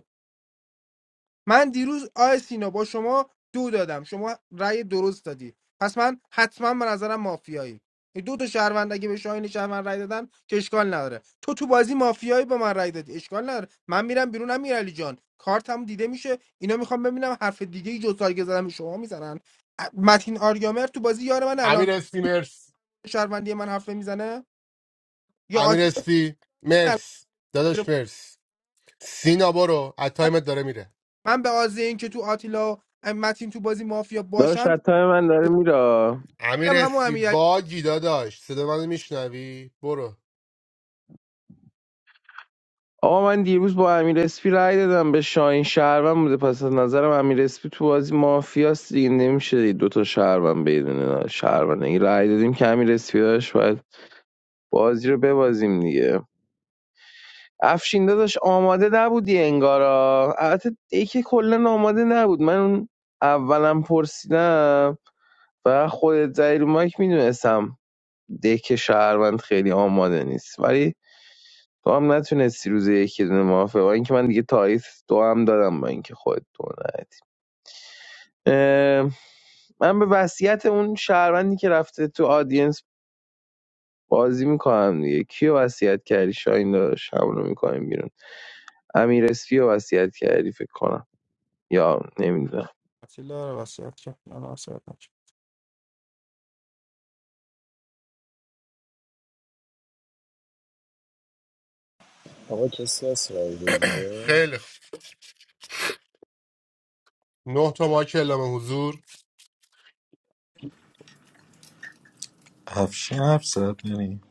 [SPEAKER 8] من دیروز آی سینا با شما دو دادم شما رأی درست دادی پس من حتما به نظرم مافیایی این دو تا شهروند اگه به شاهین شهروند رأی دادن که اشکال نداره تو تو بازی مافیایی به من رأی دادی اشکال نداره من میرم بیرون امیرعلی جان کارتم دیده میشه اینا میخوام ببینم حرف دیگه ای جز تارگت زدن به شما میزنن متین آریامر تو بازی یار من
[SPEAKER 4] امیر
[SPEAKER 8] الان
[SPEAKER 4] اسپی مرس
[SPEAKER 8] شهروندی من حرف میزنه یا
[SPEAKER 4] امیر
[SPEAKER 8] آتیلا
[SPEAKER 4] اسپی
[SPEAKER 8] من الان-
[SPEAKER 4] مرس داداش
[SPEAKER 8] میره.
[SPEAKER 4] مرس سینا برو از تایمت داره میره
[SPEAKER 8] من به آزه این که تو آتیلا و متین تو بازی مافیا
[SPEAKER 15] داشت
[SPEAKER 8] باشن
[SPEAKER 15] حتی من داره میره
[SPEAKER 4] امیر
[SPEAKER 8] میرم همون
[SPEAKER 4] اسپی
[SPEAKER 8] امیرعلی
[SPEAKER 4] باگی داداش صدا منو میشنوی برو
[SPEAKER 15] آقا من دیروز با امیر اسفی رای دادم به شاهین شهروند بوده پس از نظرم امیر اسفی تو بازی مافیاست دیگه نمیشه دیگه دوتا شهروند بدون شهروند این رای دادیم که امیر اسفی داشت باید بازی رو ببازیم دیگه افشین داداش آماده نبودی انگارا البته دیگه کلا آماده نبود من اون اولم پرسیدم و خودت زیر مایک میدونستم دک شهروند خیلی آماده نیست ولی تو هم نتونستی روز یکی دونه موافقه با اینکه من دیگه تایید دو هم دادم با اینکه خودت دو ندی. اه، من به وصیت اون شهروندی که رفته تو آدینس بازی میکنم دیگه کیو وصیت کردی شاین داداش همونو میکنیم بیرون امیر اسپی رو وصیت کردی فکر کنم یا نمیدونم
[SPEAKER 8] تعطیل داره وصیت کرد من وصیت نکرد
[SPEAKER 16] آقا کسی هست رای بگیره
[SPEAKER 4] خیلی خوب. نه تا ماه که اعلام حضور
[SPEAKER 3] افشین حرف زد یعنی.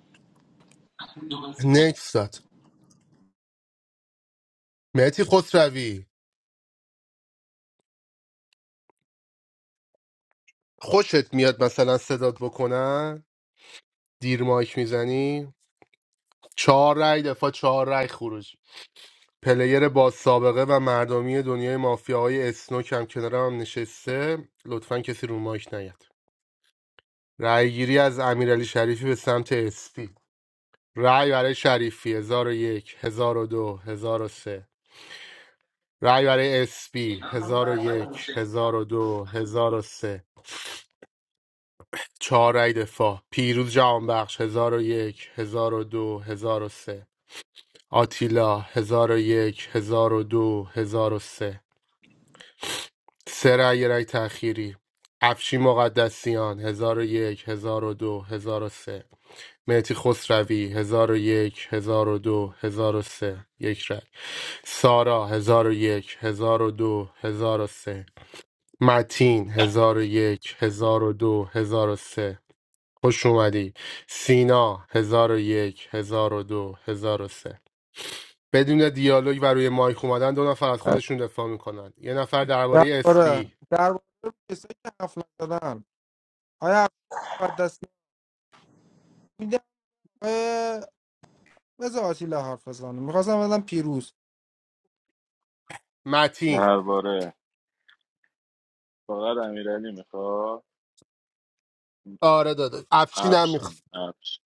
[SPEAKER 4] نکس داد مهتی خسروی خوشت میاد مثلا صدات بکنن دیر مایک میزنی چهار رای دفاع چهار رای خروج پلیر با سابقه و مردمی دنیای مافیاهای اسنوک هم کنارم هم نشسته لطفا کسی رو مایک نیاد رأیگیری از امیرعلی شریفی به سمت اسپی رأی برای شریفی 1001 1002 1003 رأی برای اسپی 1001 1002 1003 چهار رأی دفاع پیروز جهانبخش 1001 1002 1003 آتیلا 1001 1002 1003 سه سه رأی رأی تأخیری افشین مقدسیان 1001 1002 1003 مهتی خسروی 1001 1002 1003 یک رای سارا 1001 1002 1003 متین 1001 1002 1003 خوش اومدی سینا 1001 1002 1003 بدون دیالوگ و روی مایک اومدن دو نفر از خودشون دفاع میکنن یه نفر درباره
[SPEAKER 8] درباره
[SPEAKER 4] اسپی
[SPEAKER 8] درباره کسایی که حرف نزدن آیا مقدس میده آیا بذار آتیلا حرف بزنه میخواستم بدم پیروز
[SPEAKER 4] متین
[SPEAKER 5] درباره فقط امیرعلی میخواد
[SPEAKER 4] آره داده افشین هم میخواد
[SPEAKER 5] افشین افشین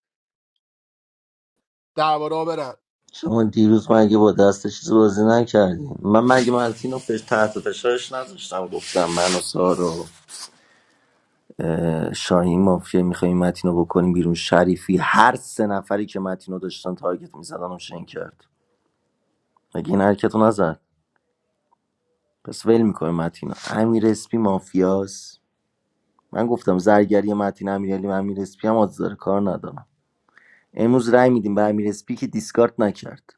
[SPEAKER 4] درباره ها برن
[SPEAKER 2] شما دیروز مگه با دست چیز بازی نکردی من مگه متین رو فش تحت فشارش نذاشتم گفتم من و سارا و، اه، شاهین مافیا میخوایم متین رو بکنیم بیرون شریفی هر سه نفری که متین رو داشتن تارگت میزدن و شن کرد مگه این حرکت رو نزد پس ول میکنه متینا امیر اسپی مافیاس من گفتم زرگری متین امیرعلی و امیر اسپی هم آدز داره کار ندارم امروز رای میدیم به امیر اسپی که دیسکارد نکرد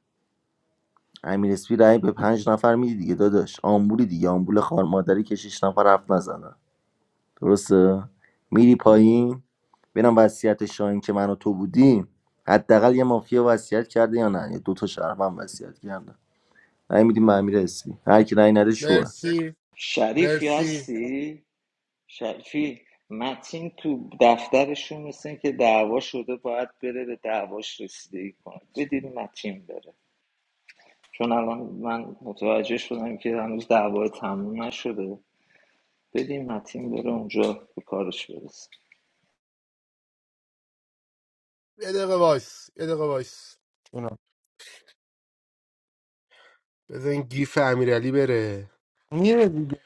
[SPEAKER 2] امیر اسپی رای به پنج نفر میدی دیگه داداش آمبولی دیگه آمبول خار مادری که شش نفر حرف نزنن درسته میری پایین ببینم وصیت شاهین که من و تو بودیم حداقل یه مافیا وصیت کرده یا نه یا دو تا شهروند وصیت کرده رأی میدیم به امیر اسپی هر کی رأی نده شوه
[SPEAKER 4] مرسی
[SPEAKER 10] شریفی
[SPEAKER 4] مرسی
[SPEAKER 10] هستی شریفی متین تو دفترشون مثل که دعوا شده باید بره به دعواش رسیدگی کنه بدید متین بره چون الان من متوجه شدم که هنوز دعوا تموم نشده بدیم متین بره اونجا به کارش برسه
[SPEAKER 4] یه دقیقه وایس یه دقیقه وایس
[SPEAKER 8] اونا
[SPEAKER 4] بذار این گیف امیرعلی بره
[SPEAKER 8] میره دیگه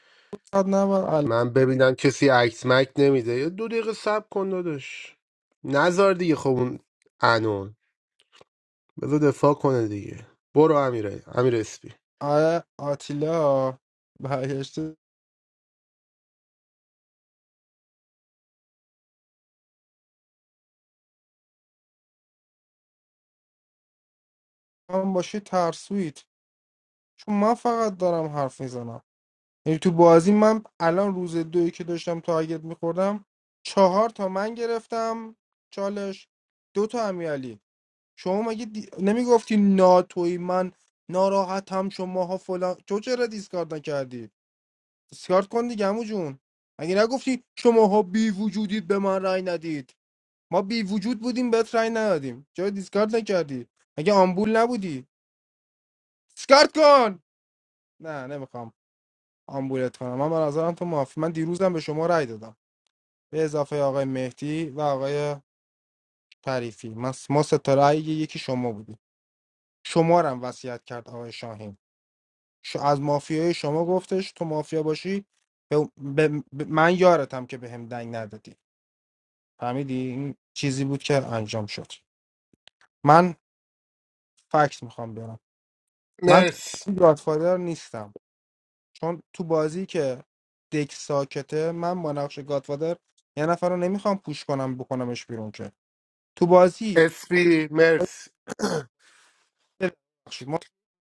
[SPEAKER 8] فقط نبر ال-
[SPEAKER 4] من ببینم کسی عکس مک نمیده یه دو دقیقه صبر کن داداش نزار دیگه خب اون انون بذار دفاع کنه دیگه برو امیرعلی امیر اسپی
[SPEAKER 8] آیا آتیلا برگشته من باشه ترسویت چون من فقط دارم حرف میزنم یعنی تو بازی من الان روز دوی که داشتم تارگت میخوردم چهار تا من گرفتم چالش دو تا امیالی شما مگه دی... نمیگفتی ناتوی من ناراحتم شماها فلان تو چرا دیسکارد نکردی دیسکارد کن دیگه عمو جون مگه نگفتی شماها بی وجودید به من رأی ندید ما بی وجود بودیم بهت رأی ندادیم چرا دیسکارد نکردی مگه آمبول نبودی دیسکارد کن نه نمیخوام آمبولت کنم من به نظرم تو معافی من دیروزم به شما رأی دادم به اضافه آقای مهدی و آقای تعریفی ما ما سه تا رأی یکی شما بودی شما رو هم وصیت کرد آقای شاهین ش- از مافیای شما گفتش تو مافیا باشی به به- به- من یارتم که بهم دنگ ندادی فهمیدی این چیزی بود که انجام شد من فکت میخوام بیارم من
[SPEAKER 4] مرس
[SPEAKER 8] گادفادر نیستم چون تو بازی که دک ساکته من با نقش گادفادر یه نفر رو نمیخوام پوش کنم بکنمش بیرون که تو بازی
[SPEAKER 4] اسپی مرس
[SPEAKER 8] ببخشید ما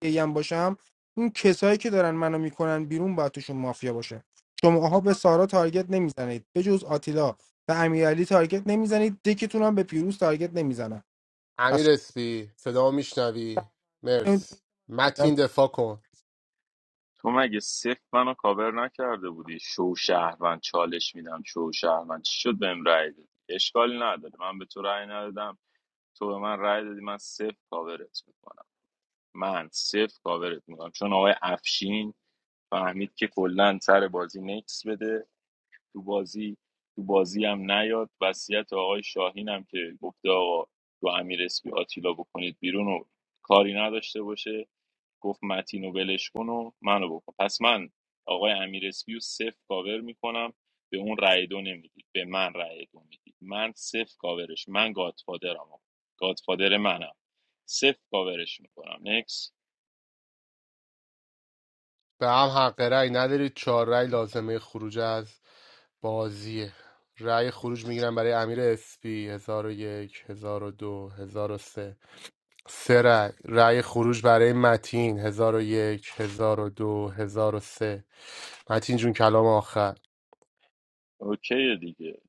[SPEAKER 8] یه هم باشم اون کسایی که دارن منو میکنن بیرون باید توشون مافیا باشه شماها به سارا تارگت نمیزنید به جز آتیلا و امیرعلی تارگت نمیزنید دکتون هم به پیروز تارگت نمیزنن
[SPEAKER 4] امیر
[SPEAKER 8] پس
[SPEAKER 4] اسپی صدا میشنوی مرس متین دفاع کن
[SPEAKER 5] تو مگه صفر منو کاور نکرده بودی شو شهروند چالش میدم شو شهروند چی شد بهم رأی دادی اشکالی نداره من به تو رأی ندادم تو به من رأی دادی من صفر کاورت میکنم من صفر کاورت میکنم چون آقای افشین فهمید که کلا سر بازی نکس بده تو بازی تو بازی هم نیاد وصیت آقای شاهین هم که گفته آقا تو امیر اسپی آتیلا بکنید بیرون و کاری نداشته باشه گفت متین و ولش کن و منو بکن پس من آقای امیر اسپی رو صفر کاور میکنم به اون رأی دو نمیدید به من رأی دو میدید من صفر کاورش من گادفادرم آقا. گادفادر منم صفر کاورش میکنم نکس
[SPEAKER 4] به هم حق رأی ندارید چهار رأی لازمه خروج از بازیه رأی خروج میگیرم برای امیر اسپی هزار و یک هزار و دو هزار و سه سه رأی رأی خروج برای متین هزار و یک هزار و دو هزار و سه متین جون کلام آخر
[SPEAKER 5] اوکی دیگه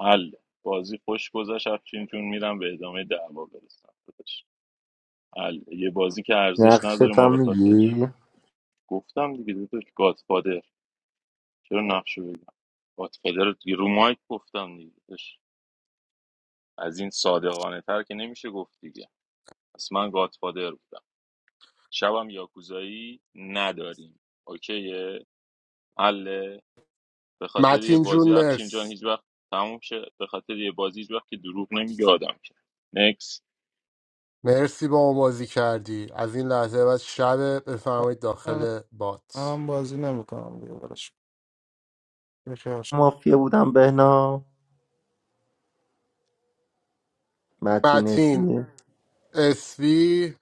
[SPEAKER 5] حل بازی خوش گذشت افشین جون میرم به ادامه دعوا برسم ال- یه بازی که ارزش نداره
[SPEAKER 2] نقشت
[SPEAKER 5] ما
[SPEAKER 2] هم
[SPEAKER 5] به خاطرش
[SPEAKER 2] میگی
[SPEAKER 5] گفتم دیگه داداش گادفادر چرا نقشه بگم گادفادر رو دیگه رو مایک گفتم دیگه داداش. از این صادقانه تر که نمیشه گفت دیگه پس من گادفادر بودم شبم یاکوزایی نداریم اوکیه حله به خاطر یه
[SPEAKER 4] متین جون
[SPEAKER 5] بازی افشین جان
[SPEAKER 4] مرس
[SPEAKER 5] هیچ وقت تموم شه به خاطر یه بازی هیچ وقت که دروغ نمیگه آدم که نکس
[SPEAKER 4] مرسی با اون بازی کردی از این لحظه بعد شب بفرمایید داخل بات
[SPEAKER 8] من بازی نمیکنم دیگه براش بخیرش
[SPEAKER 2] مافیا بودم بهنا متین
[SPEAKER 4] متین
[SPEAKER 2] اسمی
[SPEAKER 4] اسپی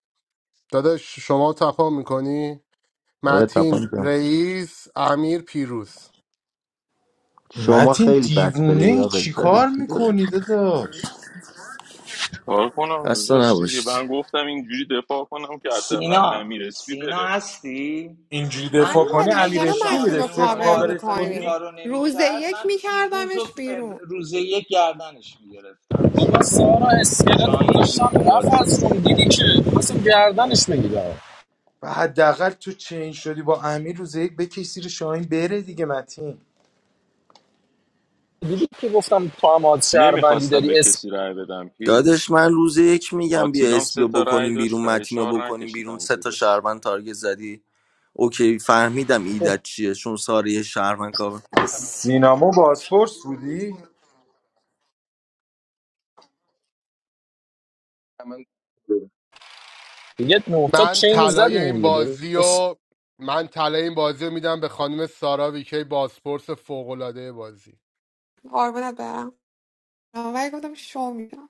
[SPEAKER 4] داداش شما تپام میکنی
[SPEAKER 2] داره
[SPEAKER 4] متین
[SPEAKER 2] تپان جان
[SPEAKER 4] رئیس امیر پیروز
[SPEAKER 2] شما
[SPEAKER 3] متین
[SPEAKER 2] خیلی بد
[SPEAKER 3] دیوونه
[SPEAKER 2] پلی
[SPEAKER 3] ای
[SPEAKER 2] آقای
[SPEAKER 3] چی کار
[SPEAKER 2] شریفی داره
[SPEAKER 3] میکنی داداش
[SPEAKER 5] کار کنم
[SPEAKER 2] خسته
[SPEAKER 5] داشت دیگه
[SPEAKER 2] نباشید
[SPEAKER 5] من گفتم اینجوری دفاع کنم که حداقل
[SPEAKER 10] سینا
[SPEAKER 5] امیر اسپی
[SPEAKER 10] سینا
[SPEAKER 5] بره
[SPEAKER 10] هستی؟
[SPEAKER 3] اینجوری دفاع
[SPEAKER 10] من رو-
[SPEAKER 3] کنی
[SPEAKER 12] امیرعلی
[SPEAKER 10] اگه
[SPEAKER 3] امیر
[SPEAKER 12] چرا
[SPEAKER 3] اسفی
[SPEAKER 12] متین
[SPEAKER 3] میره
[SPEAKER 12] رو
[SPEAKER 10] شاهین اون
[SPEAKER 3] صفر
[SPEAKER 15] آره
[SPEAKER 12] کاور
[SPEAKER 3] کاورش
[SPEAKER 10] معارفه اون
[SPEAKER 3] کنی
[SPEAKER 12] میکنی
[SPEAKER 10] کار رو نمی
[SPEAKER 12] روز
[SPEAKER 10] کرد،
[SPEAKER 12] یک
[SPEAKER 10] من پیروز و
[SPEAKER 12] میکردمش بیرون
[SPEAKER 10] روز یک گردنش می گرفتم
[SPEAKER 16] بابا
[SPEAKER 10] سینا
[SPEAKER 16] سارا اسکلت
[SPEAKER 10] شاهین رید تو
[SPEAKER 16] گذاشتم رفت
[SPEAKER 10] بازی
[SPEAKER 16] از روم دیدی که مثلا گردنش میگیرم
[SPEAKER 3] و حداقل تو چین شدی با امیر روز یک بکش زیر شاهین بره دیگه متین
[SPEAKER 16] دیدی که گفتم تو هم از شهروندی
[SPEAKER 5] نمیخواستم به
[SPEAKER 16] داری اسم
[SPEAKER 5] کسی رأی بدم
[SPEAKER 2] دادش
[SPEAKER 5] پیروز
[SPEAKER 2] من روز یک میگم بیا
[SPEAKER 5] آتیلام سه
[SPEAKER 2] اسپیو
[SPEAKER 5] تا رأی
[SPEAKER 2] بکنیم بیرون
[SPEAKER 5] داشت رأی
[SPEAKER 2] متینو
[SPEAKER 5] چهار
[SPEAKER 2] بکنیم بیرون
[SPEAKER 5] نکشیدم
[SPEAKER 2] سه تا
[SPEAKER 5] زیرش
[SPEAKER 2] شهروند تارگت زدی اوکی فهمیدم
[SPEAKER 16] خب
[SPEAKER 2] ایدت چیه چون ساره یه شهروند کابه
[SPEAKER 3] سینما بازپرس بودی
[SPEAKER 15] من
[SPEAKER 16] دیگه نه، تا
[SPEAKER 4] من
[SPEAKER 16] چین رو
[SPEAKER 4] طلای
[SPEAKER 16] زدیم
[SPEAKER 4] این
[SPEAKER 16] دیگه
[SPEAKER 4] بازی
[SPEAKER 16] درست
[SPEAKER 4] و من طلای این بازی رو میدم به خانم سارا ویکی بازپرس فوق‌العاده بازی
[SPEAKER 12] قربونت برم ولی گفتم شو میدم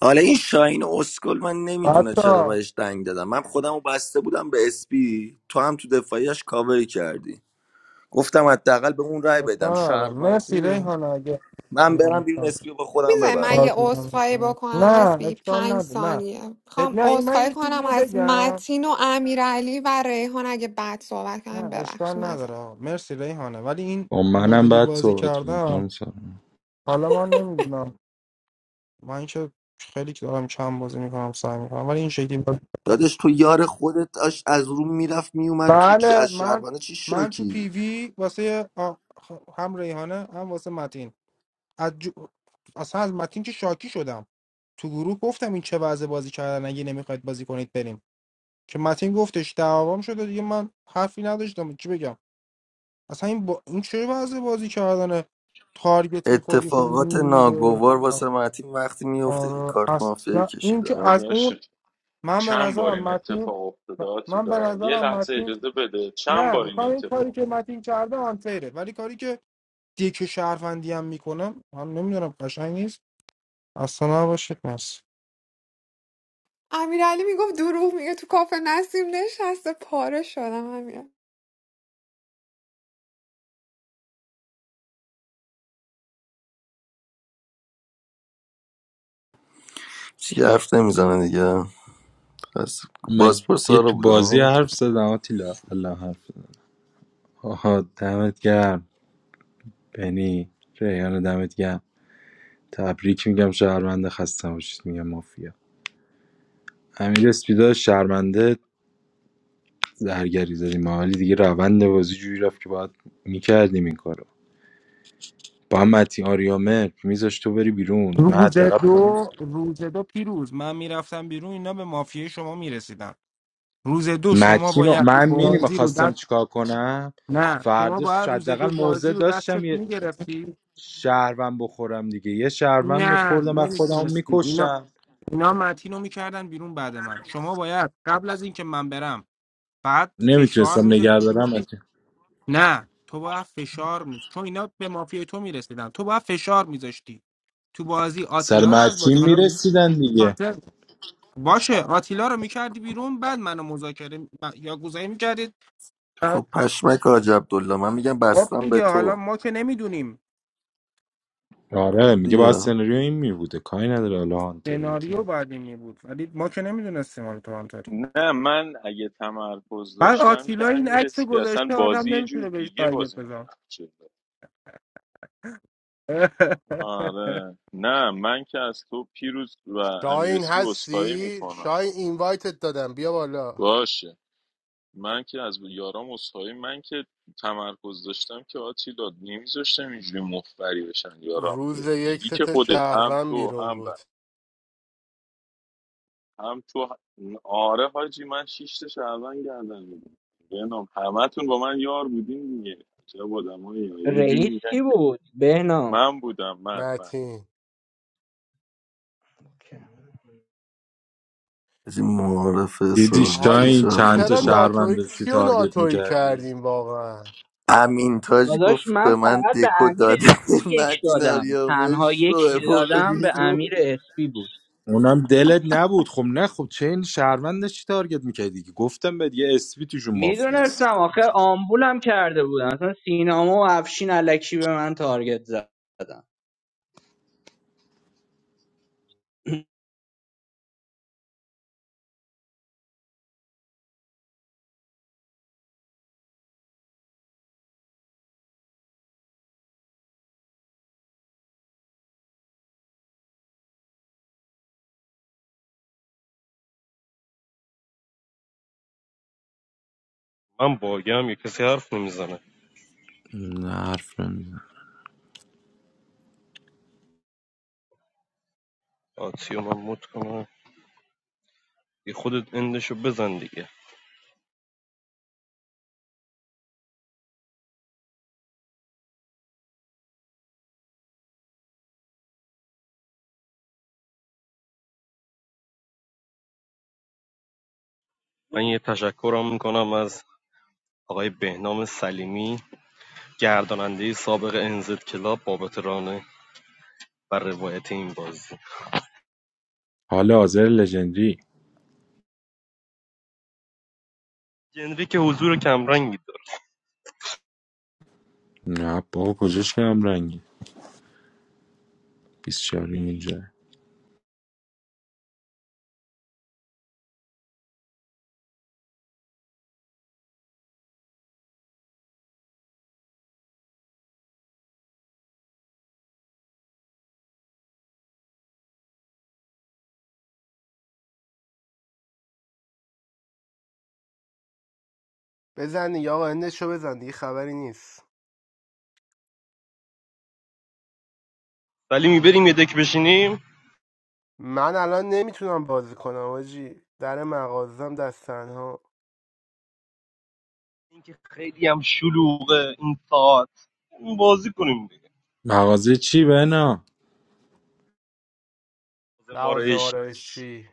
[SPEAKER 2] حالا این شاهین اسکل من نمیدونه
[SPEAKER 8] حتی
[SPEAKER 2] چرا بهش دنگ دادم من خودمو بسته بودم به اسپی تو هم تو دفاعیش کاوری کردی گفتم حداقل به اون رای بدم
[SPEAKER 8] اشکال نداره
[SPEAKER 2] شهروند
[SPEAKER 8] مرسی
[SPEAKER 2] خون
[SPEAKER 8] ریحانه اگه
[SPEAKER 2] من برم بیرون اسکیو با خودم
[SPEAKER 12] میزنه من
[SPEAKER 2] ببرم
[SPEAKER 12] یه
[SPEAKER 8] بازی
[SPEAKER 12] عذرخواهی
[SPEAKER 8] نمی‌کنی.
[SPEAKER 12] بکنم
[SPEAKER 8] نه
[SPEAKER 12] اسبی
[SPEAKER 8] اشکال
[SPEAKER 12] پنج
[SPEAKER 8] نداره نه
[SPEAKER 12] ثانیه میخوام
[SPEAKER 8] نه این من
[SPEAKER 12] عذرخواهی
[SPEAKER 8] یه چیزی
[SPEAKER 12] کنم
[SPEAKER 8] رو
[SPEAKER 12] از
[SPEAKER 8] بگم
[SPEAKER 12] متین و امیرعلی و ریحان اگه بد صحبت
[SPEAKER 8] نه
[SPEAKER 12] کردم ببخشید
[SPEAKER 8] اشکال نداره
[SPEAKER 12] معذرت
[SPEAKER 8] آقا مرسی ریحانه ولی این
[SPEAKER 3] با منم
[SPEAKER 8] مدلی
[SPEAKER 3] بعد
[SPEAKER 8] بازی
[SPEAKER 3] صحبت
[SPEAKER 8] کردن
[SPEAKER 3] میکنم
[SPEAKER 8] حالا من نمیدونم من که خیلی که دارم کم بازی میکنم سعی میکنم ولی این شکلی بازی
[SPEAKER 2] دادش تو یار خودت داشت از روم میرفت میومد تو چ-
[SPEAKER 8] بله
[SPEAKER 2] از
[SPEAKER 8] من
[SPEAKER 2] شهربانه چی
[SPEAKER 8] من تو
[SPEAKER 2] شاکی
[SPEAKER 8] پیوی واسه آ- خ- هم ریحانه هم واسه متین از جو... اصلا از متین که شاکی شدم تو گروه گفتم این چه وضع بازی کردن اگه نمیخواید بازی کنید بریم که متین گفتش دعوام شده دیگه من حرفی نداشتم چی بگم اصلا این, با... این چه وضع بازی کردنه تارگت میخوری و
[SPEAKER 2] اتفاقات
[SPEAKER 8] میره
[SPEAKER 2] ناگوار واسه متین وقتی میفته که
[SPEAKER 8] آره
[SPEAKER 2] کارت مافیا
[SPEAKER 8] اصلا این
[SPEAKER 2] کشیده
[SPEAKER 8] که از
[SPEAKER 5] داداش
[SPEAKER 8] اون من به
[SPEAKER 5] چند بار
[SPEAKER 8] نظرم
[SPEAKER 5] این
[SPEAKER 8] متین
[SPEAKER 5] اتفاق افتاده
[SPEAKER 8] من به
[SPEAKER 5] آتیلا یه
[SPEAKER 8] نظرم
[SPEAKER 5] لحظه
[SPEAKER 8] متین
[SPEAKER 5] اجازه بده چند
[SPEAKER 8] نه
[SPEAKER 5] بار این
[SPEAKER 8] میخوام این
[SPEAKER 5] اتفاق
[SPEAKER 8] کاری که متین کرده آنفیره ولی کاری که دیک شهروندی هم میکنم من نمیدونم قشنگ نیست اصلا نباشید مرسی
[SPEAKER 12] امیرعلی میگفت دروغ میگه تو کافه نسیم نشسته پاره شدم امیر
[SPEAKER 2] چی حرف نمیزنه دیگه پس بازپرس
[SPEAKER 3] مگه
[SPEAKER 2] سارا
[SPEAKER 3] تو بازی
[SPEAKER 2] بودم
[SPEAKER 3] حرف زدم آتیلا الله حرف زد. آها دمت گرم بنی ریحان دمت گرم تبریک میگم شهرمنده خسته باشید میگم مافیا امیر اسپیدا شهرمنده زرگری زدیم حالی دیگه روند بازی جوری رفت که باید میکردیم این کارو با هم متین آریامه میذاش تو بری بیرون من
[SPEAKER 8] روز
[SPEAKER 3] حداقل پوینت
[SPEAKER 8] دو روز دو پیروز من میرفتم بیرون اینا به مافیای شما میرسیدن روز دو شما
[SPEAKER 3] متین رو-
[SPEAKER 8] باید
[SPEAKER 3] من میریم
[SPEAKER 8] بازی رو
[SPEAKER 3] خواستم چیکار کنم
[SPEAKER 8] نه شما
[SPEAKER 3] فرداش
[SPEAKER 8] باید روز دو
[SPEAKER 3] حداقل
[SPEAKER 8] بازی
[SPEAKER 3] موزه
[SPEAKER 8] رو
[SPEAKER 3] داشتم
[SPEAKER 8] دستت
[SPEAKER 3] یه
[SPEAKER 8] میگرفتی
[SPEAKER 3] شهروند بخورم دیگه یه شهروند
[SPEAKER 8] نه
[SPEAKER 3] میخوردم و خودم
[SPEAKER 8] نمیتونستی اینا
[SPEAKER 3] میکشتم
[SPEAKER 8] اینا متین رو میکردن بیرون بعد من شما باید قبل از اینکه من برم بعد فشار
[SPEAKER 3] نمیتونستم نگه
[SPEAKER 8] میذاشتی
[SPEAKER 3] دارم
[SPEAKER 8] میگفتی
[SPEAKER 3] متین.
[SPEAKER 8] نه تو باید فشار می چون اینا به مافیای تو میرسیدن تو باید فشار میذاشتی تو بازی
[SPEAKER 3] سر
[SPEAKER 8] آتیلا رو از بازی
[SPEAKER 3] متین
[SPEAKER 8] حالا
[SPEAKER 3] میرسیدن دیگه
[SPEAKER 8] هانتر باشه آتیلا رو میکردی بیرون بعد منو مذاکره م- یا گوزایی میکردید
[SPEAKER 2] خب پشمک حاج عبدالله من میگم
[SPEAKER 8] خب
[SPEAKER 2] بستم به
[SPEAKER 8] دیگه حالا
[SPEAKER 2] تو
[SPEAKER 8] ما که نمیدونیم
[SPEAKER 2] خب
[SPEAKER 3] آره میگه باید
[SPEAKER 2] دیگه
[SPEAKER 3] سناریو این میبوده کاری نداره حالا هانتر بودی
[SPEAKER 8] سناریو بعد این بود ولی ما که نمیدونستیم حالا تو آنتاری
[SPEAKER 5] افتاده؟ نه من اگه تمرکز
[SPEAKER 8] من
[SPEAKER 5] داشتم که
[SPEAKER 8] آتیلا این
[SPEAKER 5] امیر
[SPEAKER 8] عکس رو
[SPEAKER 5] اسپی اصلا
[SPEAKER 8] گذاشته
[SPEAKER 5] بازی
[SPEAKER 8] آدم
[SPEAKER 5] یه جور
[SPEAKER 8] نمیتونه بهش
[SPEAKER 5] دیگه
[SPEAKER 8] تارگت
[SPEAKER 5] بازی
[SPEAKER 8] بزن
[SPEAKER 5] می‌رفت آره نه من که از تو پیروز و امیر
[SPEAKER 4] شاین
[SPEAKER 5] اسپی عذرخواهی
[SPEAKER 4] هستی
[SPEAKER 5] میکنم
[SPEAKER 4] شاین اینوایتت دادم بیا بالا
[SPEAKER 5] باشه من که از یارام اصخایی من که تمرکز داشتم که آتیلا نمیذاشتم اینجوری مفبری بشن یارام
[SPEAKER 4] روز
[SPEAKER 5] که
[SPEAKER 4] یک
[SPEAKER 5] دیدی که
[SPEAKER 4] ست
[SPEAKER 5] خودت هم
[SPEAKER 4] شهروند
[SPEAKER 5] تو
[SPEAKER 4] بیرون
[SPEAKER 5] هم بر
[SPEAKER 4] بود
[SPEAKER 5] هم تو هم- آره حاجی من شیش تا شعبان گردن میدم بنام همه تون با من یار بودین دیگه چه آدمایی یه جوری
[SPEAKER 13] رئیس
[SPEAKER 5] میگن
[SPEAKER 13] کی
[SPEAKER 5] که
[SPEAKER 13] بود بهنام
[SPEAKER 5] من بودم من من
[SPEAKER 4] متین
[SPEAKER 13] اوکی.
[SPEAKER 2] از این معارفه
[SPEAKER 3] دیدی
[SPEAKER 2] ساراوی که
[SPEAKER 4] حاجی
[SPEAKER 3] شاین
[SPEAKER 2] چه
[SPEAKER 3] چند
[SPEAKER 2] خوب
[SPEAKER 3] تا
[SPEAKER 4] چرا
[SPEAKER 2] بود
[SPEAKER 3] شهروند
[SPEAKER 4] ناتوی
[SPEAKER 3] داشتی
[SPEAKER 4] کیو
[SPEAKER 3] تارگت
[SPEAKER 4] ناتوی
[SPEAKER 3] میکردی
[SPEAKER 4] کردیم واقعا
[SPEAKER 2] امین تاج
[SPEAKER 13] داداش
[SPEAKER 2] گفت
[SPEAKER 13] من
[SPEAKER 2] به من
[SPEAKER 13] فقط به
[SPEAKER 2] دکو
[SPEAKER 13] امیر
[SPEAKER 2] داده
[SPEAKER 13] اسپی یک
[SPEAKER 2] مدین
[SPEAKER 13] دادم تنها
[SPEAKER 2] آریامش
[SPEAKER 13] یکی
[SPEAKER 2] رو
[SPEAKER 13] که
[SPEAKER 2] برو
[SPEAKER 13] دادم به
[SPEAKER 2] بیرون
[SPEAKER 13] امیر اسپی بود
[SPEAKER 3] اونم دلت نبود خب نه خب چه این شهروندش چی تارگت میکردی که گفتم بهت یه اسپی توشون مافیاست
[SPEAKER 13] میدونستم آخه آمبولم کرده بودم اصلا سینما و افشین علکی به من تارگت زدم
[SPEAKER 6] I don't play. I don't play.
[SPEAKER 3] نه حرف نمیزن
[SPEAKER 6] I don't play. I don't play. I don't play. I don't play. گرداننده سابق NZ کلاب بابت ران و روایت این بازی
[SPEAKER 3] حالا حاضر لژندری
[SPEAKER 6] جنری که حضور کمرنگی داره
[SPEAKER 3] نه بابا کجاش کم رنگی 24 اینجا
[SPEAKER 4] بزن دیگه آقا اندشو بزن دیگه خبری نیست
[SPEAKER 6] ولی میبریم یه دک بشینیم
[SPEAKER 4] من الان نمیتونم بازی کنم آجی در مغازم دست تنها
[SPEAKER 6] اینکه خیلی هم شلوغه این ساعت اون بازی کنیم دیگه
[SPEAKER 3] مغازه چی بنا
[SPEAKER 6] ما
[SPEAKER 4] لوازم
[SPEAKER 6] رو
[SPEAKER 4] آرایشی